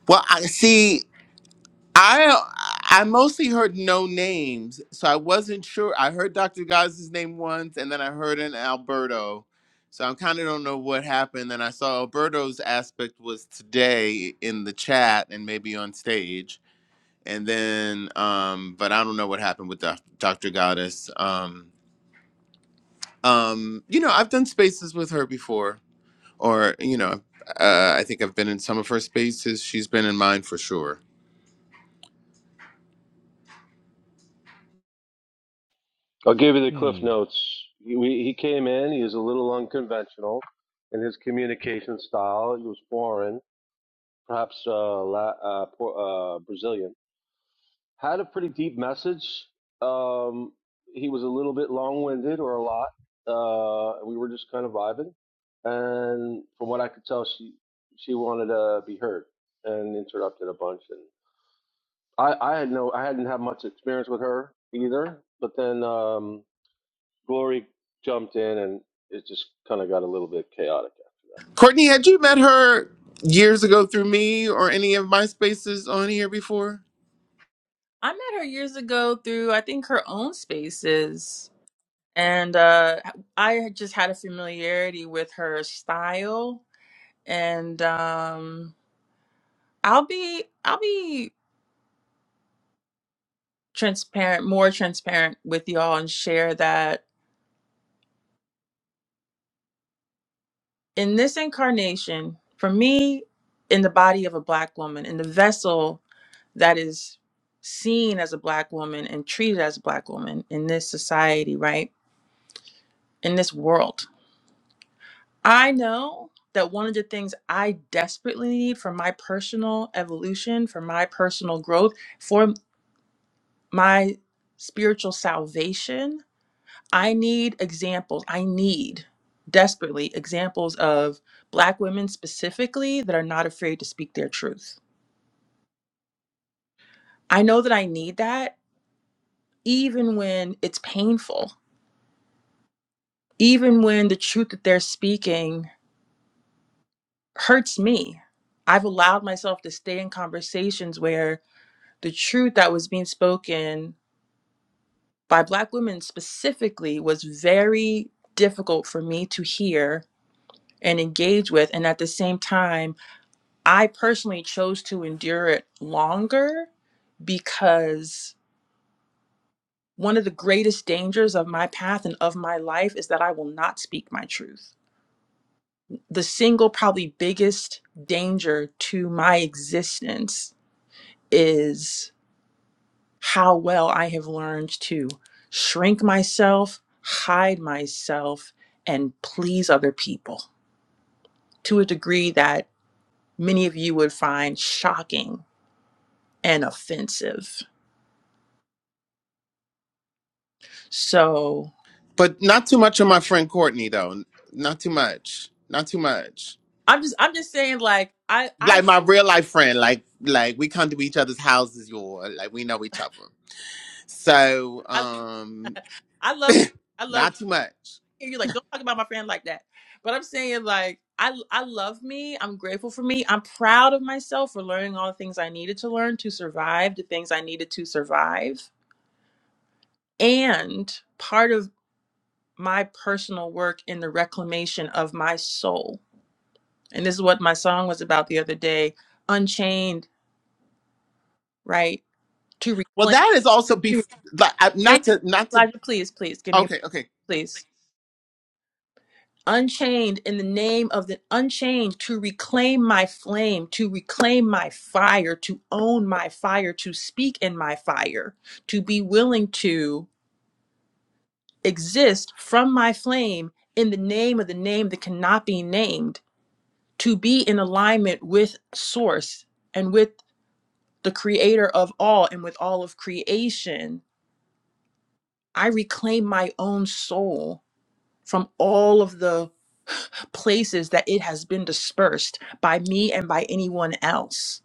Well, I see. I I mostly heard no names, so I wasn't sure. I heard Dr. Gaz's name once, and then I heard an Alberto. So I kind of don't know what happened. Then I saw Alberto's aspect was today in the chat and maybe on stage, and then um, but I don't know what happened with Doc- Dr. Goddess. Um, um, you know, I've done spaces with her before, or you know, uh, I think I've been in some of her spaces. She's been in mine for sure.
I'll give you the cliff
Hmm.
notes. He, we, he came in. He was a little unconventional in his communication style. He was foreign, perhaps uh, La, uh, Por- uh, Brazilian. Had a pretty deep message. Um, he was a little bit long-winded, or a lot. Uh, we were just kind of vibing, and from what I could tell, she she wanted to be heard and interrupted a bunch. And I, I had no, I hadn't had much experience with her either. But then. Um, Glory jumped in, and it just kind of got a little bit chaotic after that.
Courtney, had you met her years ago through me or any of my spaces on here before?
I met her years ago through I think her own spaces, and uh, I had just had a familiarity with her style. And um, I'll be I'll be transparent, more transparent with y'all, and share that in this incarnation, for me, in the body of a black woman, in the vessel that is seen as a black woman and treated as a black woman in this society, right? In this world. I know that one of the things I desperately need for my personal evolution, for my personal growth, for my spiritual salvation, I need examples. I need desperately examples of black women specifically that are not afraid to speak their truth. I know that I need that even when it's painful even when the truth that they're speaking hurts me. I've allowed myself to stay in conversations where the truth that was being spoken by Black women specifically was very difficult for me to hear and engage with. And at the same time, I personally chose to endure it longer because one of the greatest dangers of my path and of my life is that I will not speak my truth the single probably biggest danger to my existence is how well I have learned to shrink myself, hide myself, and please other people to a degree that many of you would find shocking and offensive. So
But not too much of my friend Courtney though. Not too much. Not too much.
I'm just I'm just saying like I I
Like my real life friend, like like we come to each other's houses, you or like we know each other. So,
I,
um,
I love I love
not too much.
hear you like don't talk about my friend like that but i'm saying like i i love me i'm grateful for me i'm proud of myself for learning all the things i needed to learn to survive the things i needed to survive and part of my personal work in the reclamation of my soul and this is what my song was about the other day unchained right to
Well,
reclaim
that is also be
to,
like I-
Man,
not to not to.
Elijah, please please give me a-
Okay, okay,
please unchained in the name of the unchained to reclaim my flame, to reclaim my fire, to own my fire, to speak in my fire, to be willing to exist from my flame in the name of the name that cannot be named, to be in alignment with source and with the creator of all and with all of creation. I reclaim my own soul from all of the places that it has been dispersed by me and by anyone else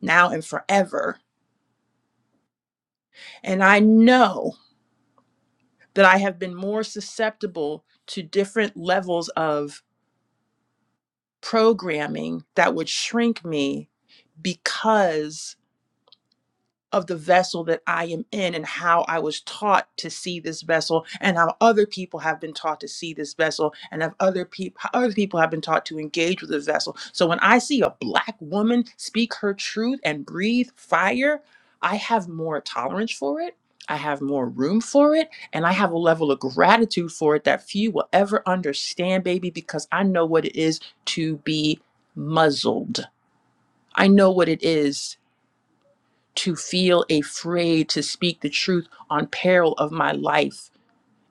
now and forever. And I know that I have been more susceptible to different levels of programming that would shrink me because of the vessel that I am in and how I was taught to see this vessel and how other people have been taught to see this vessel and have other people other people have been taught to engage with this vessel. So when I see a black woman speak her truth and breathe fire, I have more tolerance for it. I have more room for it and I have a level of gratitude for it that few will ever understand, baby, because I know what it is to be muzzled. I know what it is to feel afraid to speak the truth on peril of my life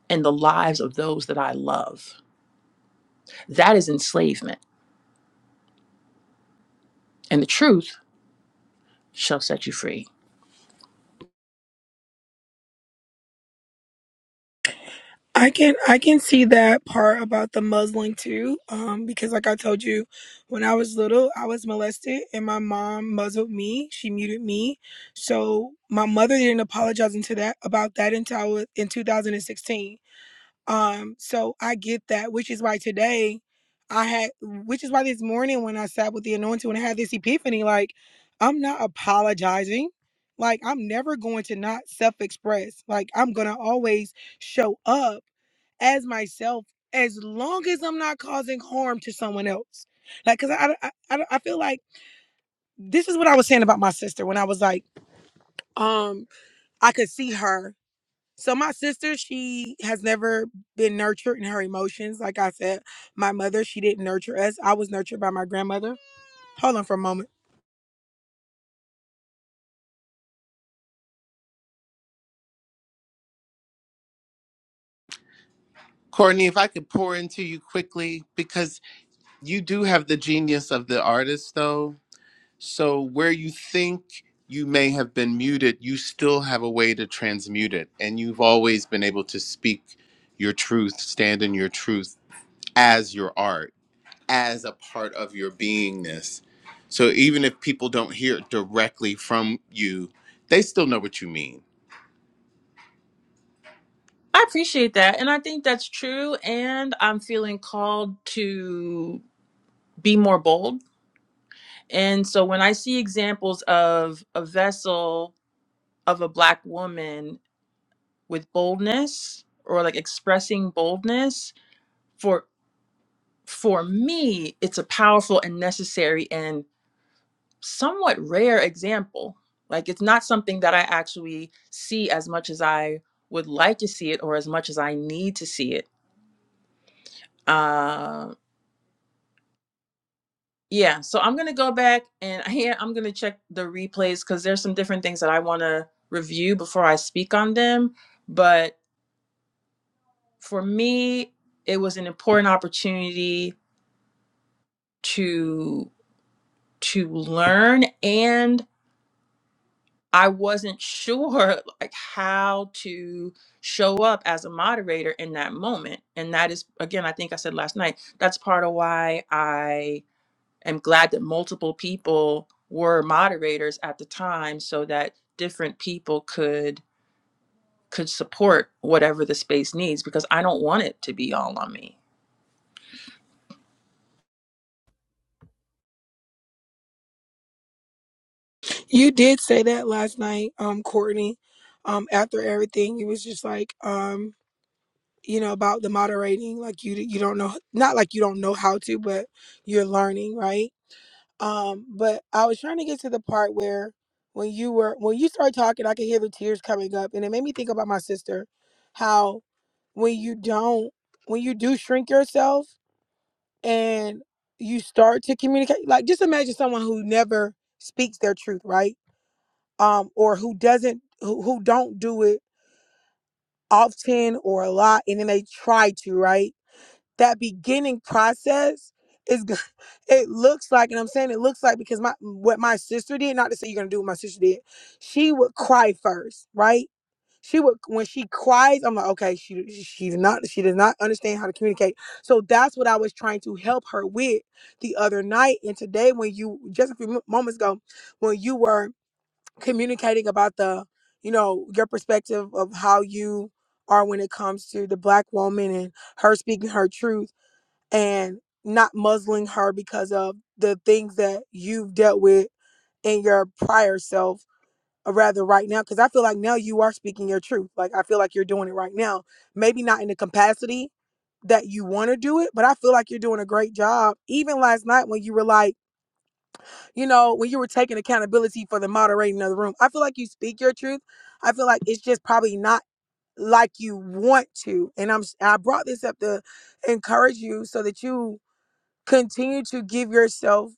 and the lives of those that I love. That is enslavement, and the truth shall set you free.
I can I can see that part about the muzzling too, um, because like I told you, when I was little, I was molested and my mom muzzled me. She muted me, so my mother didn't apologize into that about that until I was in 2016. Um, so I get that, which is why today I had, which is why this morning when I sat with the anointing, when I had this epiphany, like I'm not apologizing. Like I'm never going to not self express. Like I'm going to always show up as myself as long as I'm not causing harm to someone else. Like, cause I, I, I, I feel like this is what I was saying about my sister when I was like, um, I could see her. So my sister, she has never been nurtured in her emotions. Like I said, my mother, she didn't nurture us. I was nurtured by my grandmother. Hold on for a moment.
Courtney, if I could pour into you quickly because you do have the genius of the artist, though So, where you think you may have been muted, you still have a way to transmute it. And you've always been able to speak your truth, stand in your truth as your art, as a part of your beingness. So, even if people don't hear it directly from you, they still know what you mean.
I appreciate that, and I think that's true. And I'm feeling called to be more bold. And so when I see examples of a vessel of a black woman with boldness or like expressing boldness for for me it's a powerful and necessary and somewhat rare example. Like it's not something that I actually see as much as I would like to see it or as much as I need to see it. Uh, yeah, so I'm gonna go back and here I'm gonna check the replays because there's some different things that I want to review before I speak on them. But for me, it was an important opportunity to to learn and. I wasn't sure like how to show up as a moderator in that moment. And that is again, I think I said last night, that's part of why I am glad that multiple people were moderators at the time so that different people could could support whatever the space needs because I don't want it to be all on me.
You did say that last night, um, Courtney. Um, after everything, it was just like, um, you know, about the moderating. Like you, you don't know, not like you don't know how to, but you're learning, right? Um, but I was trying to get to the part where when you were when you started talking, I could hear the tears coming up, and it made me think about my sister, how. when you don't when you do shrink yourself and you start to communicate like just imagine someone who never speaks their truth right um or who doesn't who, who don't do it often or a lot and then they try to right that beginning process is go- it looks like and i'm saying it looks like because my what my sister did not to say you're gonna do what my sister did she would cry first right she would when she cries, I'm like, okay, she she's not she does not understand how to communicate. So that's what I was trying to help her with the other night. And today, when you just a few mo- moments ago, when you were communicating about the, you know, your perspective of how you are when it comes to the black woman and her speaking her truth and not muzzling her because of the things that you've dealt with in your prior self or rather right now because i feel like now you are speaking your truth like i feel like you're doing it right now maybe not in the capacity that you want to do it but i feel like you're doing a great job even last night when you were like you know when you were taking accountability for the moderating of the room i feel like you speak your truth i feel like it's just probably not like you want to and i'm s- i am I brought this up to encourage you so that you Continue to give yourself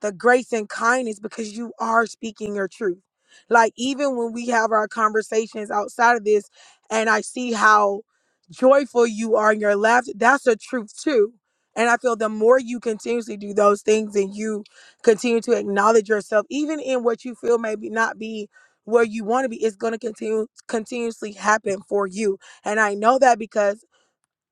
the grace and kindness because you are speaking your truth. Like, even when we have our conversations outside of this, and I see how joyful you are in your laughter, that's a truth too. And I feel the more you continuously do those things and you continue to acknowledge yourself, even in what you feel maybe not be where you want to be, it's going to continue continuously happen for you. And I know that because.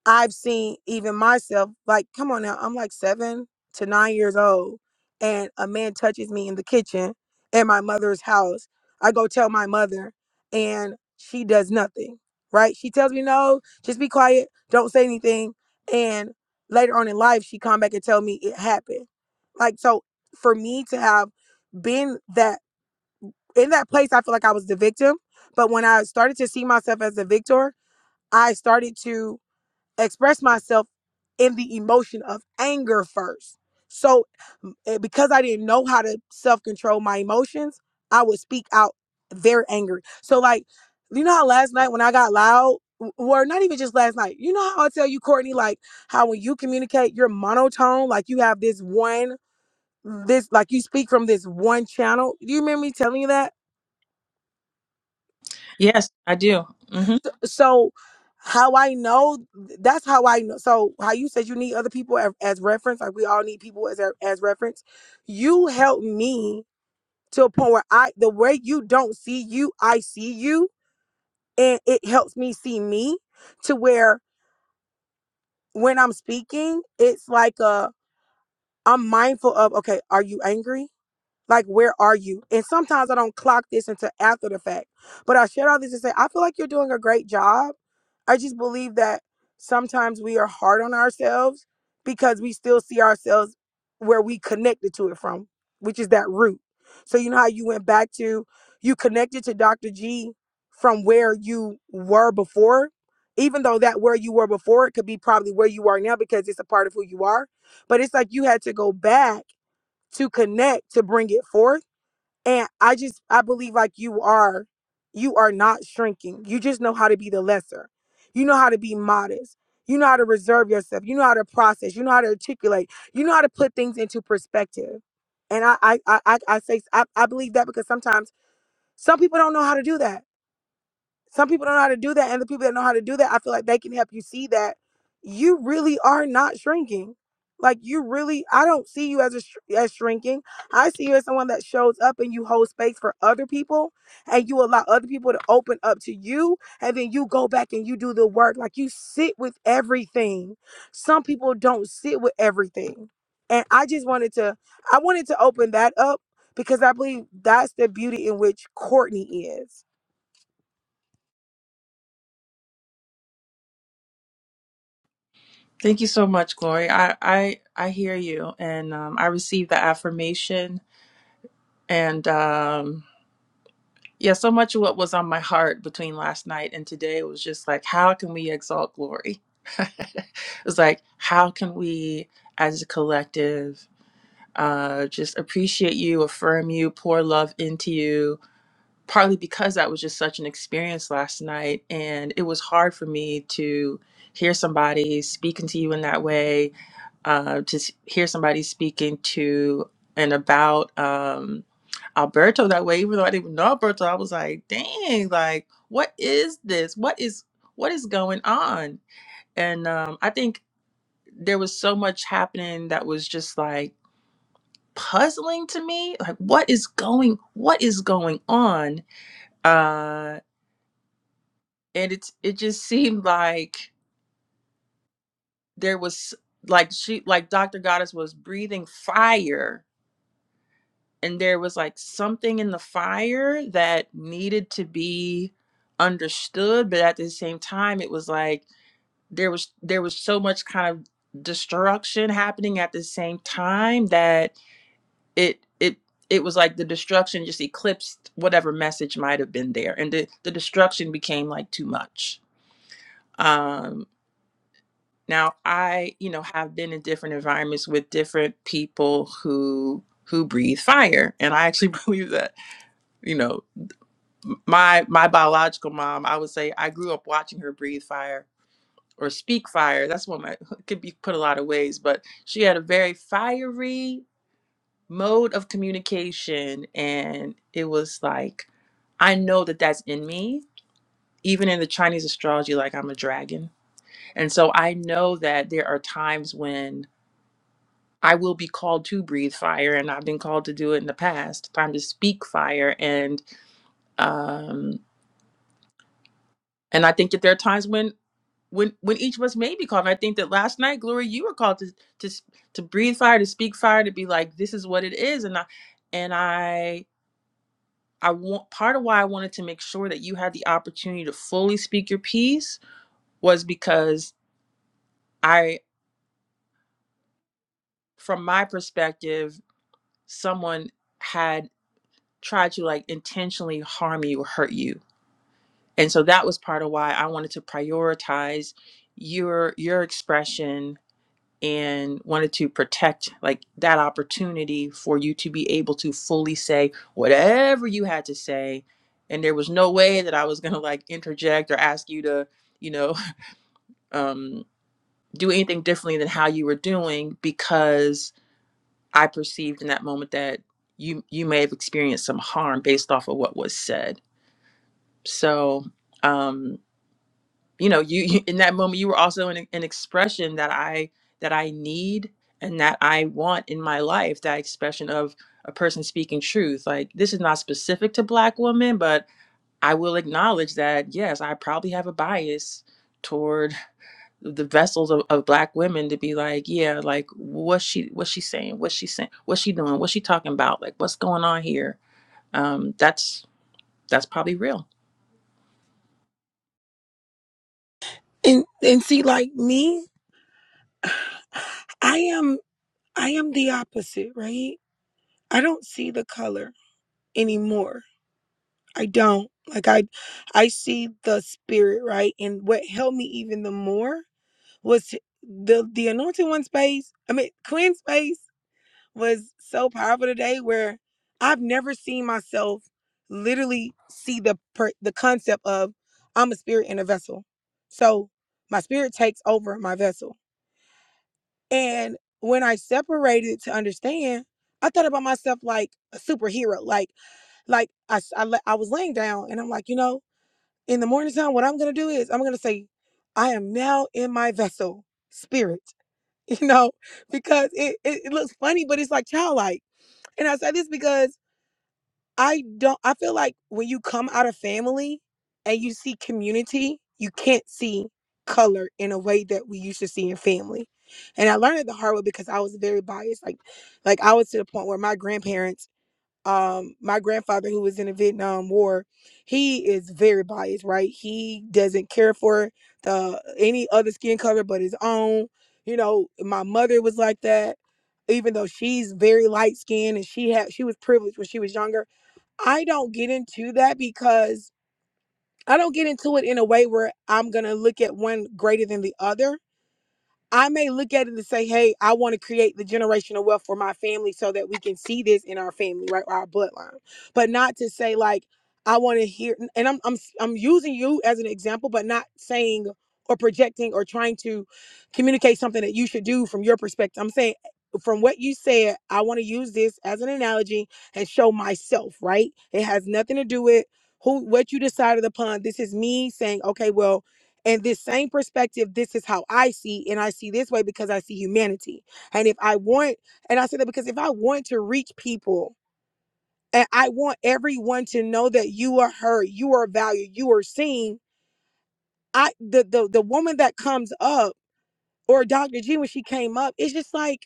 I've seen even myself, like, come on now, I'm like seven to nine years old, and a man touches me in the kitchen at my mother's house. I go tell my mother, and she does nothing, right? She tells me, no, just be quiet, don't say anything. And later on in life, she come back and tell me it happened. Like, so for me to have been that in that place, I feel like I was the victim. But when I started to see myself as the victor, I started to express myself in the emotion of anger first. So eh, because I didn't know how to self-control my emotions, I would speak out very angry. So like, you know how last night when I got loud, or not even just last night, you know how I tell you, Courtney, like how when you communicate, you're monotone, like you have this one, this like you speak from this one channel. Do you remember me telling you that?
Yes, I do. hmm
so how I know that's how I know. So how you said you need other people as, as reference, like we all need people as as reference. You help me to a point where I the way you don't see you, I see you, and it helps me see me to where when I'm speaking, it's like a I'm mindful of okay, are you angry? Like, where are you? And sometimes I don't clock this until after the fact. But I share all this to say, I feel like you're doing a great job. I just believe that sometimes we are hard on ourselves because we still see ourselves where we connected to it from, which is that root. So, you know how you went back to, you connected to Dr. G from where you were before, even though that where you were before, it could be probably where you are now because it's a part of who you are. But it's like you had to go back to connect to bring it forth and i just i believe like you are you are not shrinking you just know how to be the lesser you know how to be modest you know how to reserve yourself you know how to process you know how to articulate you know how to put things into perspective and i i i, I I say I, I believe that because sometimes some people don't know how to do that some people don't know how to do that and the people that know how to do that i feel like they can help you see that you really are not shrinking like you really i don't see you as a sh- as shrinking i see you as someone that shows up and you hold space for other people and you allow other people to open up to you and then you go back and you do the work like you sit with everything some people don't sit with everything and i just wanted to i wanted to open that up because i believe that's the beauty in which courtney is
Thank you so much, Glory. I I I hear you, and um, I received the affirmation, and um, Yeah, so much of what was on my heart between last night and today was just like, how can we exalt glory? it was like, how can we as a collective uh, just appreciate you, affirm you, pour love into you? Partly because that was just such an experience last night. And it was hard for me to hear somebody speaking to you in that way, uh, to s- hear somebody speaking to and about. Um, Alberto that way, even though I didn't even know Alberto. I was like, dang, like, what is this? What is what is going on? And um, I think there was so much happening that was just like puzzling to me. Like, what is going what is going on? Uh and it's it just seemed like there was like she like Dr. Goddess was breathing fire and there was like something in the fire that needed to be understood but at the same time it was like there was there was so much kind of destruction happening at the same time that it it it was like the destruction just eclipsed whatever message might have been there and the, the destruction became like too much um now i you know have been in different environments with different people who who breathe fire and i actually believe that you know my my biological mom, I would say I grew up watching her breathe fire or speak fire. That's one that could be put a lot of ways, but she had a very fiery mode of communication, and it was like I know that that's in me. Even in the Chinese astrology, like I'm a dragon, and so I know that there are times when I will be called to breathe fire, and I've been called to do it in the past. Time to speak fire, and um, and I think that there are times when when when each of us may be called. And I think that last night, Gloria, you were called to to to breathe fire, to speak fire, to be like, this is what it is. And I and I I want part of why I wanted to make sure that you had the opportunity to fully speak your piece was because I, from my perspective, someone had tried to like intentionally harm you or hurt you. And so that was part of why I wanted to prioritize your your expression and wanted to protect like that opportunity for you to be able to fully say whatever you had to say and there was no way that i was going to like interject or ask you to you know um do anything differently than how you were doing because i perceived in that moment that you you may have experienced some harm based off of what was said so um, you know you, you in that moment you were also an, an expression that i that i need and that i want in my life that expression of a person speaking truth like this is not specific to black women but i will acknowledge that yes i probably have a bias toward the vessels of, of black women to be like yeah like what's she what's she saying what's she saying what's she doing what's she talking about like what's going on here um that's that's probably real
And and see, like me, I am I am the opposite, right? I don't see the color anymore. I don't. Like I I see the spirit, right? And what helped me even the more was to- the the anointed one space. I mean Queen space was so powerful today where I've never seen myself literally see the per, the concept of I'm a spirit in a vessel. So my spirit takes over my vessel And when I separated to understand, I thought about myself like a superhero. Like, like I la- I was laying down and I'm like, you know, in the morning time, what I'm going to do is I'm going to say, I am now in my vessel, spirit, you know, because it, it, it looks funny, but it's like childlike. And I say this because I don't I feel like when you come out of family and you see community, you can't see color in a way that we used to see in family. And I learned it the hard way because I was very biased. Like like I was to the point where my grandparents, um, my grandfather who was in the Vietnam War, he is very biased, right? He doesn't care for the any other skin color but his own. You know, my mother was like that even though she's very light skinned and she had she was privileged when she was younger I don't get into that because I don't get into it in a way where I'm going to look at one greater than the other. I may look at it and say, hey, I want to create the generational wealth for my family so that we can see this in our family, right? Or our bloodline. But not to say like I want to hear and I'm I'm I'm using you as an example, but not saying or projecting or trying to communicate something that you should do from your perspective. I'm saying eh, from what you said, I want to use this as an analogy and show myself, right? It has nothing to do with who what you decided upon. This is me saying, okay, well, and this same perspective, this is how I see, and I see this way because I see humanity. And if I want, and I say that because if I want to reach people and I want everyone to know that you are heard, you are valued, you are seen, I the the the woman that comes up or Dr. G when she came up, it's just like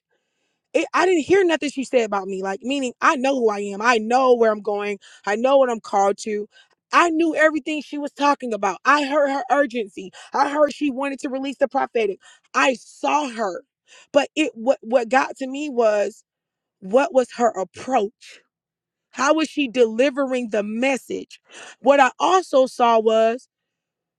it, I didn't hear nothing she said about me. Like, meaning I know who I am. I know where I'm going. I know what I'm called to. I knew everything she was talking about. I heard her urgency. I heard she wanted to release the prophetic. I saw her. But it what what got to me was what was her approach? How was she delivering the message? What I also saw was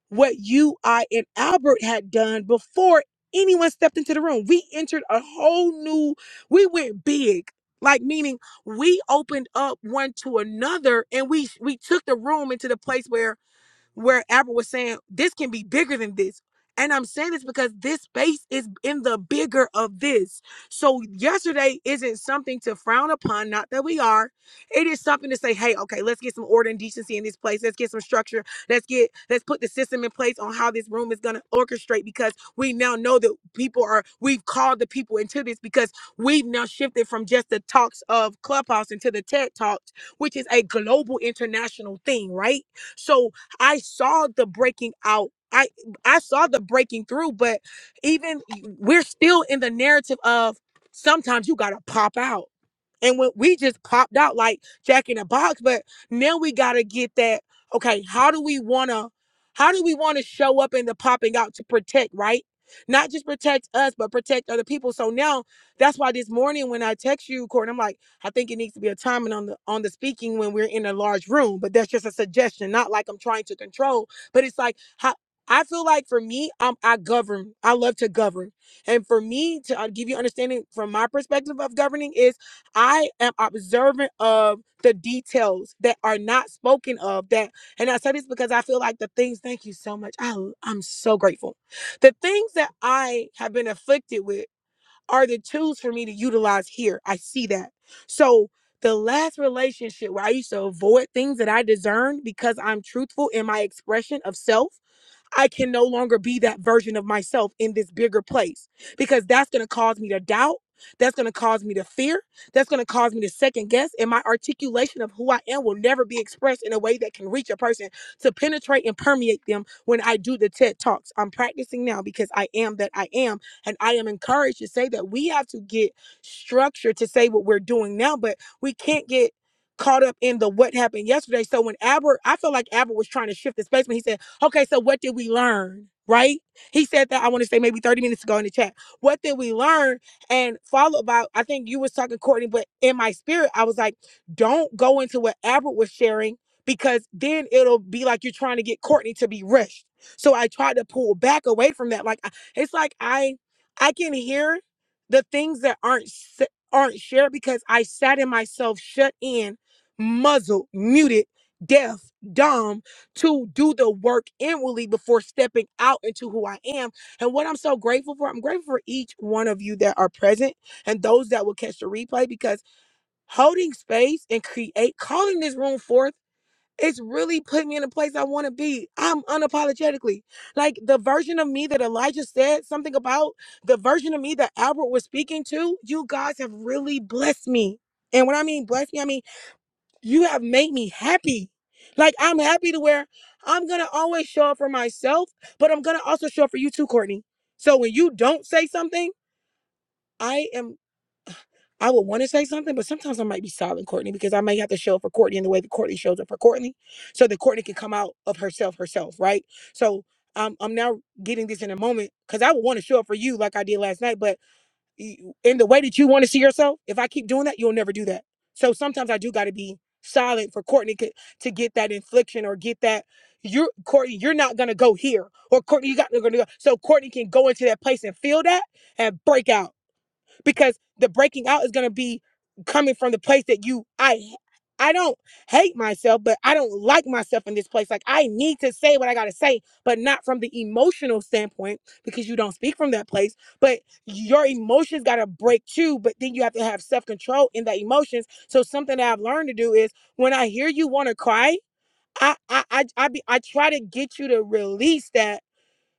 what you, I, and Albert had done before anyone stepped into the room. We entered a whole new, we went big. Like meaning we opened up one to another and we we took the room into the place where where Apple was saying this can be bigger than this. And I'm saying this because this space is in the bigger of this. So yesterday isn't something to frown upon, not that we are. It is something to say, hey, okay, let's get some order and decency in this place. Let's get some structure. Let's get let's put the system in place on how this room is gonna orchestrate because we now know that people are we've called the people into this because we've now shifted from just the talks of Clubhouse into the TED Talks, which is a global international thing, right? So I saw the breaking out. I I saw the breaking through, but even we're still in the narrative of sometimes you gotta pop out and when we just popped out like Jack in the Box, but now we gotta get that. Okay, how do we wanna, how do we wanna show up in the popping out to protect, right? Not just protect us, but protect other people. So now that's why this morning when I text you, Court, I'm like, I think it needs to be a timing on the on the speaking when we're in a large room. But that's just a suggestion, not like I'm trying to control. But it's like how I feel like for me, um, I govern. I love to govern. And for me, to uh, give you understanding from my perspective of governing is I am observant of the details that are not spoken of that and I say this because I feel like the things thank you so much. I I'm so grateful. The things that I have been afflicted with are the tools for me to utilize here. I see that. So the last relationship where I used to avoid things that I discerned because I'm truthful in my expression of self I can no longer be that version of myself in this bigger place because that's going to cause me to doubt. That's going to cause me to fear. That's going to cause me to second guess. And my articulation of who I am will never be expressed in a way that can reach a person to penetrate and permeate them when I do the TED Talks. I'm practicing now because I am that I am. And I am encouraged to say that we have to get structure to say what we're doing now, but we can't get caught up in the what happened yesterday. So when Aber, I felt like Aber was trying to shift the space when he said, Okay, so what did we learn? Right? He said that I want to say maybe 30 minutes ago in the chat. What did we learn? And follow by I think you was talking, Courtney, but in my spirit, I was like, don't go into what Albert was sharing because then it'll be like you're trying to get Courtney to be rushed. So I tried to pull back away from that. Like I- it's like I I can hear the things that aren't s- aren't shared because I sat in myself shut in, muzzled, muted, deaf, dumb to do the work inwardly before stepping out into who I am. And what I'm so grateful for, I'm grateful for each one of you that are present and those that will catch the replay because holding space and create calling this room forth. It's really put me in a place I want to be. I'm unapologetically. Like the version of me that Elijah said something about, the version of me that Albert was speaking to, you guys have really blessed me. And when I mean blessed me, I mean you have made me happy. Like I'm happy to where I'm gonna always show up for myself, but I'm gonna also show up for you too, Courtney. So when you don't say something, I am I would want to say something, but sometimes I might be silent, Courtney, because I may have to show up for Courtney in the way that Courtney shows up for Courtney, so that Courtney can come out of herself herself, right? So um, I'm now getting this in a moment because I would want to show up for you like I did last night, but in the way that you want to see yourself. If I keep doing that, you'll never do that. So sometimes I do got to be solid for Courtney to get that infliction or get that. You're Courtney, you're not gonna go here, or Courtney, you got to go. So Courtney can go into that place and feel that and break out because the breaking out is going to be coming from the place that you I, I h- i don't hate myself but i don't like myself in this place like i need to say what i got to say but not from the emotional standpoint because you don't speak from that place but your emotions got to break too but then you have to have self control in the emotions so something that i've learned to do is when i hear you want to cry I, I i i be i try to get you to release that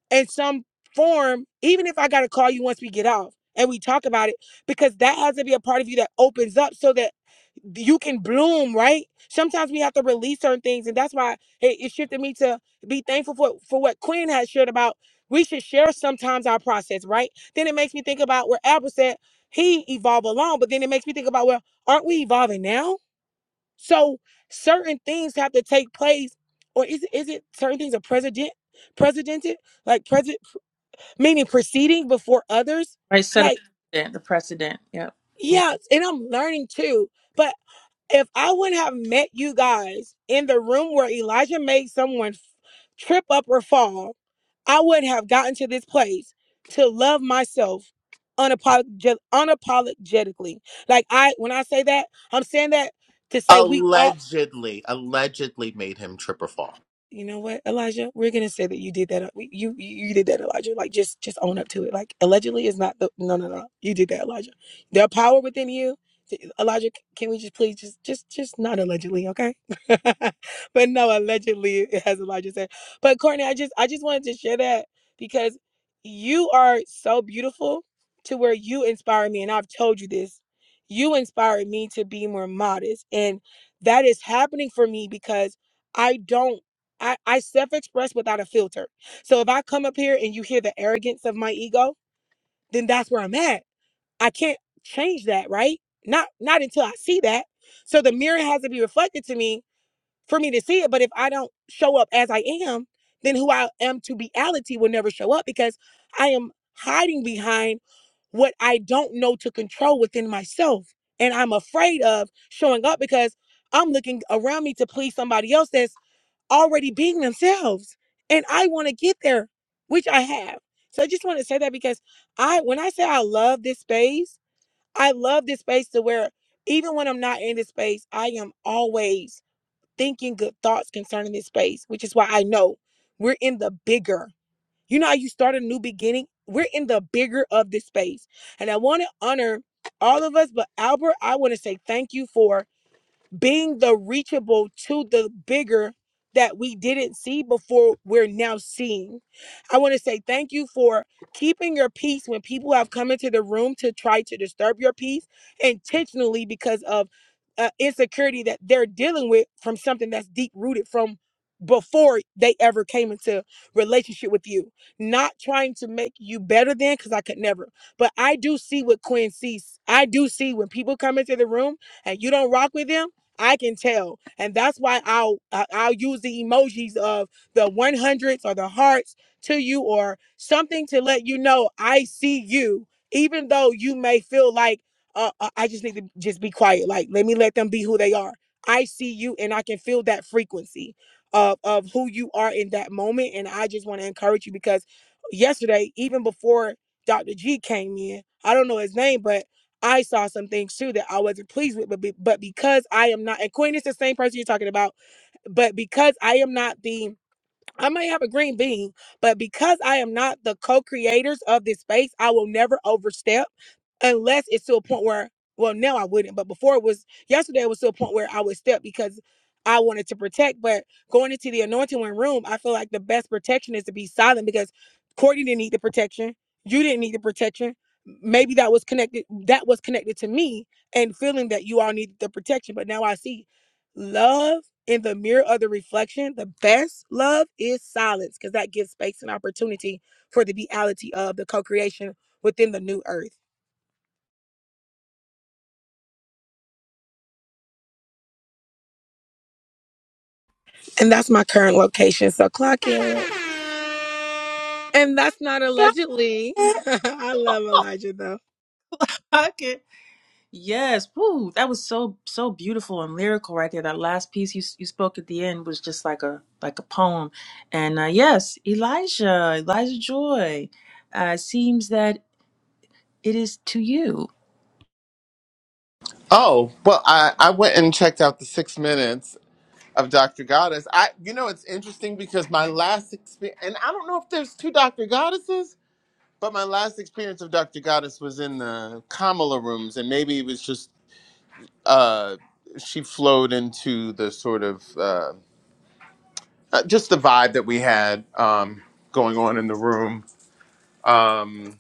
in some form, even if I got to call you once we get off and we talk about it, because that has to be a part of you that opens up so that you can bloom, right? Sometimes we have to release certain things. And that's why it, it shifted me to be thankful for, for what Quinn has shared about. We should share sometimes our process, right? Then it makes me think about where Albert said he evolved along, but then it makes me think about, well, aren't we evolving now? So certain things have to take place, or is, is it certain things are president, precedented? like president? meaning proceeding before others.
right set a
Like,
precedent the precedent yep
yeah, and I'm learning too. But if I wouldn't have met you guys in the room where Elijah made someone f- trip up or fall, I wouldn't have gotten to this place to love myself unapolog- unapologetically. Like I, when I say that, I'm saying that to say we all
Allegedly, allegedly made him trip or fall.
You know what, Elijah? We're gonna say that you did that. uh, we- You you you did that, Elijah. Like just just own up to it. Like allegedly is not the no no no. You did that, Elijah. There are power within you, Elijah. Can we just please just just just not allegedly, okay? but no, allegedly, as Elijah said. But Courtney, I just I just wanted to share that because you are so beautiful to where you inspire me, and I've told you this. You inspire me to be more modest, and that is happening for me because I don't. I, I self express without a filter. So if I come up here and you hear the arrogance of my ego, then that's where I'm at. I can't change that, right? Not not until I see that. So the mirror has to be reflected to me for me to see it. But if I don't show up as I am, then who I am to reality will never show up because I am hiding behind what I don't know to control within myself. And I'm afraid of showing up because I'm looking around me to please somebody else that's already being themselves. And I want to get there, which I have. So I just want to say that because I, when I say I love this space, I love this space to where even when I'm not in this space, I am always thinking good thoughts concerning this space, which is why I know we're in the bigger. You know how you start a new beginning? We're in the bigger of this space. And I want to honor all of us, but Albert, I want to say thank you for being the reachable to the bigger that we didn't see before we're now seeing. I want to say thank you for keeping your peace when people have come into the room to try to disturb your peace intentionally because of uh, insecurity that they're dealing with from something that's deep rooted from before they ever came into relationship with you not trying to make you better than because i could never but i do see what quinn sees i do see when people come into the room and you don't rock with them I can tell, and that's why I'll I- I'll use the emojis of the one hundreds or the hearts to you or something to let you know I see you, even though you may feel like uh, uh, I just need to just be quiet. Like let me let them be who they are. I see you, and I can feel that frequency of of who you are in that moment, and I just want to encourage you because yesterday, even before Dr. G came in, I don't know his name, but I saw some things too that I wasn't pleased with, but be, but because I am not, and Queen is the same person you're talking about, but because I am not the I may have a green bean, but because I am not the co-creators of this space, I will never overstep unless it's to a point where well now I wouldn't, but before it was yesterday it was to a point where I would step because I wanted to protect. But going into the anointing one room, I feel like the best protection is to be silent because Courtney didn't need the protection. You didn't need the protection. Maybe that was connected that was connected to me and feeling that you all needed the protection. But now I see love in the mirror of the reflection, the best love is silence because that gives space and opportunity for the reality of the co creation within the new earth. And that's my current location. So clock in. And that's not allegedly.
Mm.
I love Elijah though.
Okay. Yes. Woo. That was so so beautiful and lyrical right there. That last piece you you spoke at the end was just like a like a poem. And uh, yes, Elijah, Elijah Joy. Uh, seems that it is to you.
Oh, well, I, I went and checked out the six minutes of Dr. Goddess. I, you know, it's interesting because my last experience, and I don't know if there's two Dr. Goddesses, but my last experience of Dr. Goddess was in the Kamala rooms, and maybe it was just uh, she flowed into the sort of uh, uh, just the vibe that we had um, going on in the room. Um,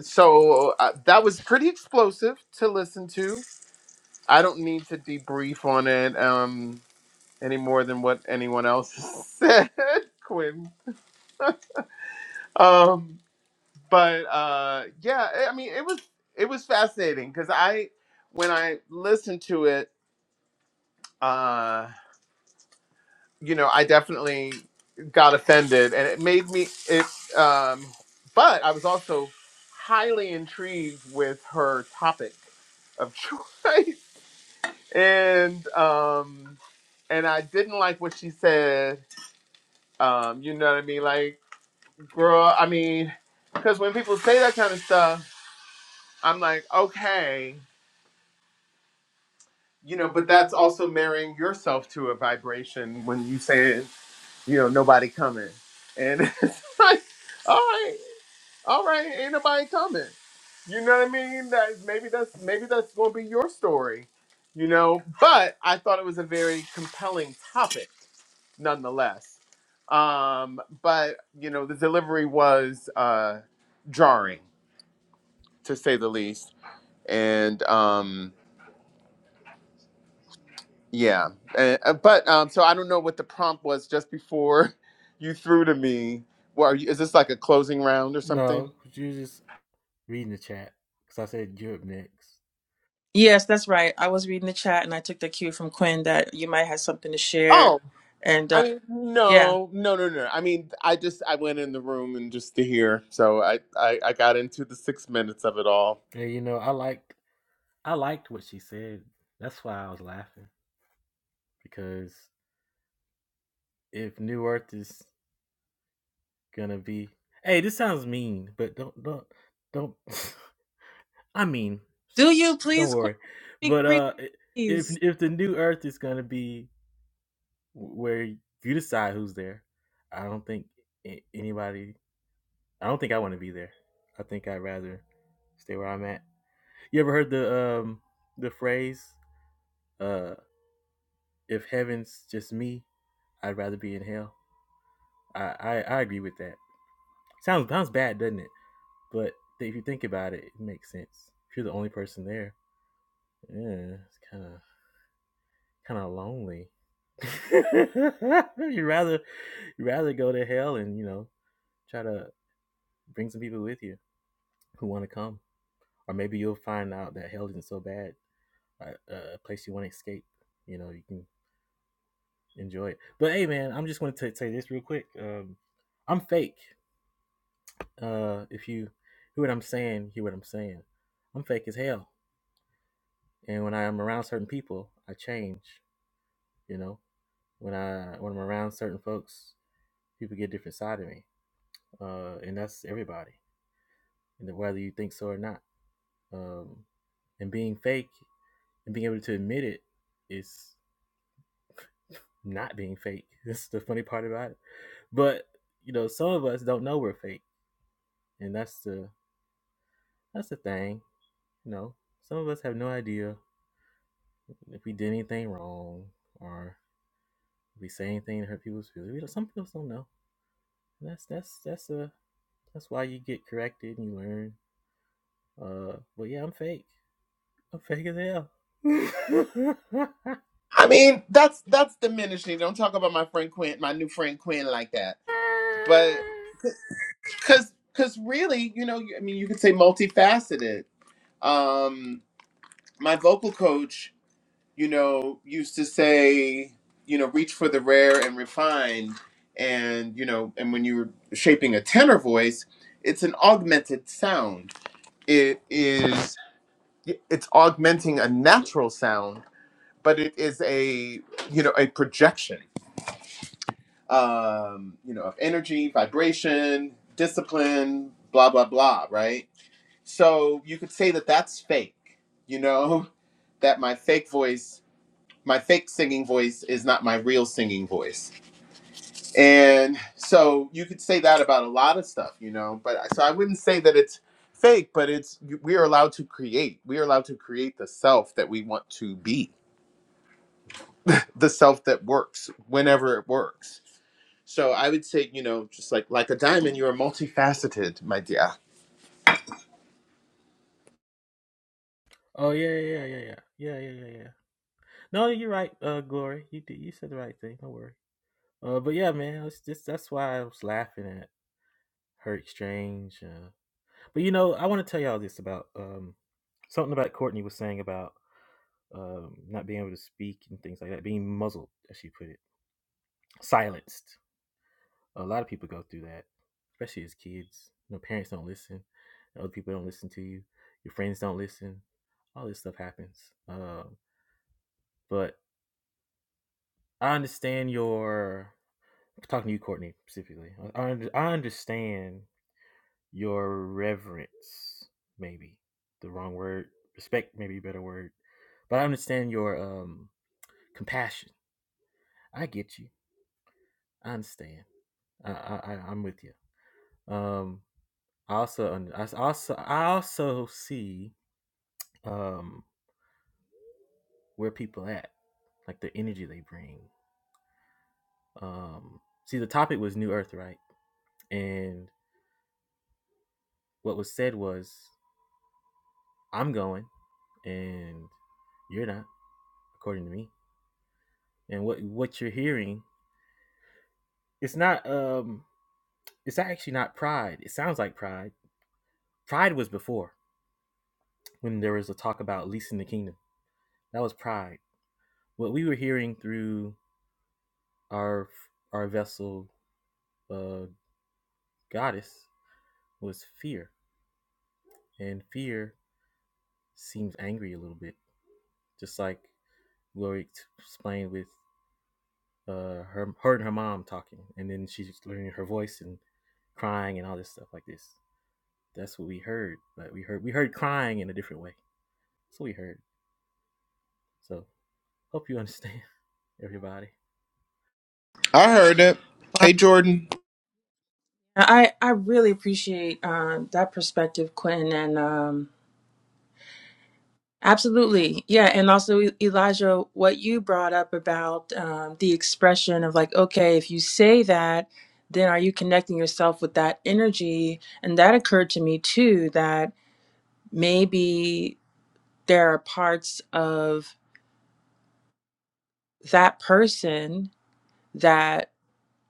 so uh, that was pretty explosive to listen to. I don't need to debrief on it um, any more than what anyone else said, Quinn. um but uh yeah i I mean it was it was fascinating because i when i listened to it uh you know i definitely got offended and it made me it um but i was also highly intrigued with her topic of choice and um and i didn't like what she said um you know what i mean like girl i mean because when people say that kind of stuff I'm like, okay, you know, but that's also marrying yourself to a vibration when you say, you know, nobody coming. And it's like, all right, all right, ain't nobody coming. You know what I mean? That maybe that's maybe that's gonna be your story, you know. But I thought it was a very compelling topic nonetheless. Um, but you know, the delivery was uh jarring to say the least. And um Yeah, Uh, uh, but um, so I don't know what the prompt was just before you threw to me. Well, are you, is this like a closing round or something?
No, you was just reading the chat because I said you're up next.
Yes, that's right. I was reading the chat and I took the cue from Quinn that you might have something to share.
Oh,
And
I
uh,
mean,
yeah,
no, no, no, no. I mean, I just I went in the room and just to hear, so I I, I got into the six minutes of it all.
And you know I liked I liked what she said. That's why I was laughing because if New Earth is gonna be. Hey, this sounds mean, but don't don't don't. I mean,
do you
don't
please, Quinn,
worry.
speak
But
freely,
uh, if
please.
if the new Earth is gonna be where you decide who's there, I don't think anybody. I don't think I want to be there. I think I'd rather stay where I'm at. You ever heard the um the phrase uh if heaven's just me, I'd rather be in hell. I I, I agree with that. Sounds sounds bad, doesn't it? But if you think about it, it makes sense. If you're the only person there, yeah, it's kind of kind of lonely. you rather you rather go to hell and you know try to bring some people with you who want to come, or maybe you'll find out that hell isn't so bad, a, a place you want to escape. You know, you can enjoy it. But hey, man, I'm just going to say this real quick. Um, I'm fake. Uh, if you hear what I'm saying, hear what I'm saying. I'm fake as hell, and when I'm around certain people, I change. You know, when I when I'm around certain folks, people get a different side of me, uh, and that's everybody, and whether you think so or not. Um, and being fake and being able to admit it is not being fake. That's the funny part about it. But you know, some of us don't know we're fake, and that's the that's the thing. You know, some of us have no idea if we did anything wrong or if we say anything to hurt people's feelings. We don't, some people don't know. And that's that's that's a that's why you get corrected and you learn. Uh, but yeah, I'm fake. I'm fake as hell.
I mean, that's that's diminishing. Don't talk about my friend Quinn, my new friend Quinn, like that. But because because really, you know, I mean, you could say multifaceted. Um, my vocal coach. you know, used to say, you know, reach for the rare and refined. And, you know, and when you're shaping a tenor voice, it's an augmented sound. It is, it's augmenting a natural sound, but it is a, you know, a projection, um, you know, of energy, vibration, discipline, blah, blah, blah, right? So you could say that that's fake, you know, that my fake voice my fake singing voice is not my real singing voice. And so you could say that about a lot of stuff, you know, but I- so I wouldn't say that it's fake, but it's we are allowed to create. We are allowed to create the self that we want to be, the self that works whenever it works. So I would say, you know, just like like a diamond, you are multifaceted, my dear.
oh yeah, yeah, yeah, yeah, yeah, yeah, yeah, yeah. yeah. No, you're right, uh, Glory. You did. You said the right thing. Don't worry. Uh, but yeah, man, it's just that's why I was laughing at her exchange. Uh, but you know, I want to tell y'all this about um something about Courtney was saying about um not being able to speak and things like that, being muzzled, as she put it, silenced. A lot of people go through that, especially as kids. You know, parents don't listen. Other people don't listen to you. Your friends don't listen. All this stuff happens. Um, but I understand your talking to you, Courtney, specifically. I, I understand your reverence, maybe the wrong word. Respect, maybe a better word. But I understand your um, compassion. I get you. I understand. I, I I'm with you. Um, also I also I also see um where people at, like the energy they bring. Um see the topic was New Earth, right? And what was said was I'm going and you're not, according to me. And what what you're hearing, it's not um it's actually not pride. It sounds like pride. Pride was before when there was a talk about leasing the kingdom. That was pride. What we were hearing through our our vessel uh goddess was fear. And fear seems angry a little bit, just like Lori explained with uh, her, her and her mom talking. And then she's learning her voice and crying and all this stuff like this. That's what we heard, but we heard we heard crying in a different way. That's what we heard. So hope you understand, everybody.
I heard it. Hey
Well,
Jordan,
I I really appreciate um, that perspective, Quinn, and. Um, Absolutely. Yeah. And also, E- Elijah, what you brought up about um, the expression of like, okay, if you say that, then are you connecting yourself with that energy? And that occurred to me too, that maybe there are parts of that person that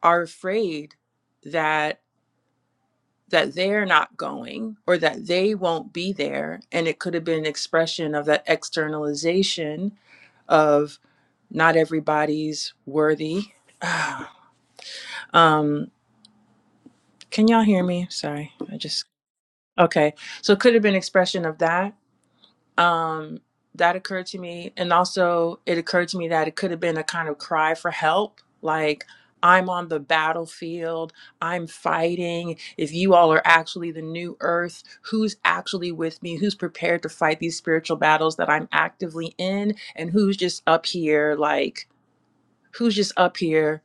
are afraid that that they're not going or that they won't be there and it could have been an expression of that externalization of. Not everybody's worthy. um, can y'all hear me? Sorry, I just okay. So it could have been expression of that. Um, that occurred to me, and also it occurred to me that it could have been a kind of cry for help, like. I'm on the battlefield. I'm fighting. If you all are actually the new earth, who's actually with me? Who's prepared to fight these spiritual battles that I'm actively in? And who's just up here, like, who's just up here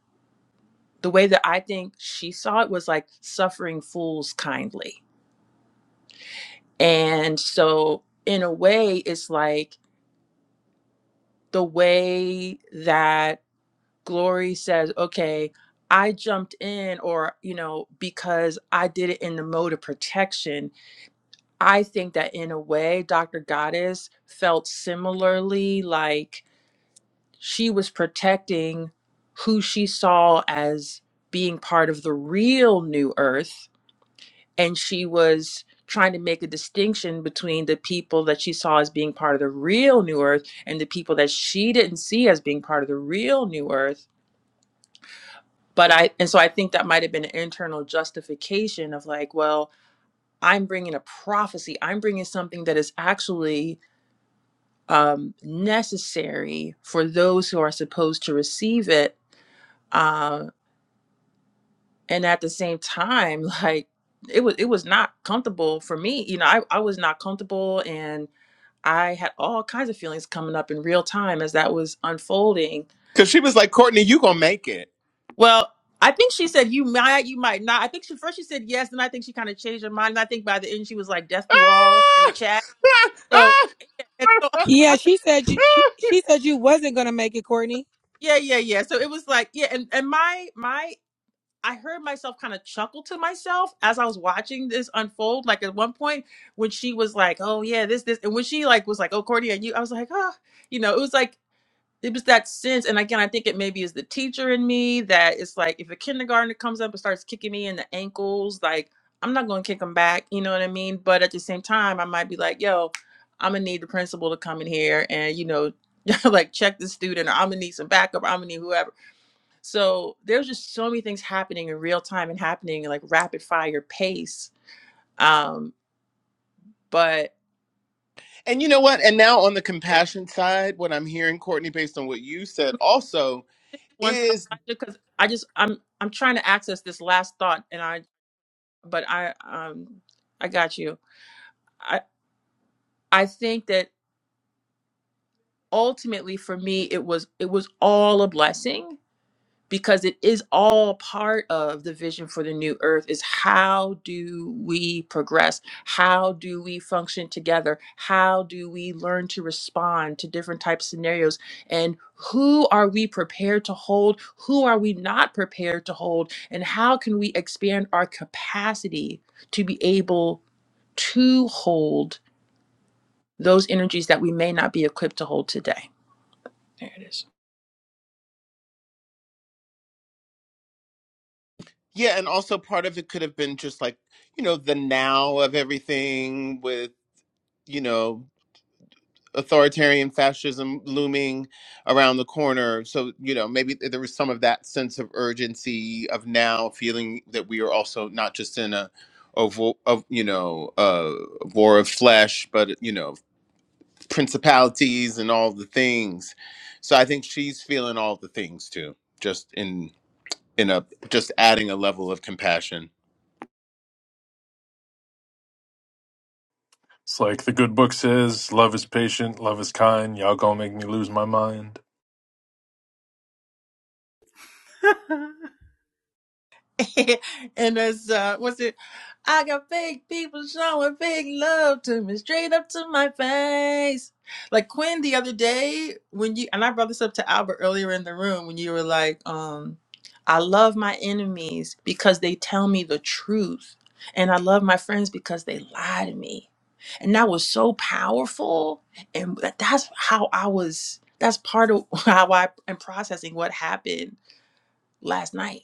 the way that I think she saw it was like suffering fools kindly. And so, in a way, it's like the way that Glory says, okay, I jumped in, or, you know, because I did it in the mode of protection. I think that in a way, Dr. Goddess felt similarly like she was protecting who she saw as being part of the real new earth and she was trying to make a distinction between the people that she saw as being part of the real new earth and the people that she didn't see as being part of the real new earth but i and so i think that might have been an internal justification of like well i'm bringing a prophecy i'm bringing something that is actually um, necessary for those who are supposed to receive it Um, and at the same time like it was it was not comfortable for me you know I, I was not comfortable and i had all kinds of feelings coming up in real time as that was unfolding
cuz she was like, "Courtney, you going to make it."
well i think she said you might you might not i think she first she said yes and i think she kind of changed her mind and i think by the end she was like death to all in the chat so
Ah!
and so
Yeah, she said you, she, she said you wasn't gonna make it, Courtney.
yeah yeah yeah so it was like yeah and, and my my I heard myself kind of chuckle to myself as I was watching this unfold. Like at one point when she was like, "Oh yeah, this this," and when she like was like, "Oh, Cordy, are you?" I was like, "Ah," you know, it was like it was that sense. And again, I think it maybe is the teacher in me that it's like if a kindergartner comes up and starts kicking me in the ankles, like I'm not going to kick them back. You know what I mean? But at the same time, I might be like, "Yo, I'm gonna need the principal to come in here and you know." like check the student or i'm gonna need some backup or i'm gonna need whoever so there's just so many things happening in real time and happening in like rapid fire pace. Um, but
And you know what? And now on the
yeah, I
compassion side, what I'm hearing, Courtney, based on what you said,
mean,
also
just one thought
is
because I just I'm I'm trying to access this last thought, and I but I um I got you. I I think that ultimately for me it was it was all a blessing because it is all part of the vision for the new earth is how do we progress how do we function together how do we learn to respond to different types of scenarios and who are we prepared to hold who are we not prepared to hold and how can we expand our capacity to be able to hold those energies that we may not be equipped to hold today there it is
yeah, and also part of it could have been just like, you know, the now of everything with, you know, authoritarian fascism looming around the corner. So, you know, maybe there was some of that sense of urgency of now feeling that we are also not just in a of, of you know uh, war of flesh, but you know principalities and all the things. So I think she's feeling all the things too, just in in a just adding a level of compassion.
It's like the good book says, love is patient, love is kind. Y'all gonna make me lose my mind.
and as uh, what's it? I got fake people showing fake love to me straight up to my face. Like Quinn the other day when you and I brought this up to Albert earlier in the room when you were like, um, I love my enemies because they tell me the truth, and I love my friends because they lie to me. And that was so powerful, and that- that's how I was. That's part of how I am processing what happened last night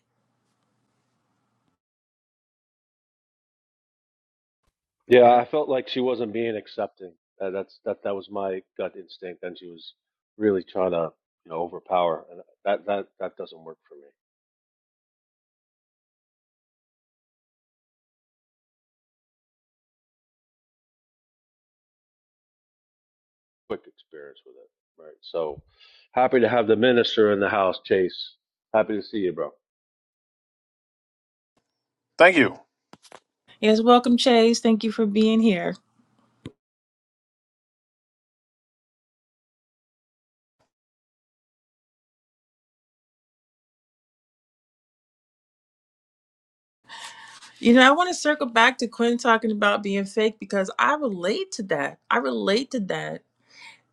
Yeah,
yeah,
I felt like she wasn't being accepting. Uh, that's that that was my gut instinct, and she was really trying to you know overpower, and that that that doesn't work for me. Quick experience with it, right? So happy to have the minister in the house, Chase. Happy to see you, bro.
Thank you.
Yes, welcome, Chase. Thank you for being here. You know, I want to circle back to Quinn talking about being fake because I relate to that. I relate to that.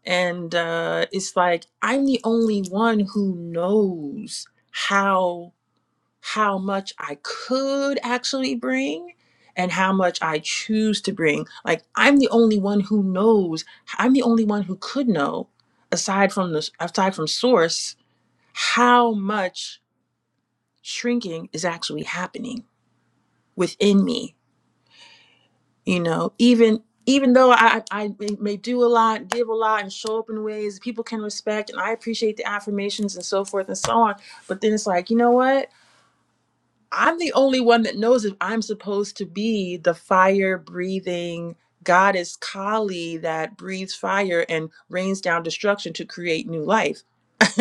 And uh, it's like I'm the only one who knows how how much I could actually bring and how much I choose to bring. Like I'm the only one who knows. I'm the only one who could know, aside from the aside from source, how much shrinking is actually happening within me you know even even though i i may may do a lot give a lot and show up in ways people can respect and i appreciate the affirmations and so forth and so on but then it's like you know what i'm the only one that knows if i'm supposed to be the fire breathing goddess kali that breathes fire and rains down destruction to create new life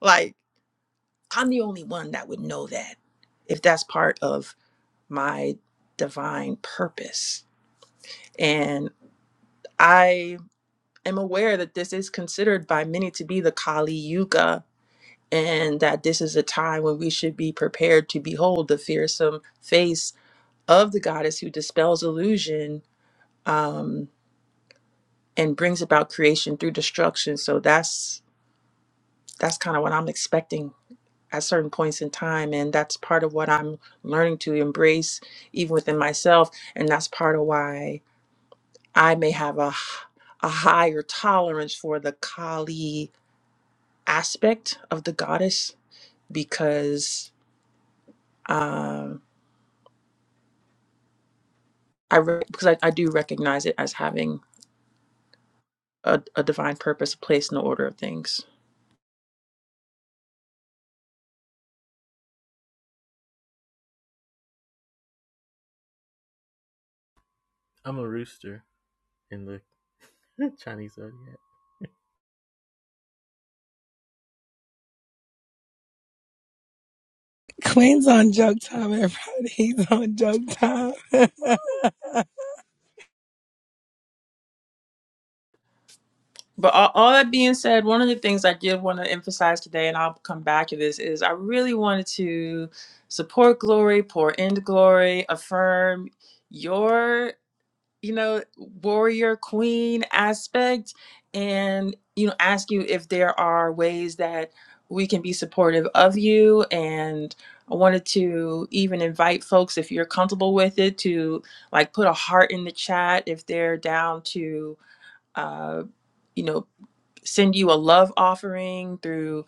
like i'm the only one that would know that if that's part of my divine purpose and. I am aware that this is considered by many to be the Kali Yuga and that this is a time when we should be prepared to behold the fearsome face of the goddess who dispels illusion um, and brings about creation through destruction. So that's that's kind of what I'm expecting at certain points in time and that's part of what I'm learning to embrace even within myself and that's part of why I may have a h- a higher tolerance for the Kali aspect of the goddess because um, I re- because I, I do recognize it as having a, a divine purpose, a place in the order of things.
I'm a rooster in the Chinese zodiac.
Queen's on joke time, everybody. He's on joke time.
But all, all that being said, one of the things I did want to emphasize today, and I'll come back to this, is I really wanted to support glory, pour into glory, affirm your you know, warrior queen aspect and, you know, ask you if there are ways that we can be supportive of you. And I wanted to even invite folks, if you're comfortable with it, to like put a heart in the chat if they're down to, uh, you know, send you a love offering through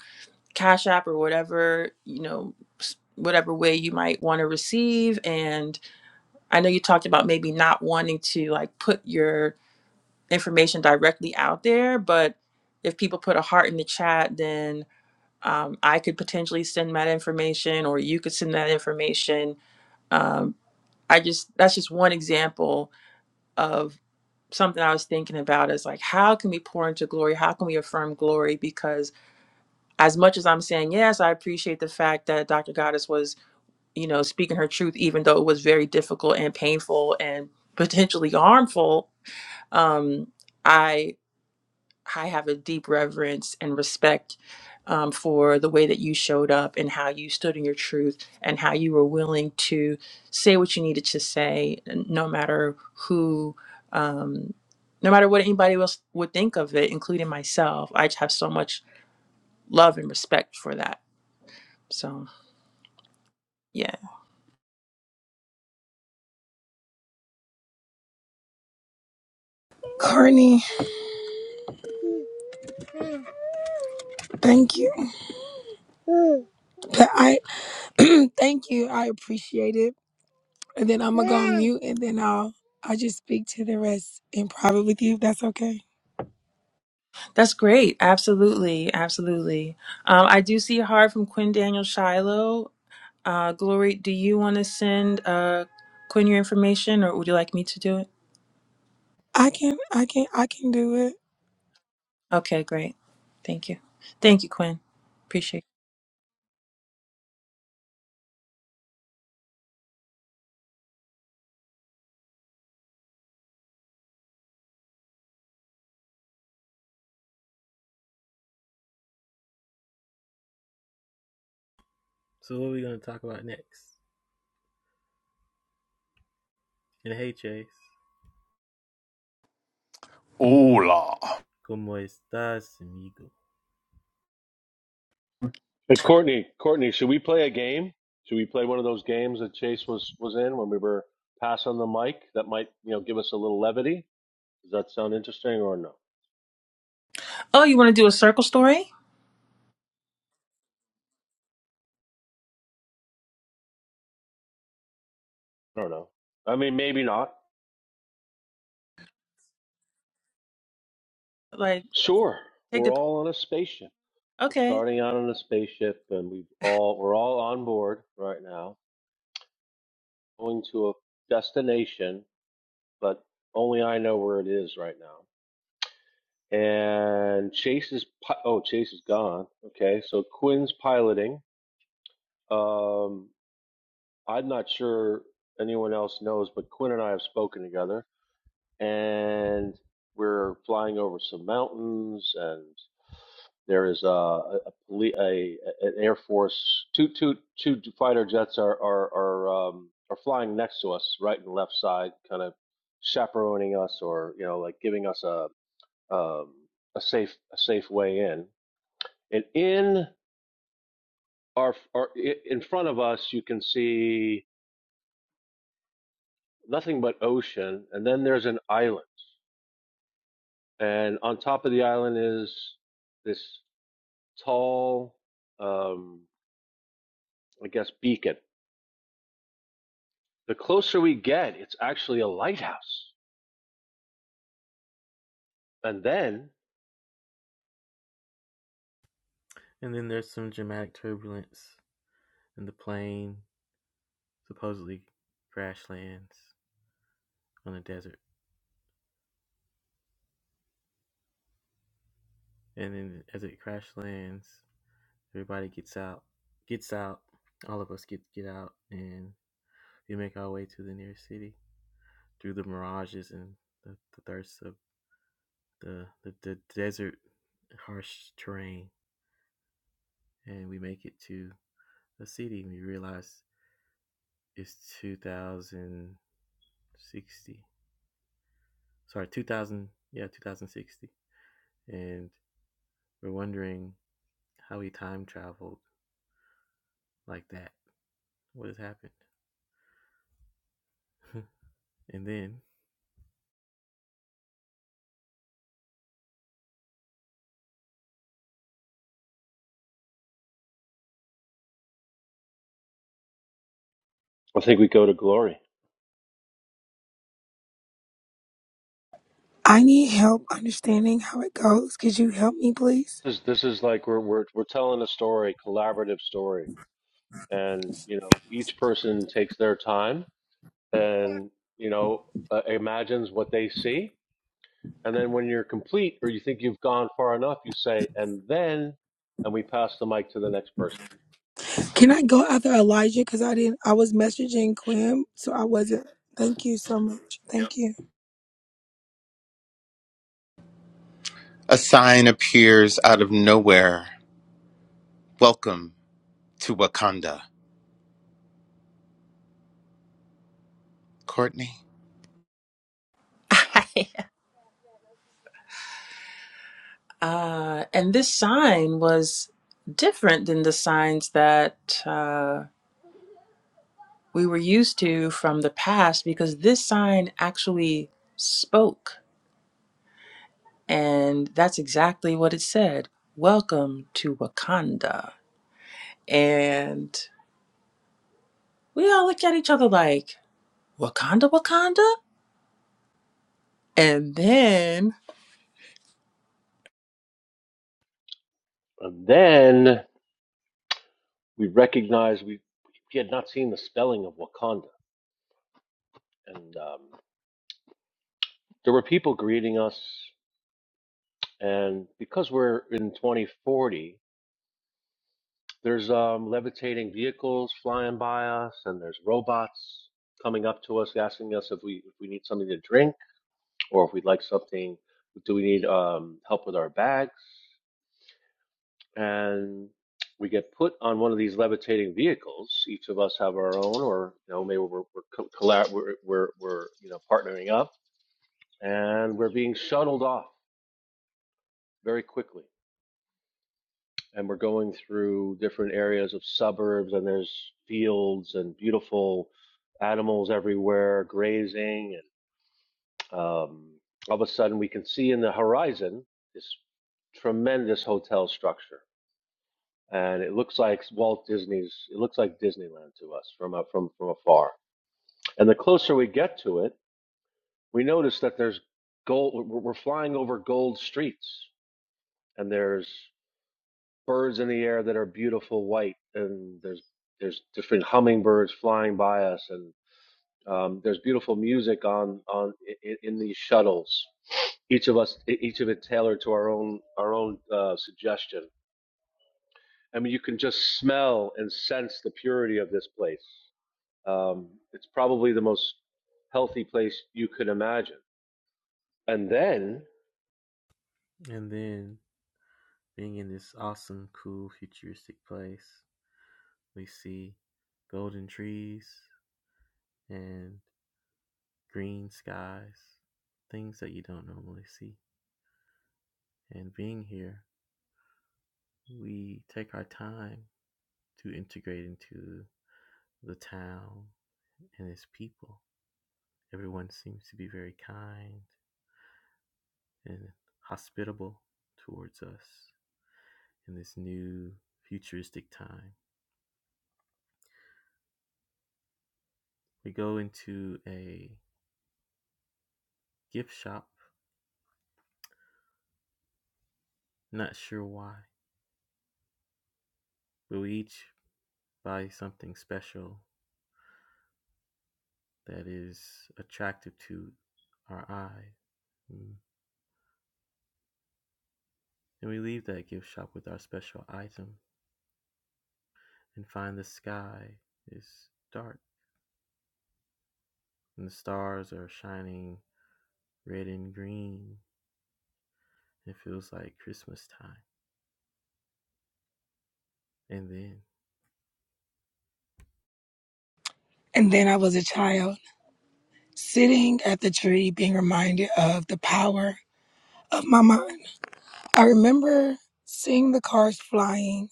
Cash App or whatever, you know, s- whatever way you might want to receive. And I know you talked about maybe not wanting to like put your information directly out there, but if people put a heart in the chat, then um, I could potentially send that information or you could send that information. Um, I just, that's just one example of something I was thinking about is like, how can we pour into glory? How can we affirm glory? Because as much as I'm saying, yes, I appreciate the fact that Dr. Goddess was, you know, speaking her truth, even though it was very difficult and painful and potentially harmful. Um, I have a deep reverence and respect um, for the way that you showed up and how you stood in your truth and how you were willing to say what you needed to say, no matter who, um, no matter what anybody else would think of it, including myself. I just have so much love and respect for that. So, yeah,
Courtney, thank you. But I thank you. I appreciate it. And then I'm gonna go on mute and then I'll I'll just speak to the rest in private with you if that's okay.
that's great. Absolutely. Absolutely. Um, I do see a heart from Quinn Daniel Shiloh. Uh, Glory, do you want to send uh, Quinn your information or would you like me to do it?
I can I can I can do it.
Okay, great. Thank you. Thank you, Quinn. Appreciate
So what are we gonna talk about next? And hey, Chase,
Hola.
cómo estás, amigo?
Hey, Courtney, Courtney, should we play a game? Should we play one of those games that Chase was was in when we were passing the mic? That might you know give us a little levity. Does that sound interesting or no?
it. Oh, you want to do a circle story?
I don't know. I mean, maybe not.
Like,
Sure,
take
we're
the.
all on a spaceship. We're
Okay.
starting out on a spaceship, and we have all we're all on board right now, going to a destination, but only I know where it is right now. And Chase is pi- oh Chase is gone. Okay, so Quinn's piloting. Um, I'm not sure anyone else knows, but Quinn and I have spoken together, and we're flying over some mountains and. There is a, a, a, poli- a an Air Force two two two fighter jets are are are um, are flying next to us, right and left side, kind of chaperoning us, or you know, like giving us a um, a safe a safe way in. And in our, our i- in front of us, you can see nothing but ocean, and then there's an island, and on top of the island is this tall, um, I guess, beacon The closer we get, it's actually a lighthouse. And then
And then there's some dramatic turbulence, and the plane supposedly crash lands on the desert. And then as it crash lands, everybody gets out, gets out. All of us get get out, and we make our way to the nearest city through the mirages and the, the thirst of the, the the desert, harsh terrain. And we make it to a city, and we realize it's 2060. Sorry, 2000. Yeah, 2060 and We're wondering how he time traveled like that. What has happened? and then,
I think we go to glory.
I need help understanding how it goes. Could you help me please?
This, this is like we're, we're, we're telling a story, collaborative story. And, you know, each person takes their time and, you know, uh, imagines what they see. And then when you're complete or you think you've gone far enough, you say, and then, and we pass the mic to the next person.
Can I go after Elijah? Because I didn't I was messaging Quim, so I wasn't thank you so much. Thank you.
A sign appears out of nowhere. Welcome to Wakanda. Courtney.
Uh, and this sign was different than the signs that uh, we were used to from the past because this sign actually spoke. And that's exactly what it said. Welcome to Wakanda. And we all looked at each other like, Wakanda, Wakanda? And then
And then we recognize we, we had not seen the spelling of Wakanda. And um, there were people greeting us And because we're in 2040, there's um, levitating vehicles flying by us, and there's robots coming up to us asking us if we if we need something to drink or if we'd like something. Do we need um, help with our bags? And we get put on one of these levitating vehicles. Each of us have our own, or you know, maybe we're we're co- collab- we're, we're, we're you know partnering up, and we're being shuttled off very quickly and we're going through different areas of suburbs and there's fields and beautiful animals everywhere grazing and um, all of a sudden we can see in the horizon this tremendous hotel structure and it looks like Walt Disney's it looks like Disneyland to us from a, from from afar and the closer we get to it we notice that there's gold we're we're flying over gold streets and there's birds in the air that are beautiful white, and there's there's different hummingbirds flying by us, and um, there's beautiful music on on in, in these shuttles. Each of us, e- each of it tailored to our own our own uh, suggestion. I mean, you can just smell and sense the purity of this place. Um, it's probably the most healthy place you could imagine. And then,
and then being in this awesome, cool, futuristic place, we see golden trees and green skies, things that you don't normally see. And being here, we take our time to integrate into the town and its people. Everyone seems to be very kind and hospitable towards us. in this new futuristic time. We go into a gift shop, not sure why, but we each buy something special that is attractive to our eye. Mm. And we leave that gift shop with our special item and find the sky is dark and the stars are shining red and green. It feels like Christmas time. And then
And then I was a child sitting at the tree being reminded of the power of my mind. I remember seeing the cars flying,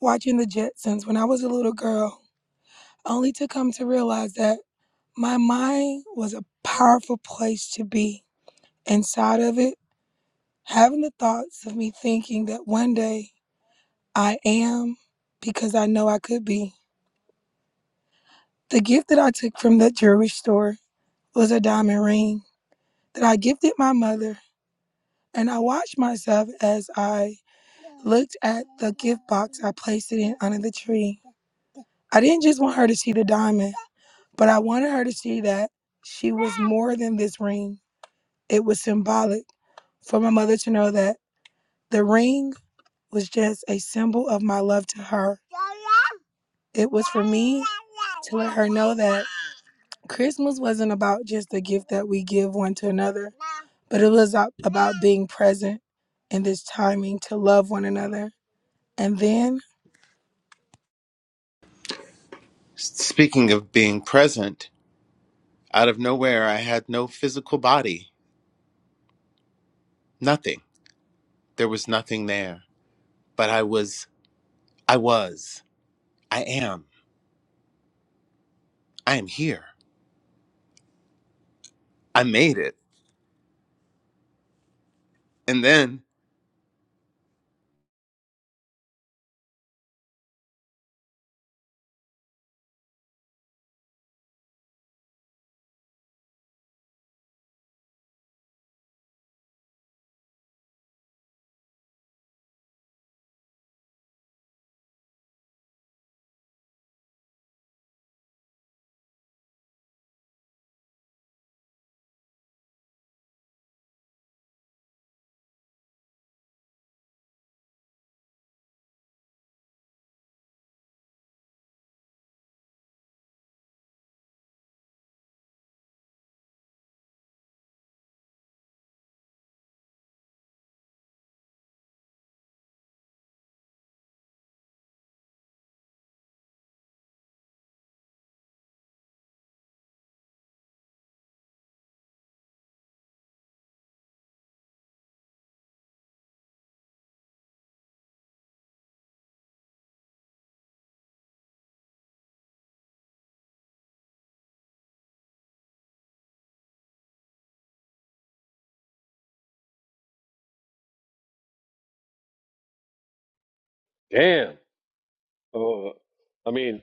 watching the Jetsons when I was a little girl only to come to realize that my mind was a powerful place to be. Inside of it, having the thoughts of me thinking that one day I am because I know I could be. The gift that I took from that jewelry store was a diamond ring that I gifted my mother, and I watched myself as I looked at the gift box I placed it in under the tree. I didn't just want her to see the diamond, but I wanted her to see that she was more than this ring. It was symbolic for my mother to know that the ring was just a symbol of my love to her. It was for me to let her know that Christmas wasn't about just the gift that we give one to another, but it was a- about being present in this timing to love one another. And then,
S- Speaking of being present, out of nowhere I had no physical body. Nothing. There was nothing there. But I was I was. I am. I am here. I made it. And then
damn. Oh, I mean,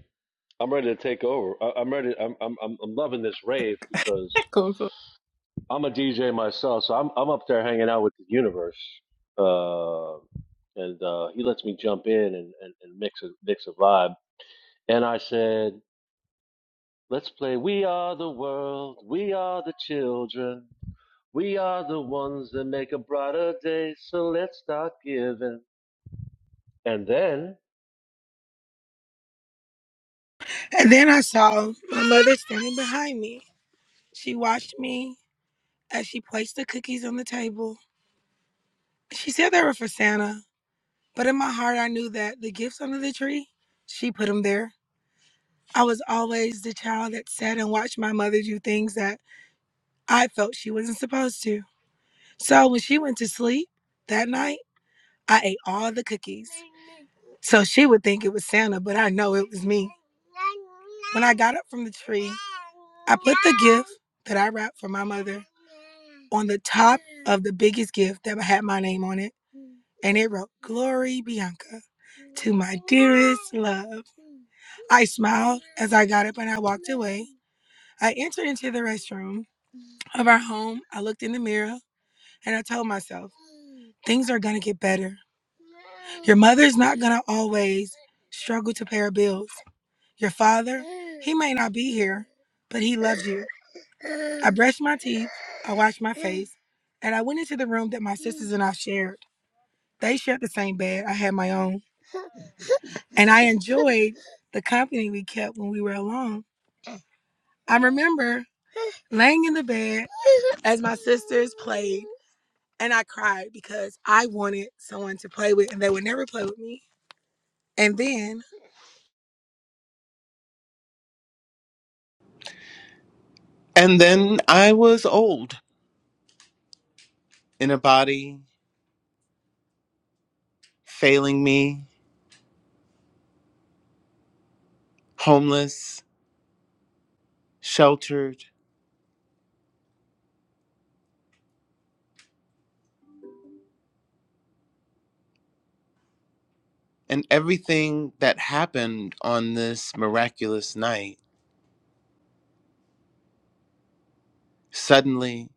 I'm ready to take over. I, I'm ready. I'm, I'm I'm I'm loving this rave because
Coco,
I'm a DJ myself, so I'm I'm up there hanging out with the universe, uh, and uh, he lets me jump in and, and, and mix a mix a vibe. And I said, let's play. We are the world. We are the children. We are the ones that make a brighter day. So let's start giving. And then,
and then I saw my mother standing behind me. She watched me as she placed the cookies on the table. She said they were for Santa, But in my heart, I knew that the gifts under the tree, she put them there. I was always the child that sat and watched my mother do things that I felt she wasn't supposed to. So when she went to sleep that night, I ate all the cookies. So she would think it was Santa, but I know it was me. When I got up from the tree, I put the gift that I wrapped for my mother on the top of the biggest gift that had my name on it and it wrote Glory Bianca to my dearest love. I smiled as I got up and I walked away. I entered into the restroom of our home. I looked in the mirror and I told myself, things are going to get better. Your mother's not going to always struggle to pay her bills. Your father, he may not be here, but he loves you. I brushed my teeth, I washed my face, and I went into the room that my sisters and I shared. They shared the same bed, I had my own. And I enjoyed the company we kept when we were alone. I remember laying in the bed as my sisters played, and I cried because I wanted someone to play with, and they would never play with me. And then,
and then I was old. in a body, failing me, homeless, sheltered, and everything that happened on this miraculous night suddenly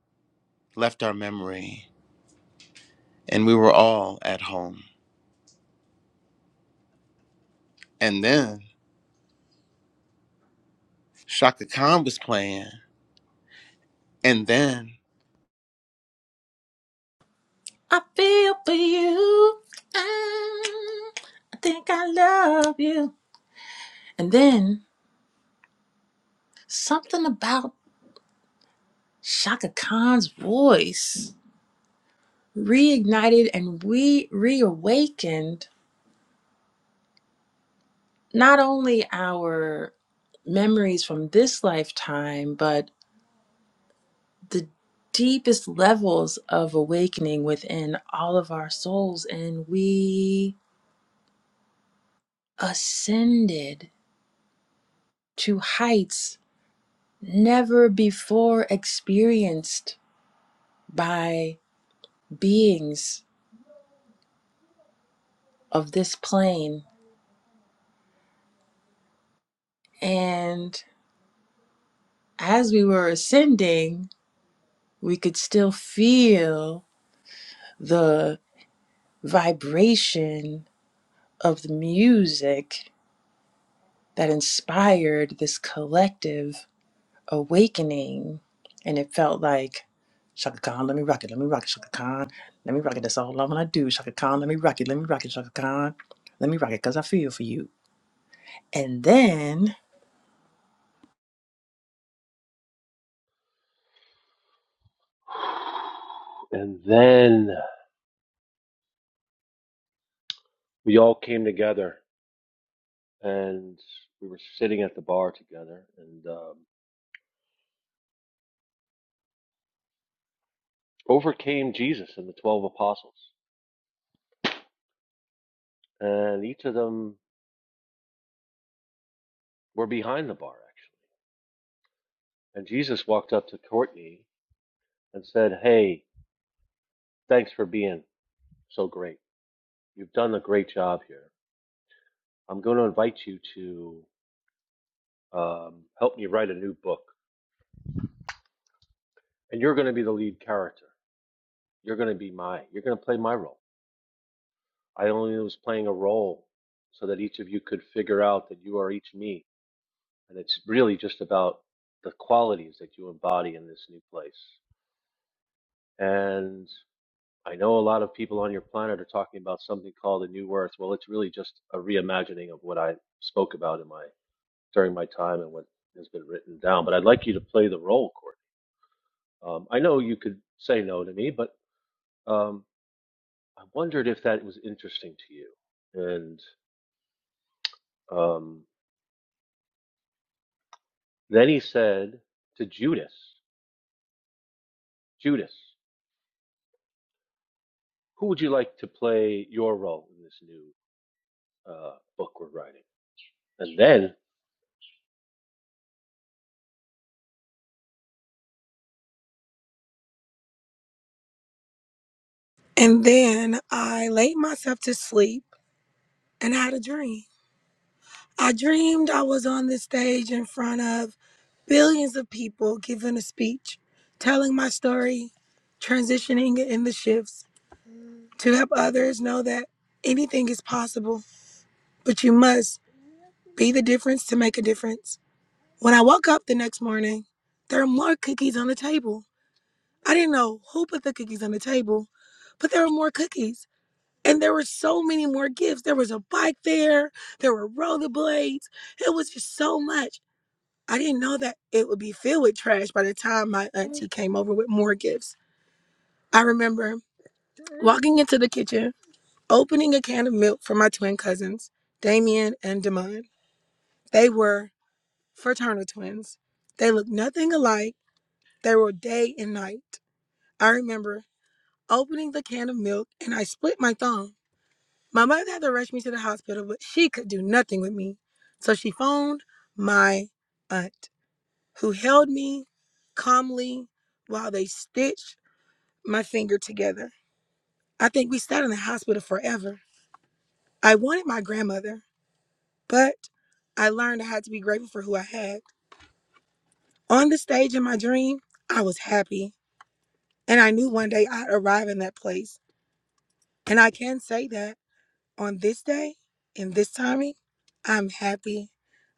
left our memory, and we were all at home. And then Shaka Khan was playing. And then
I feel for you. Ah, I think I love you. And then something about Shaka Khan's voice reignited and we reawakened not only our memories from this lifetime, but the deepest levels of awakening within all of our souls. And we ascended to heights never before experienced by beings of this plane. And as we were ascending, we could still feel the vibration of the music that inspired this collective awakening. And it felt like, Shaka Khan, let me rock it, let me rock it, Shaka Khan, let me rock it, that's all I wanna do, Shaka Khan, let me rock it, let me rock it, Shaka Khan, let me rock it, cause I feel for you. And then,
and then we all came together and we were sitting at the bar together and um, over came jesus and the 12 apostles and each of them were behind the bar actually and jesus walked up to courtney and said hey thanks for being so great you've done a great job here i'm going to invite you to um, help me write a new book and you're going to be the lead character you're going to be my you're going to play my role i only was playing a role so that each of you could figure out that you are each me And it's really just about the qualities that you embody in this new place. And I know a lot of people on your planet are talking about something called a new earth. Well, it's really just a reimagining of what I spoke about in my during my time and what has been written down. But I'd like you to play the role, Courtney. Um, I know you could say no to me, but um, I wondered if that was interesting to you. And um, then he said to Judas, Judas, who would you like to play your role in this new? uh, book we're writing. And then,
and then I laid myself to sleep and I had a dream. I dreamed I was on the stage in front of billions of people giving a speech, telling my story, transitioning in the shifts to help others know that anything is possible. but you must be the difference to make a difference. When I woke up the next morning, there were more cookies on the table. I didn't know who put the cookies on the table, but there were more cookies. And there were so many more gifts. There was a bike there, there were rollerblades. It was just so much. I didn't know that it would be filled with trash by the time my auntie came over with more gifts. I remember walking into the kitchen, opening a can of milk for my twin cousins, Damien and Damon. They were fraternal twins. They looked nothing alike. They were day and night. I remember opening the can of milk and I split my thumb. My mother had to rush me to the hospital, but she could do nothing with me. So she phoned my aunt, who held me calmly while they stitched my finger together. I think we sat in the hospital forever. I wanted my grandmother, but I learned I had to be grateful for who I had. On the stage in my dream, I was happy. And I knew one day I'd arrive in that place. And I can say that on this day, in this timing, I'm happy.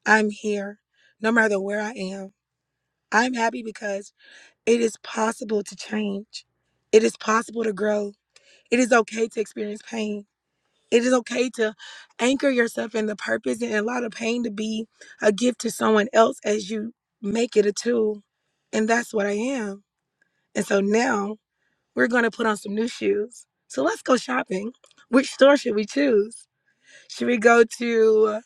I'm here, no matter where I am. I'm happy because it is possible to change. It is possible to grow. It is okay to experience pain. It is okay to anchor yourself in the purpose and allow the pain to be a gift to someone else as you make it a tool. And that's what I am. And so now We're going to put on some new shoes. So let's go shopping. Which store should we choose? Should we go to uh,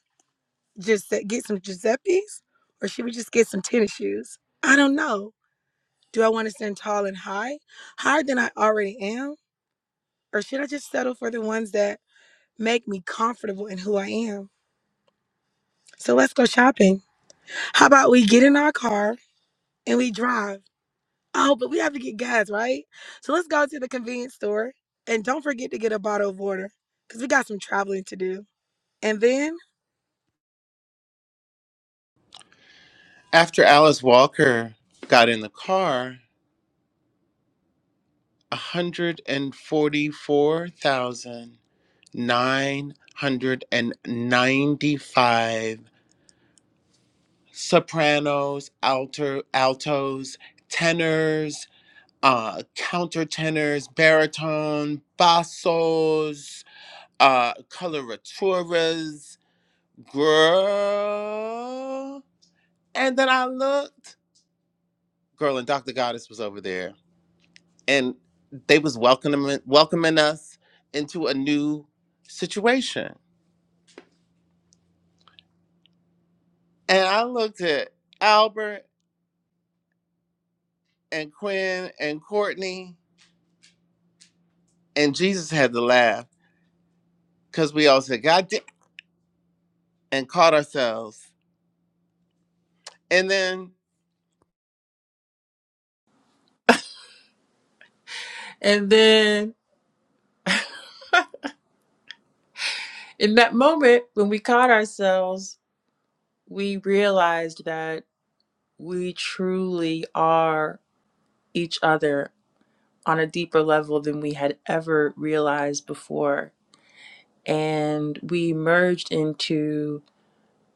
just get some Giuseppe's or should we just get some tennis shoes? I don't know. Do I want to stand tall and high, higher than I already am? Or should I just settle for the ones that make me comfortable in who I am? So let's go shopping. How about we get in our car and we drive? Oh, but we have to get gas, right? So let's go to the convenience store and don't forget to get a bottle of water because we got some traveling to do. And then,
after Alice Walker got in the car, 144,995 sopranos, alto, altos, tenors, uh, countertenors, baritone, bassos, uh, coloraturas, girl. And then I looked, girl, and Dr. Goddess was over there, and they was welcoming welcoming us into a new situation. And I looked at Albert and Quinn and Courtney, and Jesus had to laugh because we all said God damn, and caught ourselves. And then
and then in that moment when we caught ourselves, we realized that we truly are each other on a deeper level than we had ever realized before and we merged into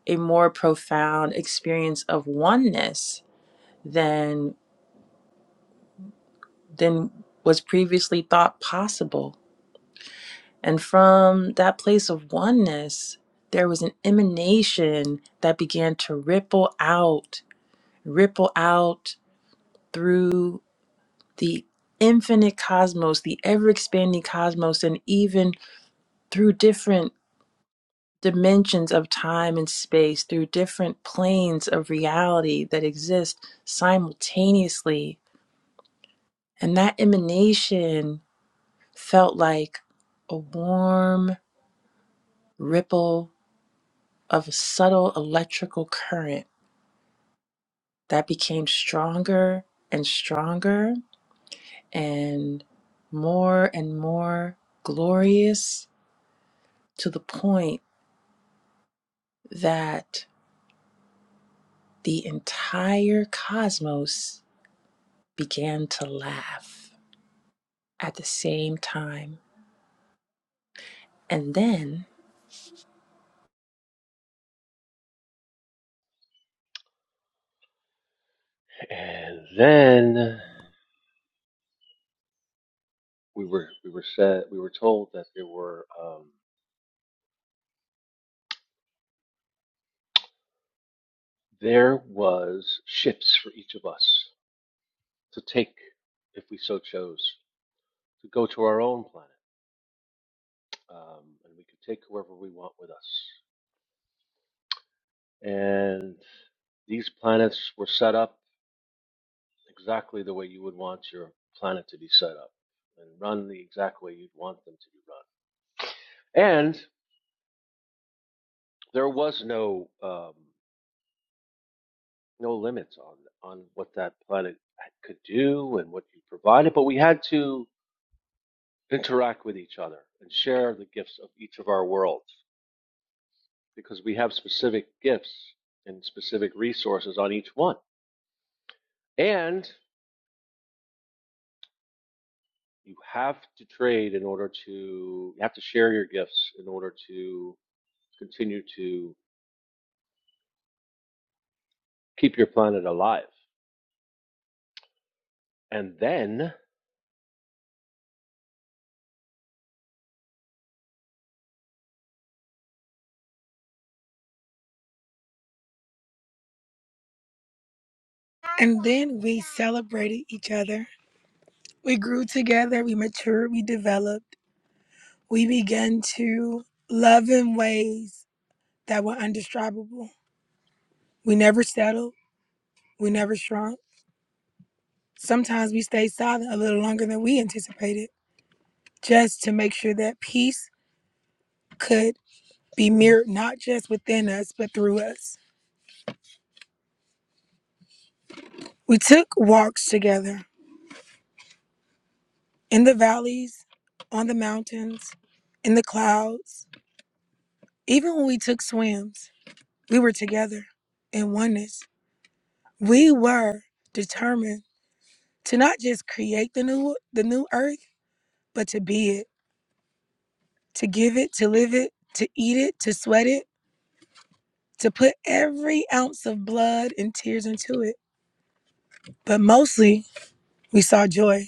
a more profound experience of oneness than than was previously thought possible and from that place of oneness there was an emanation that began to ripple out ripple out through the infinite cosmos the ever expanding cosmos and even through different dimensions of time and space, through different planes of reality that exist simultaneously. And that emanation felt like a warm ripple of a subtle electrical current that became stronger and stronger and more and more glorious to the point that the entire cosmos began to laugh. at the same time. And then,
and then we were we were said we were told that there were um, there was ships for each of us to take if we so chose to go to our own planet, um, and we could take whoever we want with us. And these planets were set up exactly the way you would want your planet to be set up and run the exact way you'd want them to be run. And there was no um, no limits on on what that planet could do and what you provided, but we had to interact with each other and share the gifts of each of our worlds because we have specific gifts and specific resources on each one. And you have to trade in order to you have to share your gifts in order to continue to keep your planet alive. And then
and then we celebrated each other. We grew together, we matured, we developed, we began to love in ways that were undestribable. We never settled, we never shrunk. Sometimes we stayed silent a little longer than we anticipated just to make sure that peace could be mirrored not just within us, but through us. We took walks together in the valleys, on the mountains, in the clouds. Even when we took swims, we were together in oneness. We were determined to not just create the new the new earth, but to be it, to give it, to live it, to eat it, to sweat it, to put every ounce of blood and tears into it. But mostly, we saw joy.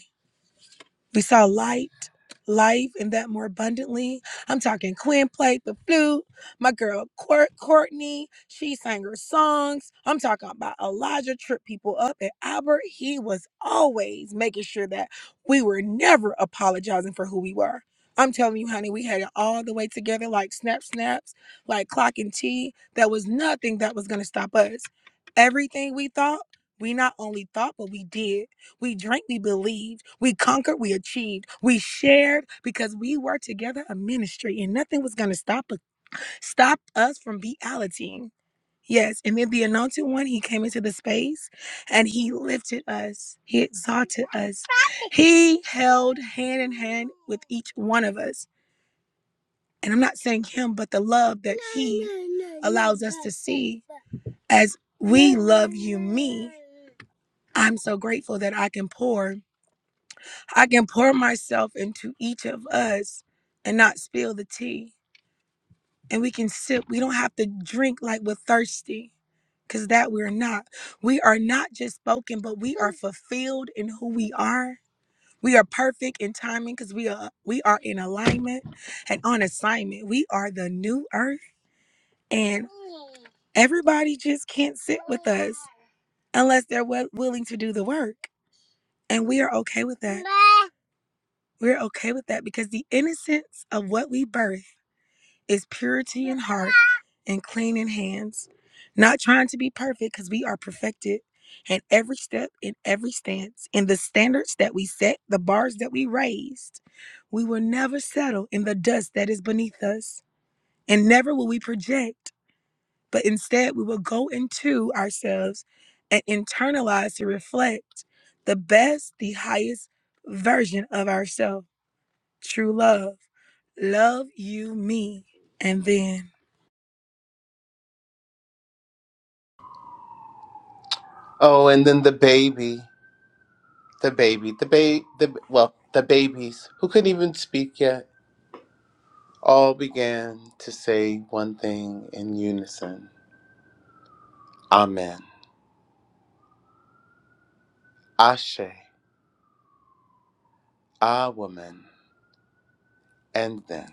We saw light, life, and that more abundantly. I'm talking Quinn played the flute. My girl Court- Courtney, she sang her songs. I'm talking about Elijah tripped people up. And Albert, he was always making sure that we were never apologizing for who we were. I'm telling you, honey, we had it all the way together like snap snaps, like clock and tea. There was nothing that was going to stop us. Everything we thought, we not only thought, but we did. We drank, we believed, we conquered, we achieved, we shared because we were together a ministry and nothing was going to stop us, stop us from reality. Yes, and then the anointed one, he came into the space and he lifted us, he exalted us, he held hand in hand with each one of us. And I'm not saying him, but the love that he allows us to see as we love you, me. I'm so grateful that I can pour. I can pour myself into each of us and not spill the tea. And we can sip. We don't have to drink like we're thirsty, because that we're not. We are not just spoken, but we are fulfilled in who we are. We are perfect in timing because we are we are in alignment and on assignment. We are the new earth. And everybody just can't sit with us unless they're wi- willing to do the work. And we are okay with that. We're okay with that because the innocence of what we birth is purity in heart and clean in hands. Not trying to be perfect because we are perfected in every step, in every stance, in the standards that we set, the bars that we raised. We will never settle in the dust that is beneath us, and never will we project, but instead we will go into ourselves and internalize to reflect the best, the highest version of ourselves True love. Love you, me. And then
oh, and then the baby, the baby, the baby, the well, the babies who couldn't even speak yet all began to say one thing in unison: Amen, Ashe, Ah, woman, and then.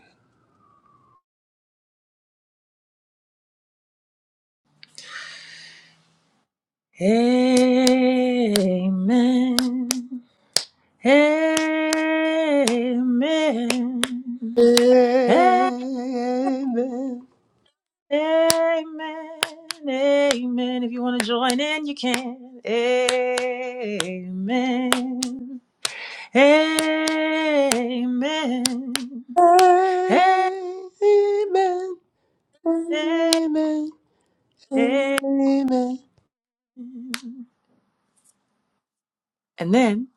Amen. Amen. Amen.
Amen.
Amen. If you want to join in, you can. Amen. Amen. Amen.
Amen. Amen. Amen.
And then,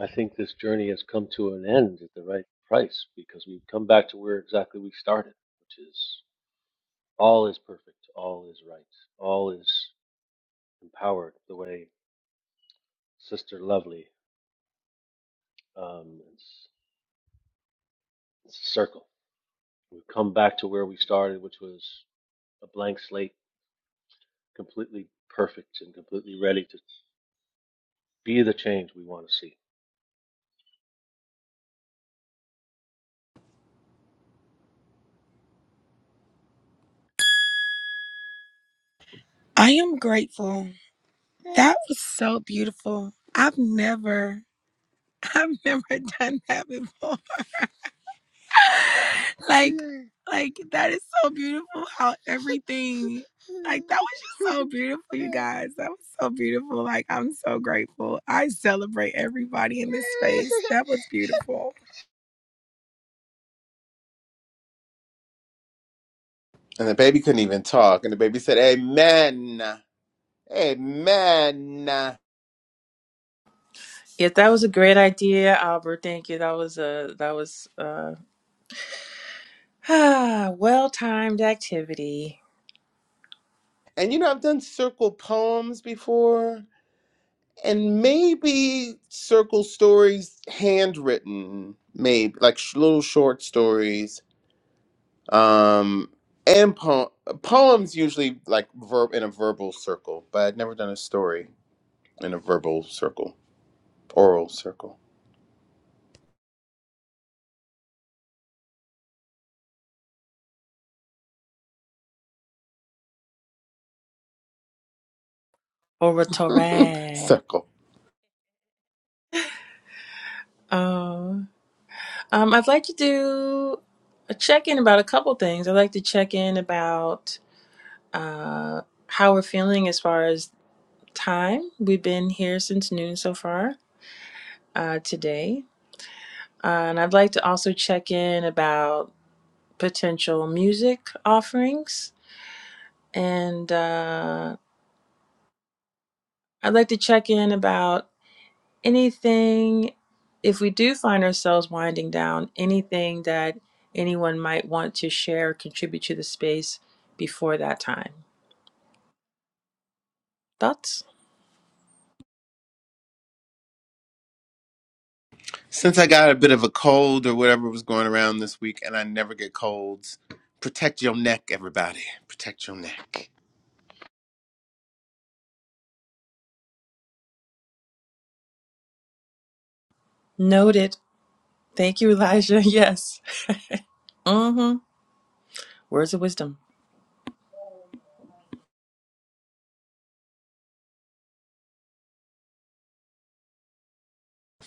I think this journey has come to an end at the right price because we've come back to where exactly we started, which is All is perfect. All is right. All is empowered the way Sister Lovely. Um, it's, it's a circle. We've come back to where we started, which was a blank slate, completely perfect and completely ready to be the change we want to see.
I am grateful. That was so beautiful. I've never, I've never done that before. Like, like that is so beautiful how everything, like that was just so beautiful, you guys. That was so beautiful. Like, I'm so grateful. I celebrate everybody in this space. That was beautiful.
And the baby couldn't even talk. And the baby said, Amen. Amen.
if that was a great idea, Albert, thank you. That was a that was uh Ah, well-timed activity.
And you know, I've done circle poems before, and maybe circle stories handwritten, maybe like sh- little short stories. Um, and po- poems usually like verb in a verbal circle, but I'd never done a story in a verbal circle, oral circle,
Oratory.
circle.
Um, um, I'd like to do a check-in about a couple things. I'd like to check in about uh, how we're feeling as far as time. We've been here since noon so far uh, today. Uh, and I'd like to also check in about potential music offerings. And uh, I'd like to check in about anything if we do find ourselves winding down anything that anyone might want to share or contribute to the space before that time thoughts
Since I got a bit of a cold or whatever was going around this week, and I never get colds, protect your neck, everybody. Protect your neck.
noted thank you elijah yes mm-hmm words of wisdom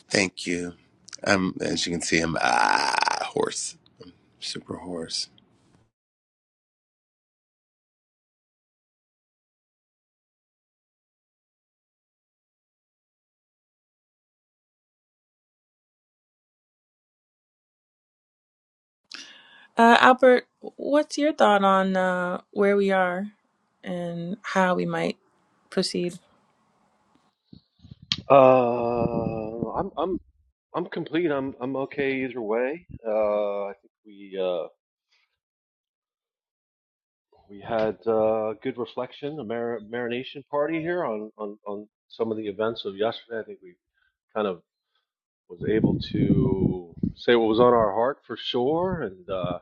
Thank you. Um, as you can see, I'm ah hoarse, super hoarse.
uh, albert what's your thought on uh, where we are and how we might proceed
Uh, I'm I'm I'm complete. I'm I'm okay either way. Uh, I think we uh, we had uh, good reflection, a mar- marination party here on, on on some of the events of yesterday. I think we kind of was able to say what was on our heart for sure. And uh,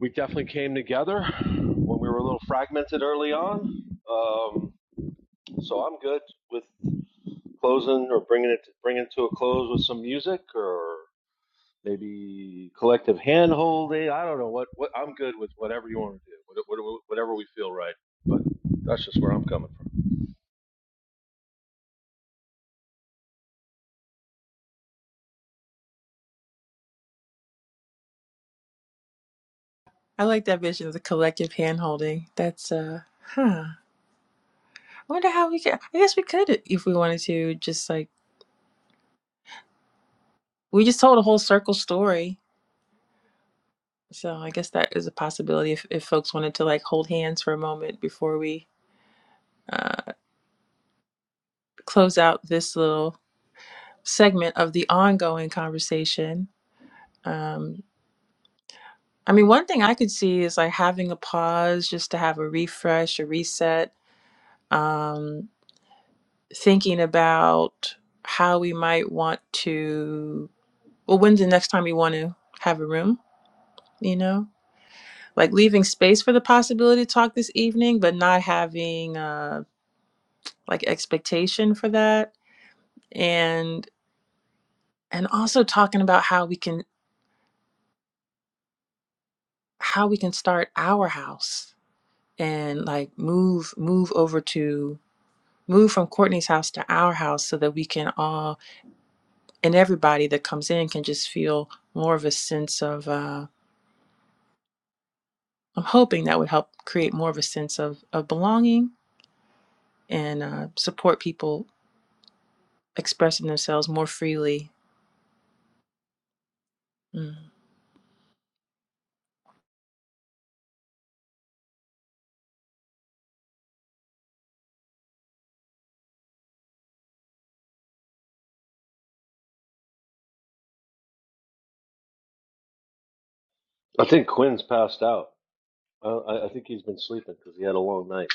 we definitely came together when we were a little fragmented early on. Um, so I'm good with closing or bringing it bringing it to a close with some music or maybe collective hand holding. I don't know what, what I'm good with whatever you want to do, whatever we feel right. But that's just where I'm coming from.
i like that vision of the collective hand holding that's uh huh i wonder how we could i guess we could if we wanted to just like we just told a whole circle story. So I guess that is a possibility if, if folks wanted to like hold hands for a moment before we uh, close out this little segment of the ongoing conversation. Um, I mean, one thing I could see is like having a pause just to have a refresh, a reset, um, thinking about how we might want to, well, when's the next time we want to have a room, you know? like leaving space for the possibility to talk this evening but not having uh like expectation for that and and also talking about how we can how we can start our house and like move move over to move from Courtney's house to our house so that we can all and everybody that comes in can just feel more of a sense of uh I'm hoping that would help create more of a sense of of belonging and uh support people expressing themselves more freely Mm.
I think Quinn's passed out. I I think he's been sleeping because he had a long night.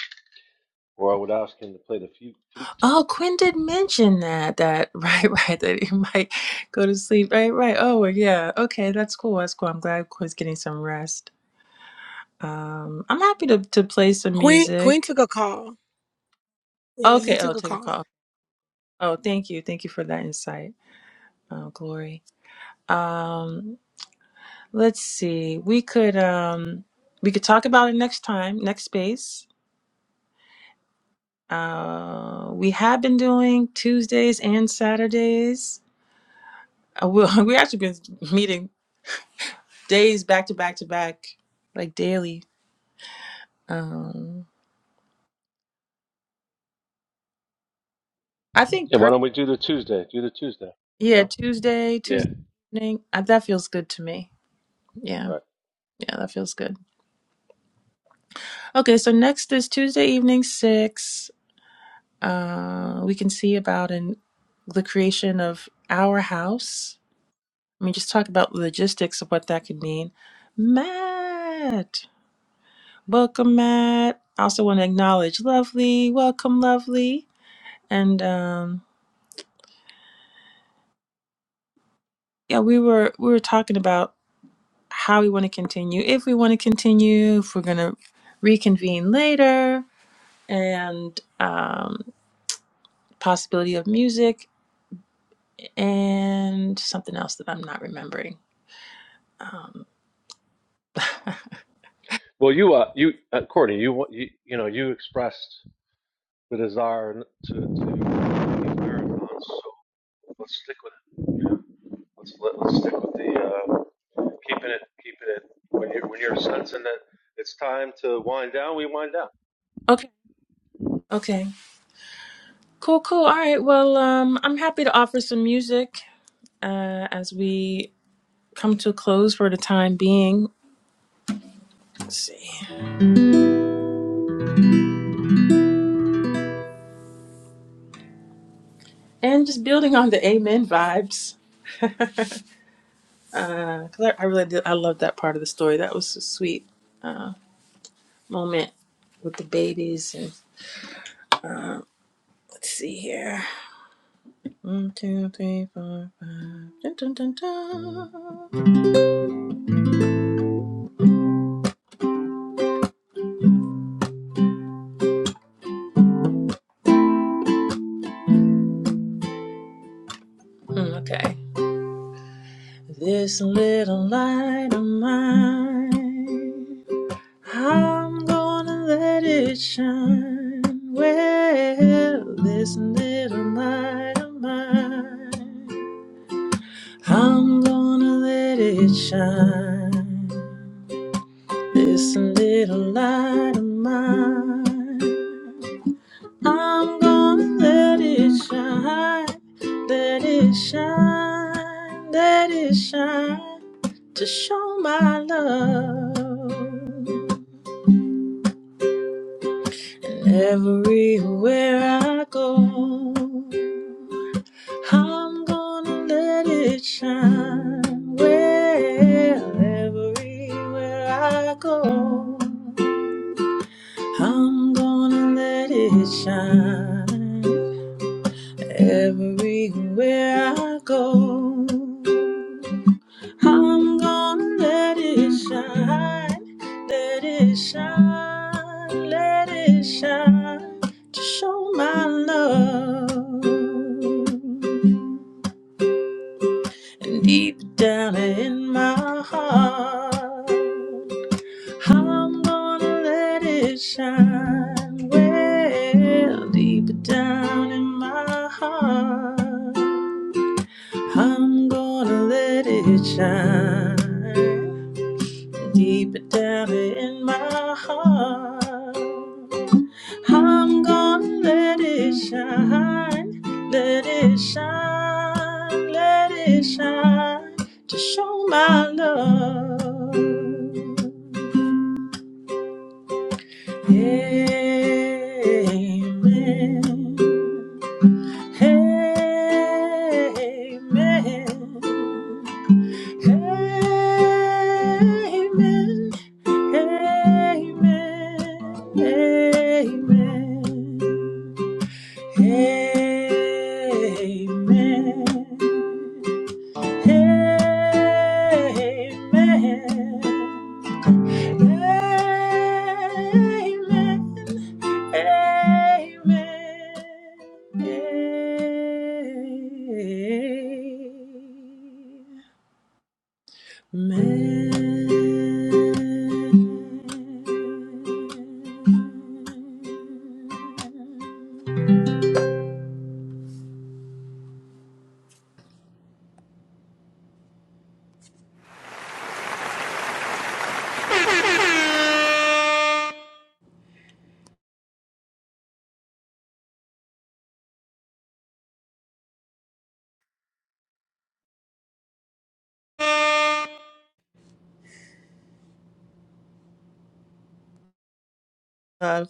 Or I would ask him to play the flute,
Oh, Quinn did mention that, that, right, right, that he might go to sleep. Right, right. Oh, well, yeah. Okay, that's cool. That's cool. I'm glad Quinn's getting some rest. Um, I'm happy to, to play some
Queen, Queen
music.
took a call. Yeah, he
Okay, oh,
took a
take a
call.
call. Oh, thank you. Thank you for that insight, uh, Glory. Um, let's see. We could, um, we could talk about it next time, next space. Uh, we have been doing Tuesdays and Saturdays. Uh, we we actually been meeting days back to back to back, like daily. Um, I think
Yeah, why
per
don't we do the Tuesday? Do the Tuesday, you
yeah
know?
Tuesday
Yeah,
Tuesday evening uh, that feels good to me. Yeah,
right.
yeah, that feels good. Okay, so next is Tuesday evening six. Uh, we can see about an the creation of our house. Let me just talk about logistics of what that could mean. Matt, welcome, Matt. I also want to acknowledge Lovely. Welcome, Lovely. And um, yeah, we were we were talking about. how we want to continue, if we want to continue, if we're going to reconvene later, and um, possibility of music, and something else that I'm not remembering. Um,
Well, you, uh, you, uh, Courtney, you, wa- you, you know, you expressed the desire to to leave marathons, so let's stick with it. You know? Let's let, let's stick with the uh, keeping it, keeping it. When you are when you're sensing that it's time to wind down, we wind down.
okay, okay, cool, cool. All right, well, um, I'm happy to offer some music uh, as we come to a close for the time being. Let's see. And just building on the amen vibes. Because I, I really did, I loved that part of the story. That was so sweet. Um, moment with the babies. And let's see here. One, two, three, four, five. Dun, dun, dun, dun. Mm, okay. This little light of mine, I'm gonna let it shine. Well, this little light of mine, I'm gonna let it shine. This little light of mine. I'm gonna let it shine, let it shine, let it shine to show my love. And everywhere I go, I'm gonna let it shine. Well, everywhere I go, I'm gonna let it shine. Everywhere I go, I'm gonna let it shine, let it shine, let it shine to show my love. And deep down in my heart, I'm gonna let it shine. Well, deep down in my heart. I'm gonna let it shine deeper down in my heart. I'm gonna let it shine, let it shine, let it shine to show my love. Amen. Amen. Amen. Amen. Amen. Amen. Amen. Amen. Amen. Love,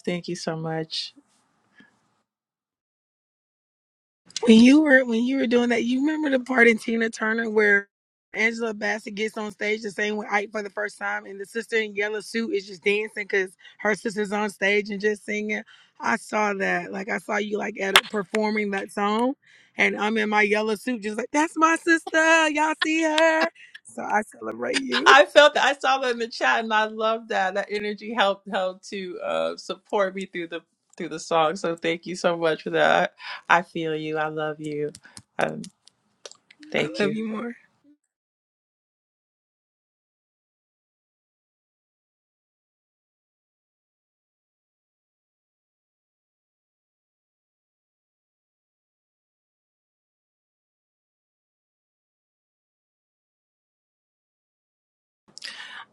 thank you so much.
When you were when you were doing that, you remember the part in Tina Turner where Angela Bassett gets on stage to sing with Ike for the first time, and the sister in yellow suit is just dancing because her sister's on stage and just singing. I saw that, like I saw you like at performing that song, and I'm in my yellow suit, just like that's my sister. Y'all see her, so I celebrate you.
I felt that I saw that in the chat, and I love that. That energy helped helped to uh, support me through the through the song. So thank you so much for that. I feel you. I love you. Um,
I
thank you.
love you more.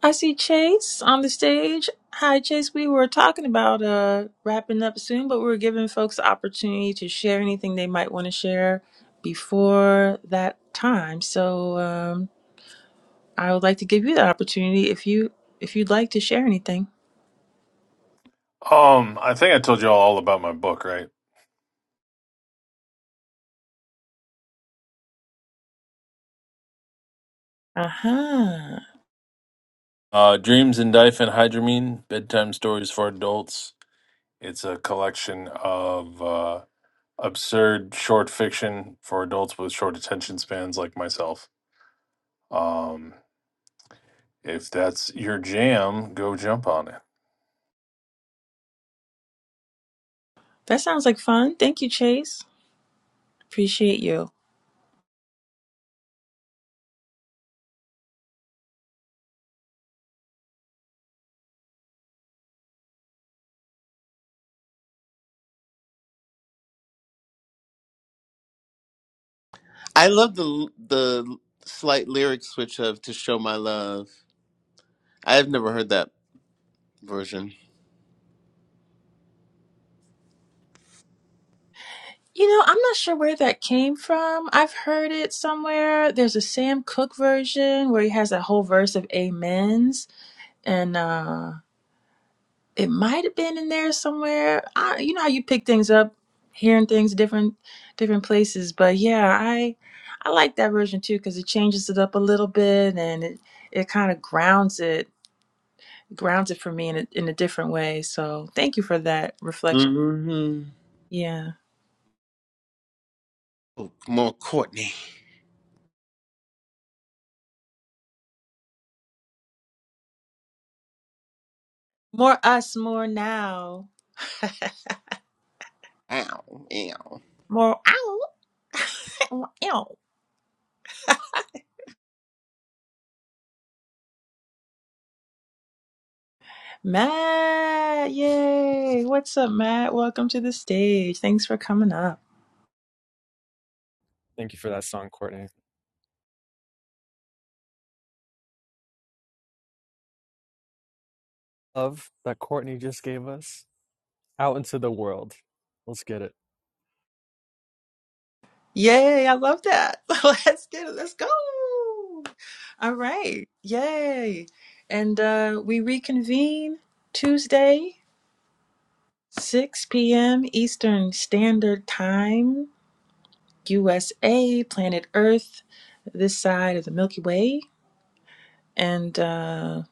I see Chase on the stage. Hi, Chase. We were talking about uh, wrapping up soon, but we were giving folks the opportunity to share anything they might want to share before that time. So um, I would like to give you the opportunity if you if you'd like to share anything.
Um, I think I told you all all about my book, right?
Uh huh.
Uh, Dreams in Diphenhydramine, Bedtime Stories for Adults. It's a collection of uh, absurd short fiction for adults with short attention spans like myself. Um, if that's your jam, go jump on it.
That sounds like fun. Thank you, Chase. Appreciate you.
I love the the slight lyric switch of "To Show My Love." I have never heard that version.
You know, I'm not sure where that came from. I've heard it somewhere. There's a Sam Cooke version where he has that whole verse of amens and uh it might have been in there somewhere. I, you know how you pick things up, hearing things different, different places. But yeah, I, I like that version too because it changes it up a little bit and it, it kind of grounds it, grounds it for me in a, in a different way. So thank you for that reflection.
hmm
Yeah,
Oh, more Courtney.
more us, more now,
Ow, ow.
more out. Ow. Matt, yay! What's up, Matt? Welcome to the stage. Thanks for coming up.
Thank you for that song, Courtney. Love that Courtney just gave us out into the world. Let's get it.
Yay, I love that. Let's get it. Let's go. All right. Yay. And uh, we reconvene Tuesday, 6 p.m. Eastern Standard Time, USA, planet Earth, this side of the Milky Way. And uh,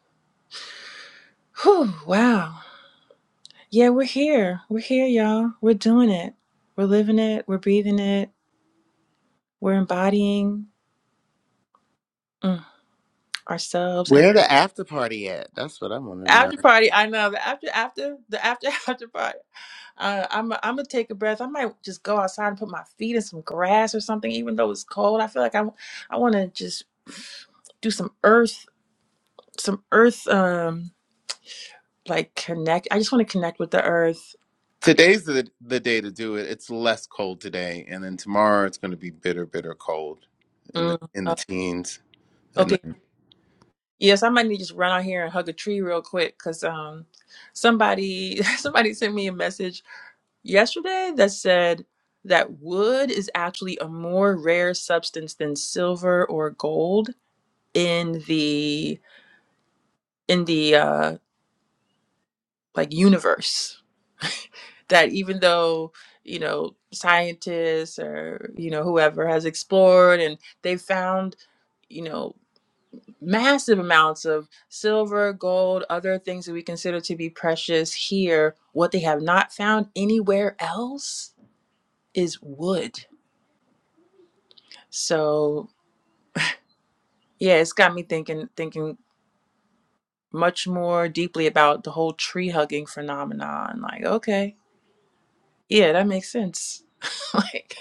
whew, wow. Yeah, we're here. We're here, y'all. We're doing it. We're living it. We're breathing it. We're embodying mm, ourselves.
Where the after party at? That's what I want to know.
after party i know the after after the after after party uh, i'm i'm gonna take a breath i might just go outside and put my feet in some grass or something even though it's cold i feel like i, I want to just do some earth some earth um like connect i just want to connect with the earth
Today's the, the day to do it. It's less cold today, and then tomorrow it's going to be bitter, bitter cold in the
Mm,
in the
uh,
teens. at
okay yes i might need to just run out here and hug a tree real quick because um somebody somebody sent me a message yesterday that said that wood is actually a more rare substance than silver or gold in the in the uh like universe that even though you know scientists or you know whoever has explored and they found you know massive amounts of silver gold other things that we consider to be precious here what they have not found anywhere else is wood so Yeah, it's got me thinking thinking much more deeply about the whole tree hugging phenomenon. Like, okay, yeah, that makes sense. like,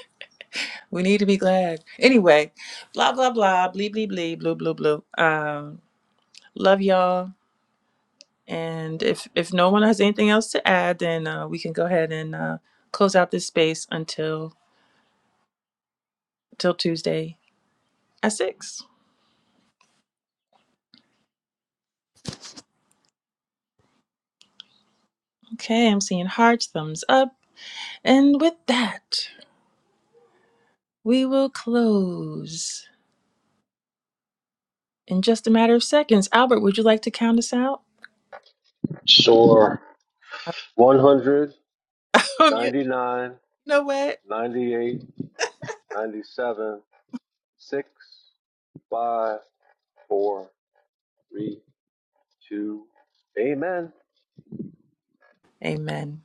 we need to be glad. Anyway, blah blah blah, blee blee blee, blue blue blue. Um, love y'all. And if if no one has anything else to add, then uh, we can go ahead and uh, close out this space until till Tuesday at six. Okay, I'm seeing hearts, thumbs up, and with that, we will close. In just a matter of seconds, Albert, would you like to count us out?
Sure. 100
you
99,
know what?
98, 97, 6, 5, 4, 3. to Amen.
Amen.